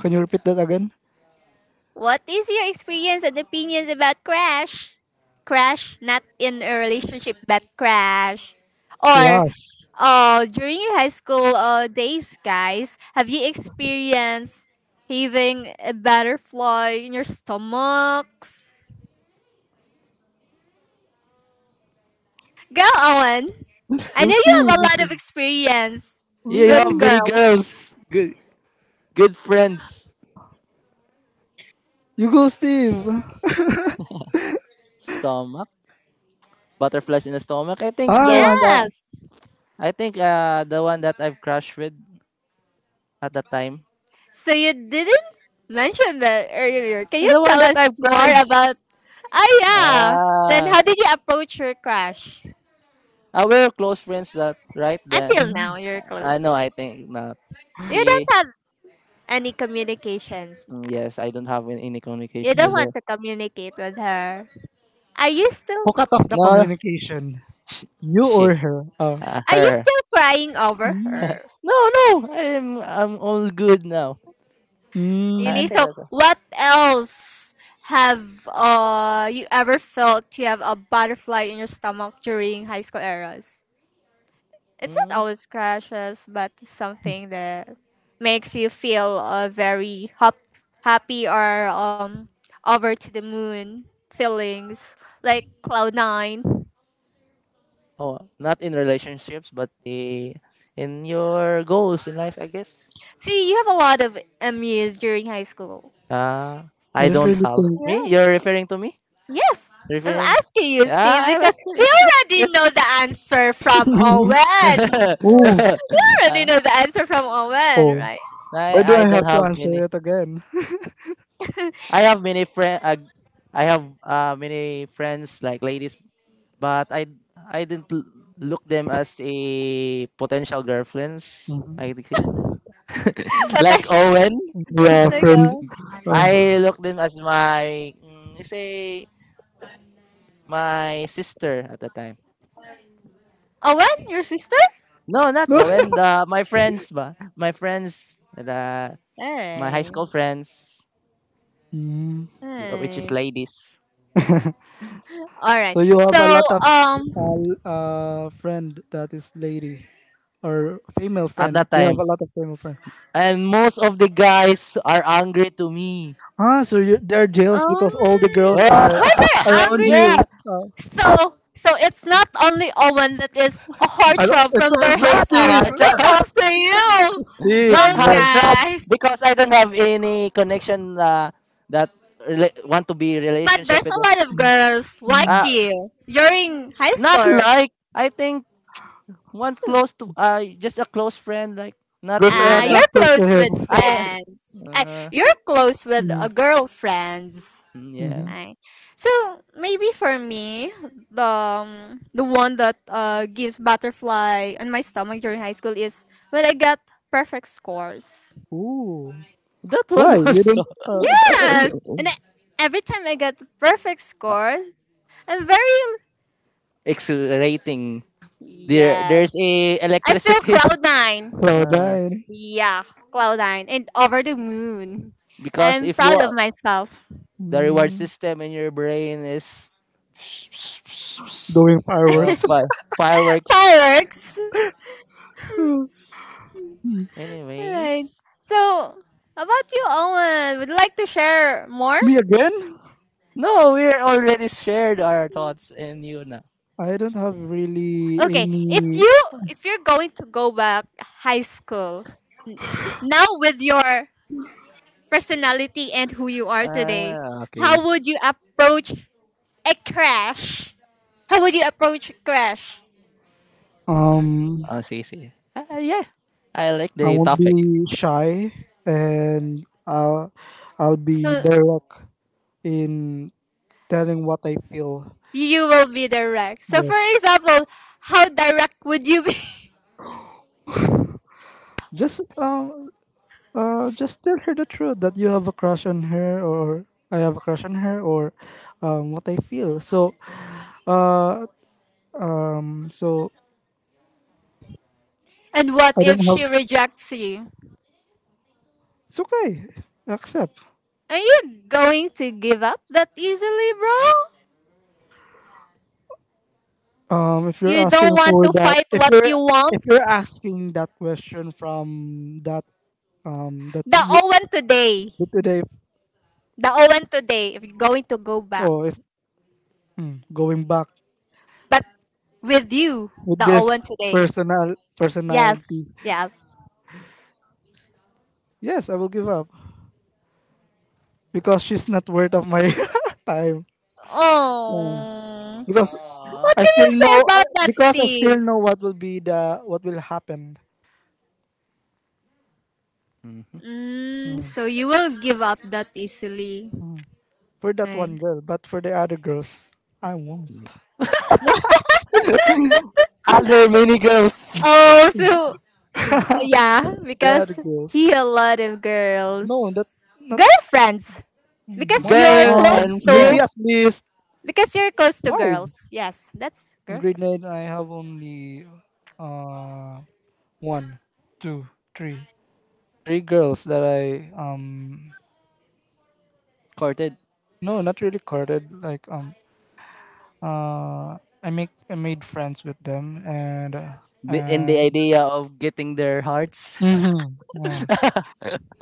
Speaker 2: Can you repeat that again?
Speaker 1: What is your experience and opinions about crash? Crash, not in a relationship, but crash. Or
Speaker 2: Yeah.
Speaker 1: uh, during your high school uh, days, guys, have you experienced having a butterfly in your stomachs? Go, Owen. I
Speaker 2: Go,
Speaker 1: know you have a lot
Speaker 2: Steve.
Speaker 1: of experience
Speaker 3: Yeah, you
Speaker 1: with
Speaker 3: have
Speaker 2: Oh,
Speaker 3: many
Speaker 1: girls.
Speaker 3: girls. Good, good friends.
Speaker 2: you go, Steve.
Speaker 3: Stomach, butterflies in the stomach. I think the one
Speaker 2: Ah.
Speaker 3: that,
Speaker 1: Yes.
Speaker 3: I think uh the one that I've crushed with at the time.
Speaker 1: So you didn't mention that earlier. Can you
Speaker 3: The one
Speaker 1: tell
Speaker 3: that
Speaker 1: us
Speaker 3: I've
Speaker 1: more
Speaker 3: cried.
Speaker 1: about? Oh yeah. Then
Speaker 3: Ah,
Speaker 1: how did you approach your crush?
Speaker 3: ah we're close friends. That right there.
Speaker 1: Until
Speaker 2: Hmm.
Speaker 1: now, you're
Speaker 3: I know.
Speaker 1: close.
Speaker 3: I think not.
Speaker 1: You don't
Speaker 3: She.
Speaker 1: have any communications.
Speaker 3: Mm, yes, I don't have any
Speaker 1: You
Speaker 3: communication
Speaker 1: don't
Speaker 3: with her.
Speaker 1: want to communicate with her. Are you
Speaker 2: Who
Speaker 1: still?
Speaker 2: cut off the
Speaker 3: No,
Speaker 2: communication?
Speaker 3: Sh-
Speaker 2: You
Speaker 3: she,
Speaker 2: or her? Ah.
Speaker 3: uh,
Speaker 1: Are you
Speaker 3: her.
Speaker 1: still crying over
Speaker 2: Hmm.
Speaker 1: her?
Speaker 3: No, no, I'm I'm all good now. I I
Speaker 1: Really?
Speaker 2: Hmm.
Speaker 3: think
Speaker 1: So,
Speaker 3: that's a,
Speaker 1: what else have uh you ever felt you have a butterfly in your stomach during high school eras? It's not
Speaker 3: mm,
Speaker 1: always crashes, but something that makes you feel uh, very hop- happy or um over to the moon feelings like cloud nine.
Speaker 3: oh, not in relationships, but the in your goals in life, I guess.
Speaker 1: See, you have a lot of M Us during high school.
Speaker 3: Uh,
Speaker 2: I
Speaker 3: I
Speaker 2: don't
Speaker 3: don't
Speaker 2: really
Speaker 3: have
Speaker 2: think.
Speaker 3: me.
Speaker 1: Yeah.
Speaker 3: You're referring to me?
Speaker 1: Yes. I'm
Speaker 3: Referring?
Speaker 1: asking you,
Speaker 3: Ah,
Speaker 1: Steve,
Speaker 3: I was.
Speaker 1: because we
Speaker 3: It's,
Speaker 1: already
Speaker 3: it's
Speaker 1: know the answer from Owen.
Speaker 2: Oh.
Speaker 1: Already
Speaker 3: uh,
Speaker 1: know the answer from Owen,
Speaker 2: Oh.
Speaker 1: right?
Speaker 2: Why do
Speaker 3: I
Speaker 2: I
Speaker 3: I don't
Speaker 2: have to
Speaker 3: have
Speaker 2: answer
Speaker 3: many.
Speaker 2: it again?
Speaker 3: I have many friend. Uh, I have uh many friends like ladies, but I I didn't l- look them as a potential girlfriends, I think.
Speaker 1: But I
Speaker 3: Like Owen,
Speaker 2: Yeah,
Speaker 1: like
Speaker 2: friend.
Speaker 1: Owen.
Speaker 2: Um,
Speaker 3: I looked them as my mm, say my sister at the time.
Speaker 1: Owen, your sister?
Speaker 3: No, not Owen. The my friends, ba my friends, the my high
Speaker 1: Nice.
Speaker 3: school friends,
Speaker 2: Mm.
Speaker 3: which is
Speaker 1: Nice.
Speaker 3: ladies
Speaker 1: Alright.
Speaker 2: So you have a
Speaker 1: So
Speaker 2: lot of
Speaker 1: um
Speaker 2: uh, uh friend that is lady or female
Speaker 3: at
Speaker 2: friend.
Speaker 3: that
Speaker 2: Do you
Speaker 3: time.
Speaker 2: have a lot of female friend?
Speaker 3: And most of the guys are angry to me.
Speaker 2: Ah, so you they're jealous
Speaker 1: um
Speaker 2: because all the girls are
Speaker 1: why they're
Speaker 2: around
Speaker 1: angry
Speaker 3: Yeah,
Speaker 1: too?
Speaker 2: you. Uh,
Speaker 1: So so it's not only Owen that is a
Speaker 2: I don't,
Speaker 1: heartthrob
Speaker 2: it's
Speaker 1: from their
Speaker 2: also
Speaker 1: high
Speaker 3: not a
Speaker 1: school.
Speaker 2: Steve.
Speaker 3: hard
Speaker 1: But
Speaker 3: job.
Speaker 1: also you.
Speaker 2: Steve,
Speaker 3: Not
Speaker 1: Oh
Speaker 2: yes.
Speaker 3: hard job
Speaker 1: guys.
Speaker 3: because I don't have any connection uh, that rela- want to be
Speaker 1: But
Speaker 3: relationship
Speaker 1: there's
Speaker 3: with.
Speaker 1: a lot of girls like
Speaker 2: Mm.
Speaker 3: Uh,
Speaker 1: you during high
Speaker 3: not
Speaker 1: school.
Speaker 3: like I think one
Speaker 1: So
Speaker 3: close to uh just a close friend like not
Speaker 2: Girls
Speaker 3: a
Speaker 2: are
Speaker 1: Ah,
Speaker 3: like
Speaker 1: you're
Speaker 2: attractive to
Speaker 1: close
Speaker 2: him.
Speaker 1: with
Speaker 3: I
Speaker 1: friends. Ah,
Speaker 3: uh,
Speaker 1: you're close with
Speaker 2: Mm.
Speaker 1: a girlfriends.
Speaker 3: mm, yeah
Speaker 2: Hmm.
Speaker 1: Right. So maybe for me, the um, the one that uh, gives butterfly on my stomach during high school is when I got perfect scores.
Speaker 2: Ooh,
Speaker 3: that one
Speaker 2: why you
Speaker 3: also.
Speaker 2: didn't uh,
Speaker 1: Yes, and I, every time I get perfect score, I'm very
Speaker 3: Exhilarating. There there's
Speaker 1: yes.
Speaker 3: a
Speaker 1: I feel
Speaker 3: electricity.
Speaker 1: cloud nine.
Speaker 2: throw
Speaker 3: Uh,
Speaker 2: that in?
Speaker 1: Yeah, cloud nine and over the moon.
Speaker 3: because
Speaker 1: I'm
Speaker 3: if you
Speaker 1: proud of
Speaker 3: are
Speaker 1: myself.
Speaker 3: the reward
Speaker 2: Mm.
Speaker 3: system in your brain is
Speaker 2: Doing
Speaker 3: uh,
Speaker 2: fireworks.
Speaker 3: fi- fireworks.
Speaker 1: Fireworks.
Speaker 2: Mm.
Speaker 1: Right.
Speaker 3: Anyways,
Speaker 1: So, about you, Owen, would you like to share more?
Speaker 2: Me again?
Speaker 3: no, we're already shared our thoughts and you know.
Speaker 2: I don't have really
Speaker 1: Okay, if
Speaker 2: any.
Speaker 1: you if you're going to go back high school now with your personality and who you are today,
Speaker 3: Ah, okay.
Speaker 1: how would you approach a crash? How would you approach a crash?
Speaker 2: Um,
Speaker 3: Oh, see, see. Ah, yeah, I like
Speaker 2: I
Speaker 3: the
Speaker 2: won't
Speaker 3: topic.
Speaker 2: be shy, and I'll I'll be
Speaker 1: So
Speaker 2: direct in telling what I feel.
Speaker 1: you will be direct. So for
Speaker 2: Yes,
Speaker 1: example, how direct would you be?
Speaker 2: just um, uh, just tell her the truth that you have a crush on her, or I have a crush on her, or um, what I feel. So, uh, um, so
Speaker 1: And what
Speaker 2: I don't
Speaker 1: if she
Speaker 2: have.
Speaker 1: rejects you?
Speaker 2: It's okay. Accept.
Speaker 1: Are you going to give up that easily, bro?
Speaker 2: Um, if you're
Speaker 1: You don't
Speaker 2: asking
Speaker 1: want
Speaker 2: for
Speaker 1: to
Speaker 2: that,
Speaker 1: fight
Speaker 2: if
Speaker 1: what
Speaker 2: you're,
Speaker 1: you
Speaker 2: if
Speaker 1: want?
Speaker 2: you're asking that question from that um that
Speaker 1: The
Speaker 2: y-
Speaker 1: Owen today.
Speaker 2: the today,
Speaker 1: The Owen today, if you're going to go back.
Speaker 2: or if mm, going back
Speaker 1: But with you,
Speaker 2: with
Speaker 1: the
Speaker 2: this
Speaker 1: Owen today.
Speaker 2: personal
Speaker 1: Yes,
Speaker 2: personality,
Speaker 1: yes.
Speaker 2: yes, I will give up because she's not worth of my time. Mm.
Speaker 1: Oh,
Speaker 2: Because
Speaker 3: Uh,
Speaker 1: what
Speaker 2: I
Speaker 1: can
Speaker 2: still
Speaker 1: you
Speaker 2: know
Speaker 1: say about
Speaker 2: I-
Speaker 1: that,
Speaker 2: because I still
Speaker 1: Steve?
Speaker 2: know what will be the, what will happen.
Speaker 3: Mhm.
Speaker 1: Mm,
Speaker 2: Mm.
Speaker 1: so you will give up that easily.
Speaker 2: For that
Speaker 1: Right.
Speaker 2: one girl, but for the other girls, I won't.
Speaker 3: Other mini girls.
Speaker 1: Oh, so yeah,
Speaker 2: The other
Speaker 1: because
Speaker 2: girls,
Speaker 1: he a lot of
Speaker 2: no, that
Speaker 1: girls,
Speaker 2: not
Speaker 1: girlfriends. Because
Speaker 2: Well,
Speaker 1: you're Yes.
Speaker 3: Girl
Speaker 2: um,
Speaker 1: close
Speaker 3: and
Speaker 2: maybe
Speaker 1: to,
Speaker 2: at
Speaker 3: friends
Speaker 2: least
Speaker 1: because you're close to
Speaker 2: five.
Speaker 1: girls. Yes, that's
Speaker 2: In grade
Speaker 1: girlfriend.
Speaker 2: nine, I have only uh one, two, three, three girls that I um
Speaker 3: courted
Speaker 2: no, not really courted. Like um uh, I make I made friends with them, and uh,
Speaker 3: wi- in the
Speaker 2: and
Speaker 3: idea of getting their hearts.
Speaker 2: mhm, yeah,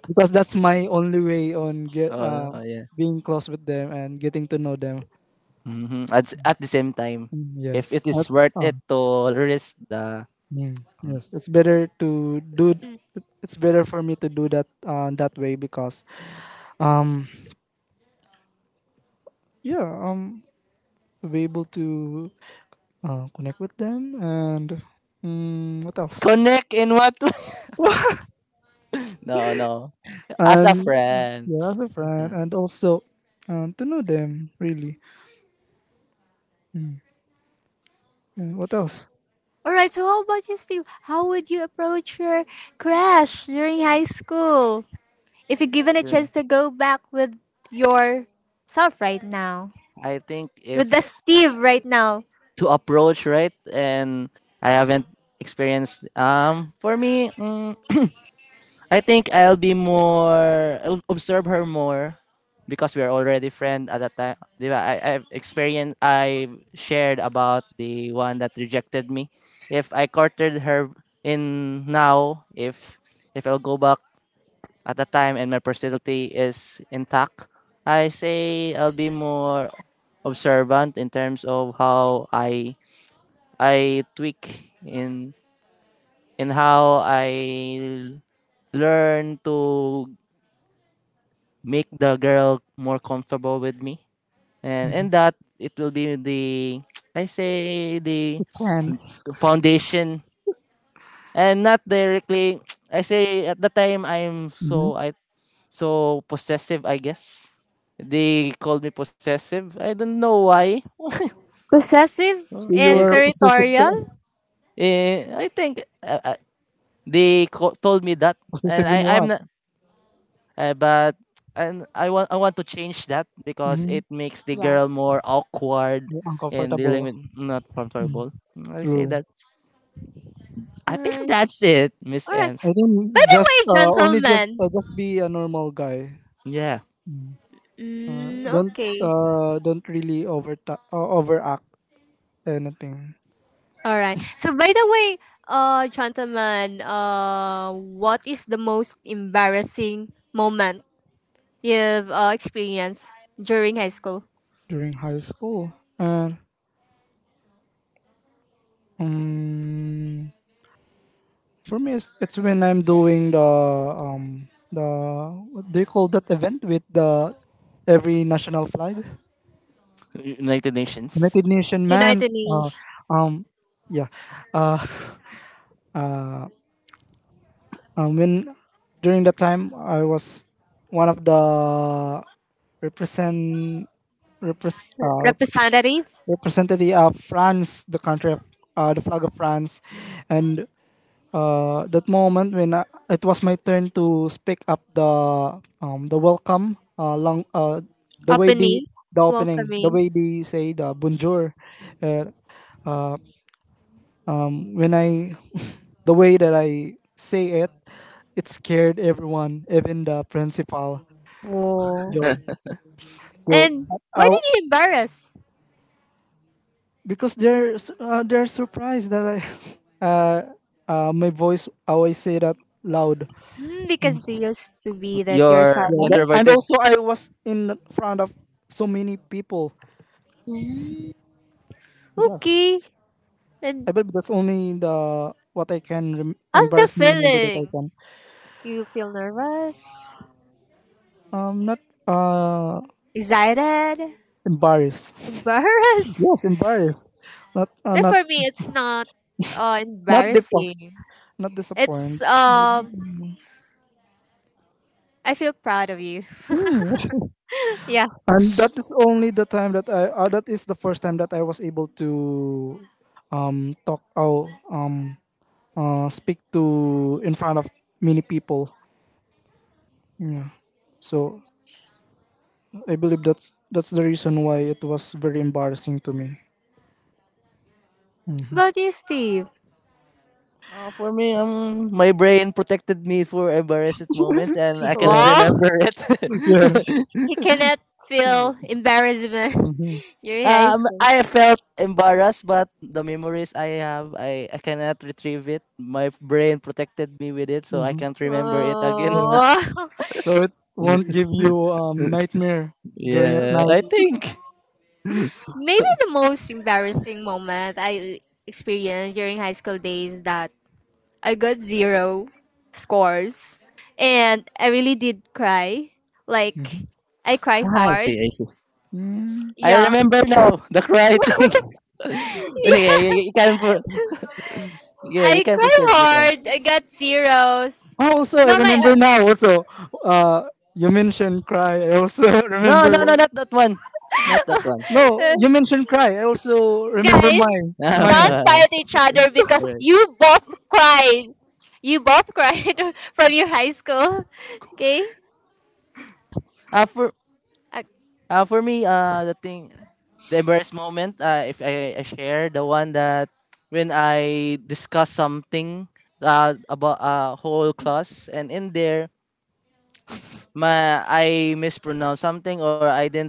Speaker 2: because that's my only way on get
Speaker 3: Oh,
Speaker 2: uh
Speaker 3: oh, yeah.
Speaker 2: being close with them and getting to know them.
Speaker 3: Hmm. At, s- at the same time,
Speaker 2: Mm.
Speaker 3: if
Speaker 2: Yes,
Speaker 3: it is
Speaker 2: that's
Speaker 3: worth it
Speaker 2: um
Speaker 3: to risk the
Speaker 2: mm, yes, it's better to do.
Speaker 1: Mm.
Speaker 2: It's it's better for me to do that uh, that way because, um, yeah, um, to be able to uh, connect with them and mm, what else?
Speaker 3: connect in what? No, no. As a
Speaker 2: And
Speaker 3: friend.
Speaker 2: yeah, as a friend, and also um, to know them really. Mm. And what else?
Speaker 1: All right. So how about you, Steve? How would you approach your crush during high school if you're given a chance to go back with your self right now,
Speaker 3: I think
Speaker 1: with the
Speaker 3: if
Speaker 1: Steve right now,
Speaker 3: to approach right, and I haven't experienced um for me mm, I think I'll be more, I'll observe her more because we are already friend at that time. Diba? I I've experienced, I shared about the one that rejected me. If I courted her in now if if I'll go back at that time and my personality is intact, I say I'll be more observant in terms of how I I tweak in in how I learn to make the girl more comfortable with me. And
Speaker 2: Mhm.
Speaker 3: in that it will be the I say the
Speaker 2: The chance.
Speaker 3: foundation and not directly. I say at the time I'm
Speaker 2: Hmm.
Speaker 3: so I so possessive, I guess. They called me possessive. I don't know why.
Speaker 1: possessive
Speaker 2: So
Speaker 3: Uh,
Speaker 1: and
Speaker 3: If
Speaker 2: you're
Speaker 3: it,
Speaker 2: possessive.
Speaker 1: territorial?
Speaker 2: Te-
Speaker 3: eh, I think uh, uh, they co- told me that, and
Speaker 2: possessive in
Speaker 3: I I'm
Speaker 2: what?
Speaker 3: not. Uh, but and I want I want to change that because
Speaker 2: Mm-hmm.
Speaker 3: it makes the girl
Speaker 1: Yes.
Speaker 3: more awkward and dealing
Speaker 2: Uncomfortable.
Speaker 3: with not
Speaker 2: Mm.
Speaker 3: comfortable. Mm, I say
Speaker 2: True.
Speaker 3: that.
Speaker 1: All
Speaker 3: I think
Speaker 1: right.
Speaker 3: that's it, Miss
Speaker 1: All right.
Speaker 2: I
Speaker 3: Ems.
Speaker 2: think
Speaker 1: By the
Speaker 2: just
Speaker 1: way,
Speaker 2: uh, only just
Speaker 1: gentlemen,
Speaker 2: uh, just be a normal guy.
Speaker 3: Yeah,
Speaker 2: Mm. Uh,
Speaker 1: mm,
Speaker 2: don't
Speaker 1: okay.
Speaker 2: uh, don't really over uh, overact anything
Speaker 1: All right. So by the way, uh Chantaman, uh what is the most embarrassing moment you've uh, experienced during high school?
Speaker 2: during high school. And um, for me, it's, it's when I'm doing the um the, what do you call that event with the every national flag,
Speaker 3: United Nations.
Speaker 2: United Nation, man.
Speaker 1: United
Speaker 2: Uh,
Speaker 1: Nations
Speaker 2: um, yeah. Uh, Um, when during that time, I was one of the represent repres uh, repres
Speaker 1: representative,
Speaker 2: representative of France, the country of uh, the flag of France, and uh, that moment when I, it was my turn to speak up the um, the welcome uh, long uh, the way the
Speaker 1: opening,
Speaker 2: the opening, the
Speaker 1: welcoming.
Speaker 2: way they say the bonjour, uh, um, when I the way that I say it, it scared everyone, even the principal,
Speaker 1: Whoa.
Speaker 2: John. So
Speaker 1: And
Speaker 2: I,
Speaker 1: why
Speaker 2: I-
Speaker 1: did you embarrass?
Speaker 2: because they're s- uh, they're surprised that I uh, uh, my voice, I always say that loud.
Speaker 1: Mm,
Speaker 2: Mm.
Speaker 1: because they used to be that you're
Speaker 3: You're
Speaker 2: Yeah, that,
Speaker 1: someone.
Speaker 2: and
Speaker 3: introverted.
Speaker 2: also I was in front of so many people.
Speaker 1: Mm,
Speaker 2: Yes,
Speaker 1: okay.
Speaker 2: I
Speaker 1: And
Speaker 2: believe that's only the what I can rem-
Speaker 1: how's the
Speaker 2: embarrassing remember that I
Speaker 1: feeling?
Speaker 2: can.
Speaker 1: You feel nervous?
Speaker 2: Um, not uh
Speaker 1: Excited?
Speaker 2: embarrassed.
Speaker 1: Embarrassed?
Speaker 2: Yes, embarrassed. Not uh,
Speaker 1: But
Speaker 2: not
Speaker 1: for me, it's not uh,
Speaker 2: not depo-
Speaker 1: embarrassing.
Speaker 2: not disappointed.
Speaker 1: It's um, I feel proud of you.
Speaker 2: Hmm.
Speaker 1: yeah.
Speaker 2: And that is only the time that I uh, that is the first time that I was able to um talk out um uh speak to in front of many people. Yeah. So I believe that's that's the reason why it was very embarrassing to me.
Speaker 1: About you, Steve.
Speaker 3: Uh, for me, um, my brain protected me for embarrassing moments, and I cannot
Speaker 2: Yeah.
Speaker 1: Well,
Speaker 3: remember it.
Speaker 2: Yeah.
Speaker 1: he cannot
Speaker 3: Hmm.
Speaker 1: feel embarrassment.
Speaker 2: Mhm.
Speaker 1: You're in high
Speaker 3: Um,
Speaker 1: school.
Speaker 3: I felt embarrassed, but the memories I have, I, I cannot retrieve it. My brain protected me with it, so I
Speaker 2: Mhm.
Speaker 3: can't remember it again.
Speaker 2: Yes.
Speaker 1: Oh.
Speaker 2: So it won't give you um nightmare during at
Speaker 3: Yeah,
Speaker 2: night.
Speaker 3: I
Speaker 1: Okay.
Speaker 3: think.
Speaker 1: Maybe
Speaker 3: So,
Speaker 1: the most embarrassing moment I experienced during high school days that I got zero scores and I really did cry.
Speaker 2: Mm-hmm.
Speaker 1: Like I cry
Speaker 3: ah, I
Speaker 1: hard.
Speaker 3: see, I see.
Speaker 2: Mm.
Speaker 3: I
Speaker 1: Yeah.
Speaker 3: remember now the cry thing. Yeah, you,
Speaker 1: Yeah.
Speaker 3: you can, pro- yeah, you
Speaker 1: I
Speaker 3: can
Speaker 1: cry
Speaker 3: proceed, Miss
Speaker 1: hard.
Speaker 3: Ems.
Speaker 1: I got zeros.
Speaker 2: Oh, also, I
Speaker 1: No, my
Speaker 2: remember now. Also, uh, you mentioned cry. I also
Speaker 3: No, no,
Speaker 2: remember.
Speaker 3: no, not that one, not that one.
Speaker 2: No,
Speaker 1: uh,
Speaker 2: you mentioned cry. I also remember
Speaker 1: guys,
Speaker 2: mine.
Speaker 1: don't
Speaker 2: Mine.
Speaker 1: fight
Speaker 3: Alright.
Speaker 1: each other because you both cried. You both cried from your high school. Okay.
Speaker 3: Uh, for
Speaker 1: Uh,
Speaker 3: Uh, for me, uh, the thing, the embarrassed moment, uh, if I, I share the one that when I discuss something uh, about uh, whole class, and in there, my I mispronounce something or I didn't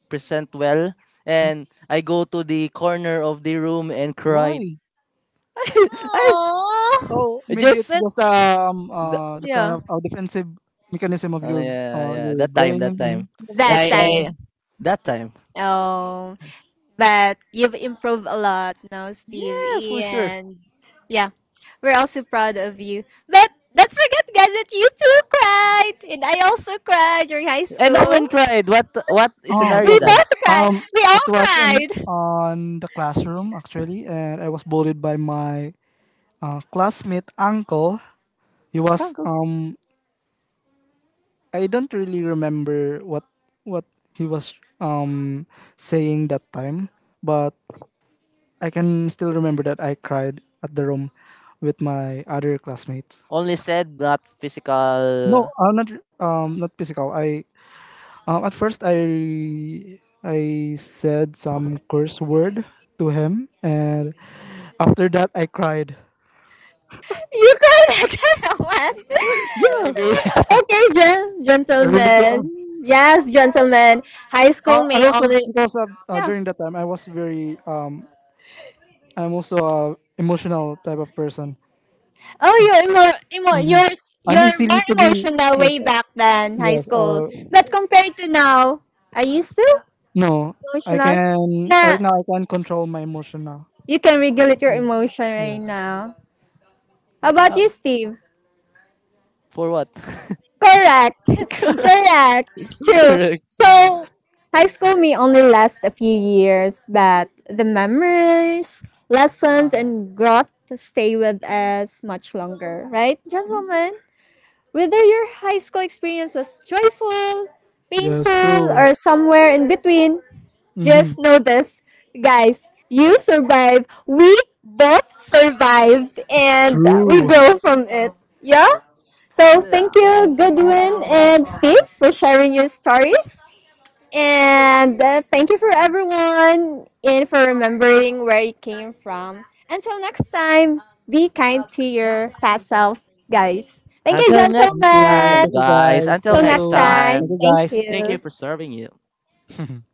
Speaker 3: present well, and I go to the corner of the room and cried.
Speaker 2: Why?
Speaker 3: I
Speaker 1: aww.
Speaker 2: Oh, maybe it's
Speaker 3: just,
Speaker 2: just
Speaker 1: That's
Speaker 2: um
Speaker 3: th-
Speaker 2: uh the kind
Speaker 1: yeah.
Speaker 2: of uh, defensive mechanism of
Speaker 3: oh
Speaker 2: your
Speaker 3: yeah,
Speaker 2: uh
Speaker 3: yeah,
Speaker 2: your
Speaker 3: that time,
Speaker 2: brain.
Speaker 3: that
Speaker 2: Mm,
Speaker 3: time, yeah,
Speaker 2: your
Speaker 1: That
Speaker 3: I, I
Speaker 2: time.
Speaker 1: time.
Speaker 3: that time,
Speaker 1: Oh. But you've improved a lot now,
Speaker 3: yeah,
Speaker 1: Stevie,
Speaker 3: for sure.
Speaker 1: and yeah, we're also proud of you. But don't forget, guys, that you too cried, and I also cried during high
Speaker 3: And no
Speaker 1: school.
Speaker 3: cried. What what
Speaker 2: Um.
Speaker 3: scenario
Speaker 1: We
Speaker 2: Okay.
Speaker 3: that?
Speaker 1: both cried.
Speaker 2: Um.
Speaker 1: We
Speaker 2: It
Speaker 1: all
Speaker 2: was in
Speaker 1: cried.
Speaker 2: on the classroom actually, and I was bullied by my uh, classmate uncle. He was um I don't really remember what what he was um saying that time, but I can still remember that I cried at the room with my other classmates.
Speaker 3: Only said not
Speaker 2: No,
Speaker 3: physical.
Speaker 2: uh, not um not physical. I um at first I I said some curse word to him, and after that I cried.
Speaker 1: You cried, I cried. What?
Speaker 3: Stop driving.
Speaker 1: Okay, gen-
Speaker 2: I really cr- uh,
Speaker 1: gentlemen. Yes, gentlemen. High
Speaker 2: uh,
Speaker 1: school
Speaker 2: and
Speaker 1: may
Speaker 2: also
Speaker 1: only
Speaker 2: because uh, uh,
Speaker 1: yeah.
Speaker 2: during that time I was very um I'm also a emotional type of person.
Speaker 1: Oh, you're more emo-
Speaker 2: Mhm.
Speaker 1: you're s-
Speaker 2: I'm
Speaker 1: you're
Speaker 2: easily
Speaker 1: more
Speaker 2: to be,
Speaker 1: emotional
Speaker 2: yes,
Speaker 1: way
Speaker 2: uh,
Speaker 1: back than high
Speaker 2: yes.
Speaker 1: school.
Speaker 2: Uh,
Speaker 1: But compared to now, are you still
Speaker 2: no. I
Speaker 1: emotional?
Speaker 2: can
Speaker 1: Nah,
Speaker 2: right now. I can control my emotion now.
Speaker 1: you can regulate your
Speaker 2: Yes,
Speaker 1: emotion right
Speaker 2: yes.
Speaker 1: now. How about
Speaker 3: Oh,
Speaker 1: you, Steve?
Speaker 3: for what?
Speaker 1: Correct.
Speaker 3: Correct.
Speaker 1: Correct. True.
Speaker 3: Correct.
Speaker 1: So, high school may only last a few years, but the memories, lessons, and growth stay with us much longer, right, gentlemen? Whether your high school experience was joyful,
Speaker 2: Yes.
Speaker 1: painful,
Speaker 2: True.
Speaker 1: or somewhere in between,
Speaker 2: Mm-hmm.
Speaker 1: just know this. Guys, you survived. We both survived and we
Speaker 2: True.
Speaker 1: grow from it. Yeah? So
Speaker 3: And, uh,
Speaker 1: thank you, Goodwin and Steve, for sharing your stories. And uh, thank you for everyone and for remembering where you came from. Until next time, be kind to your past self, guys. Thank you,
Speaker 3: until
Speaker 2: Thank
Speaker 3: next
Speaker 2: you.
Speaker 1: gentlemen.
Speaker 3: time,
Speaker 2: Thank you,
Speaker 3: guys.
Speaker 2: guys.
Speaker 3: Until
Speaker 1: Till
Speaker 2: Thank
Speaker 3: next
Speaker 1: next
Speaker 2: you. Thank
Speaker 1: time,
Speaker 2: you,
Speaker 3: time.
Speaker 2: guys.
Speaker 3: Thank you for
Speaker 1: thank
Speaker 3: serving you.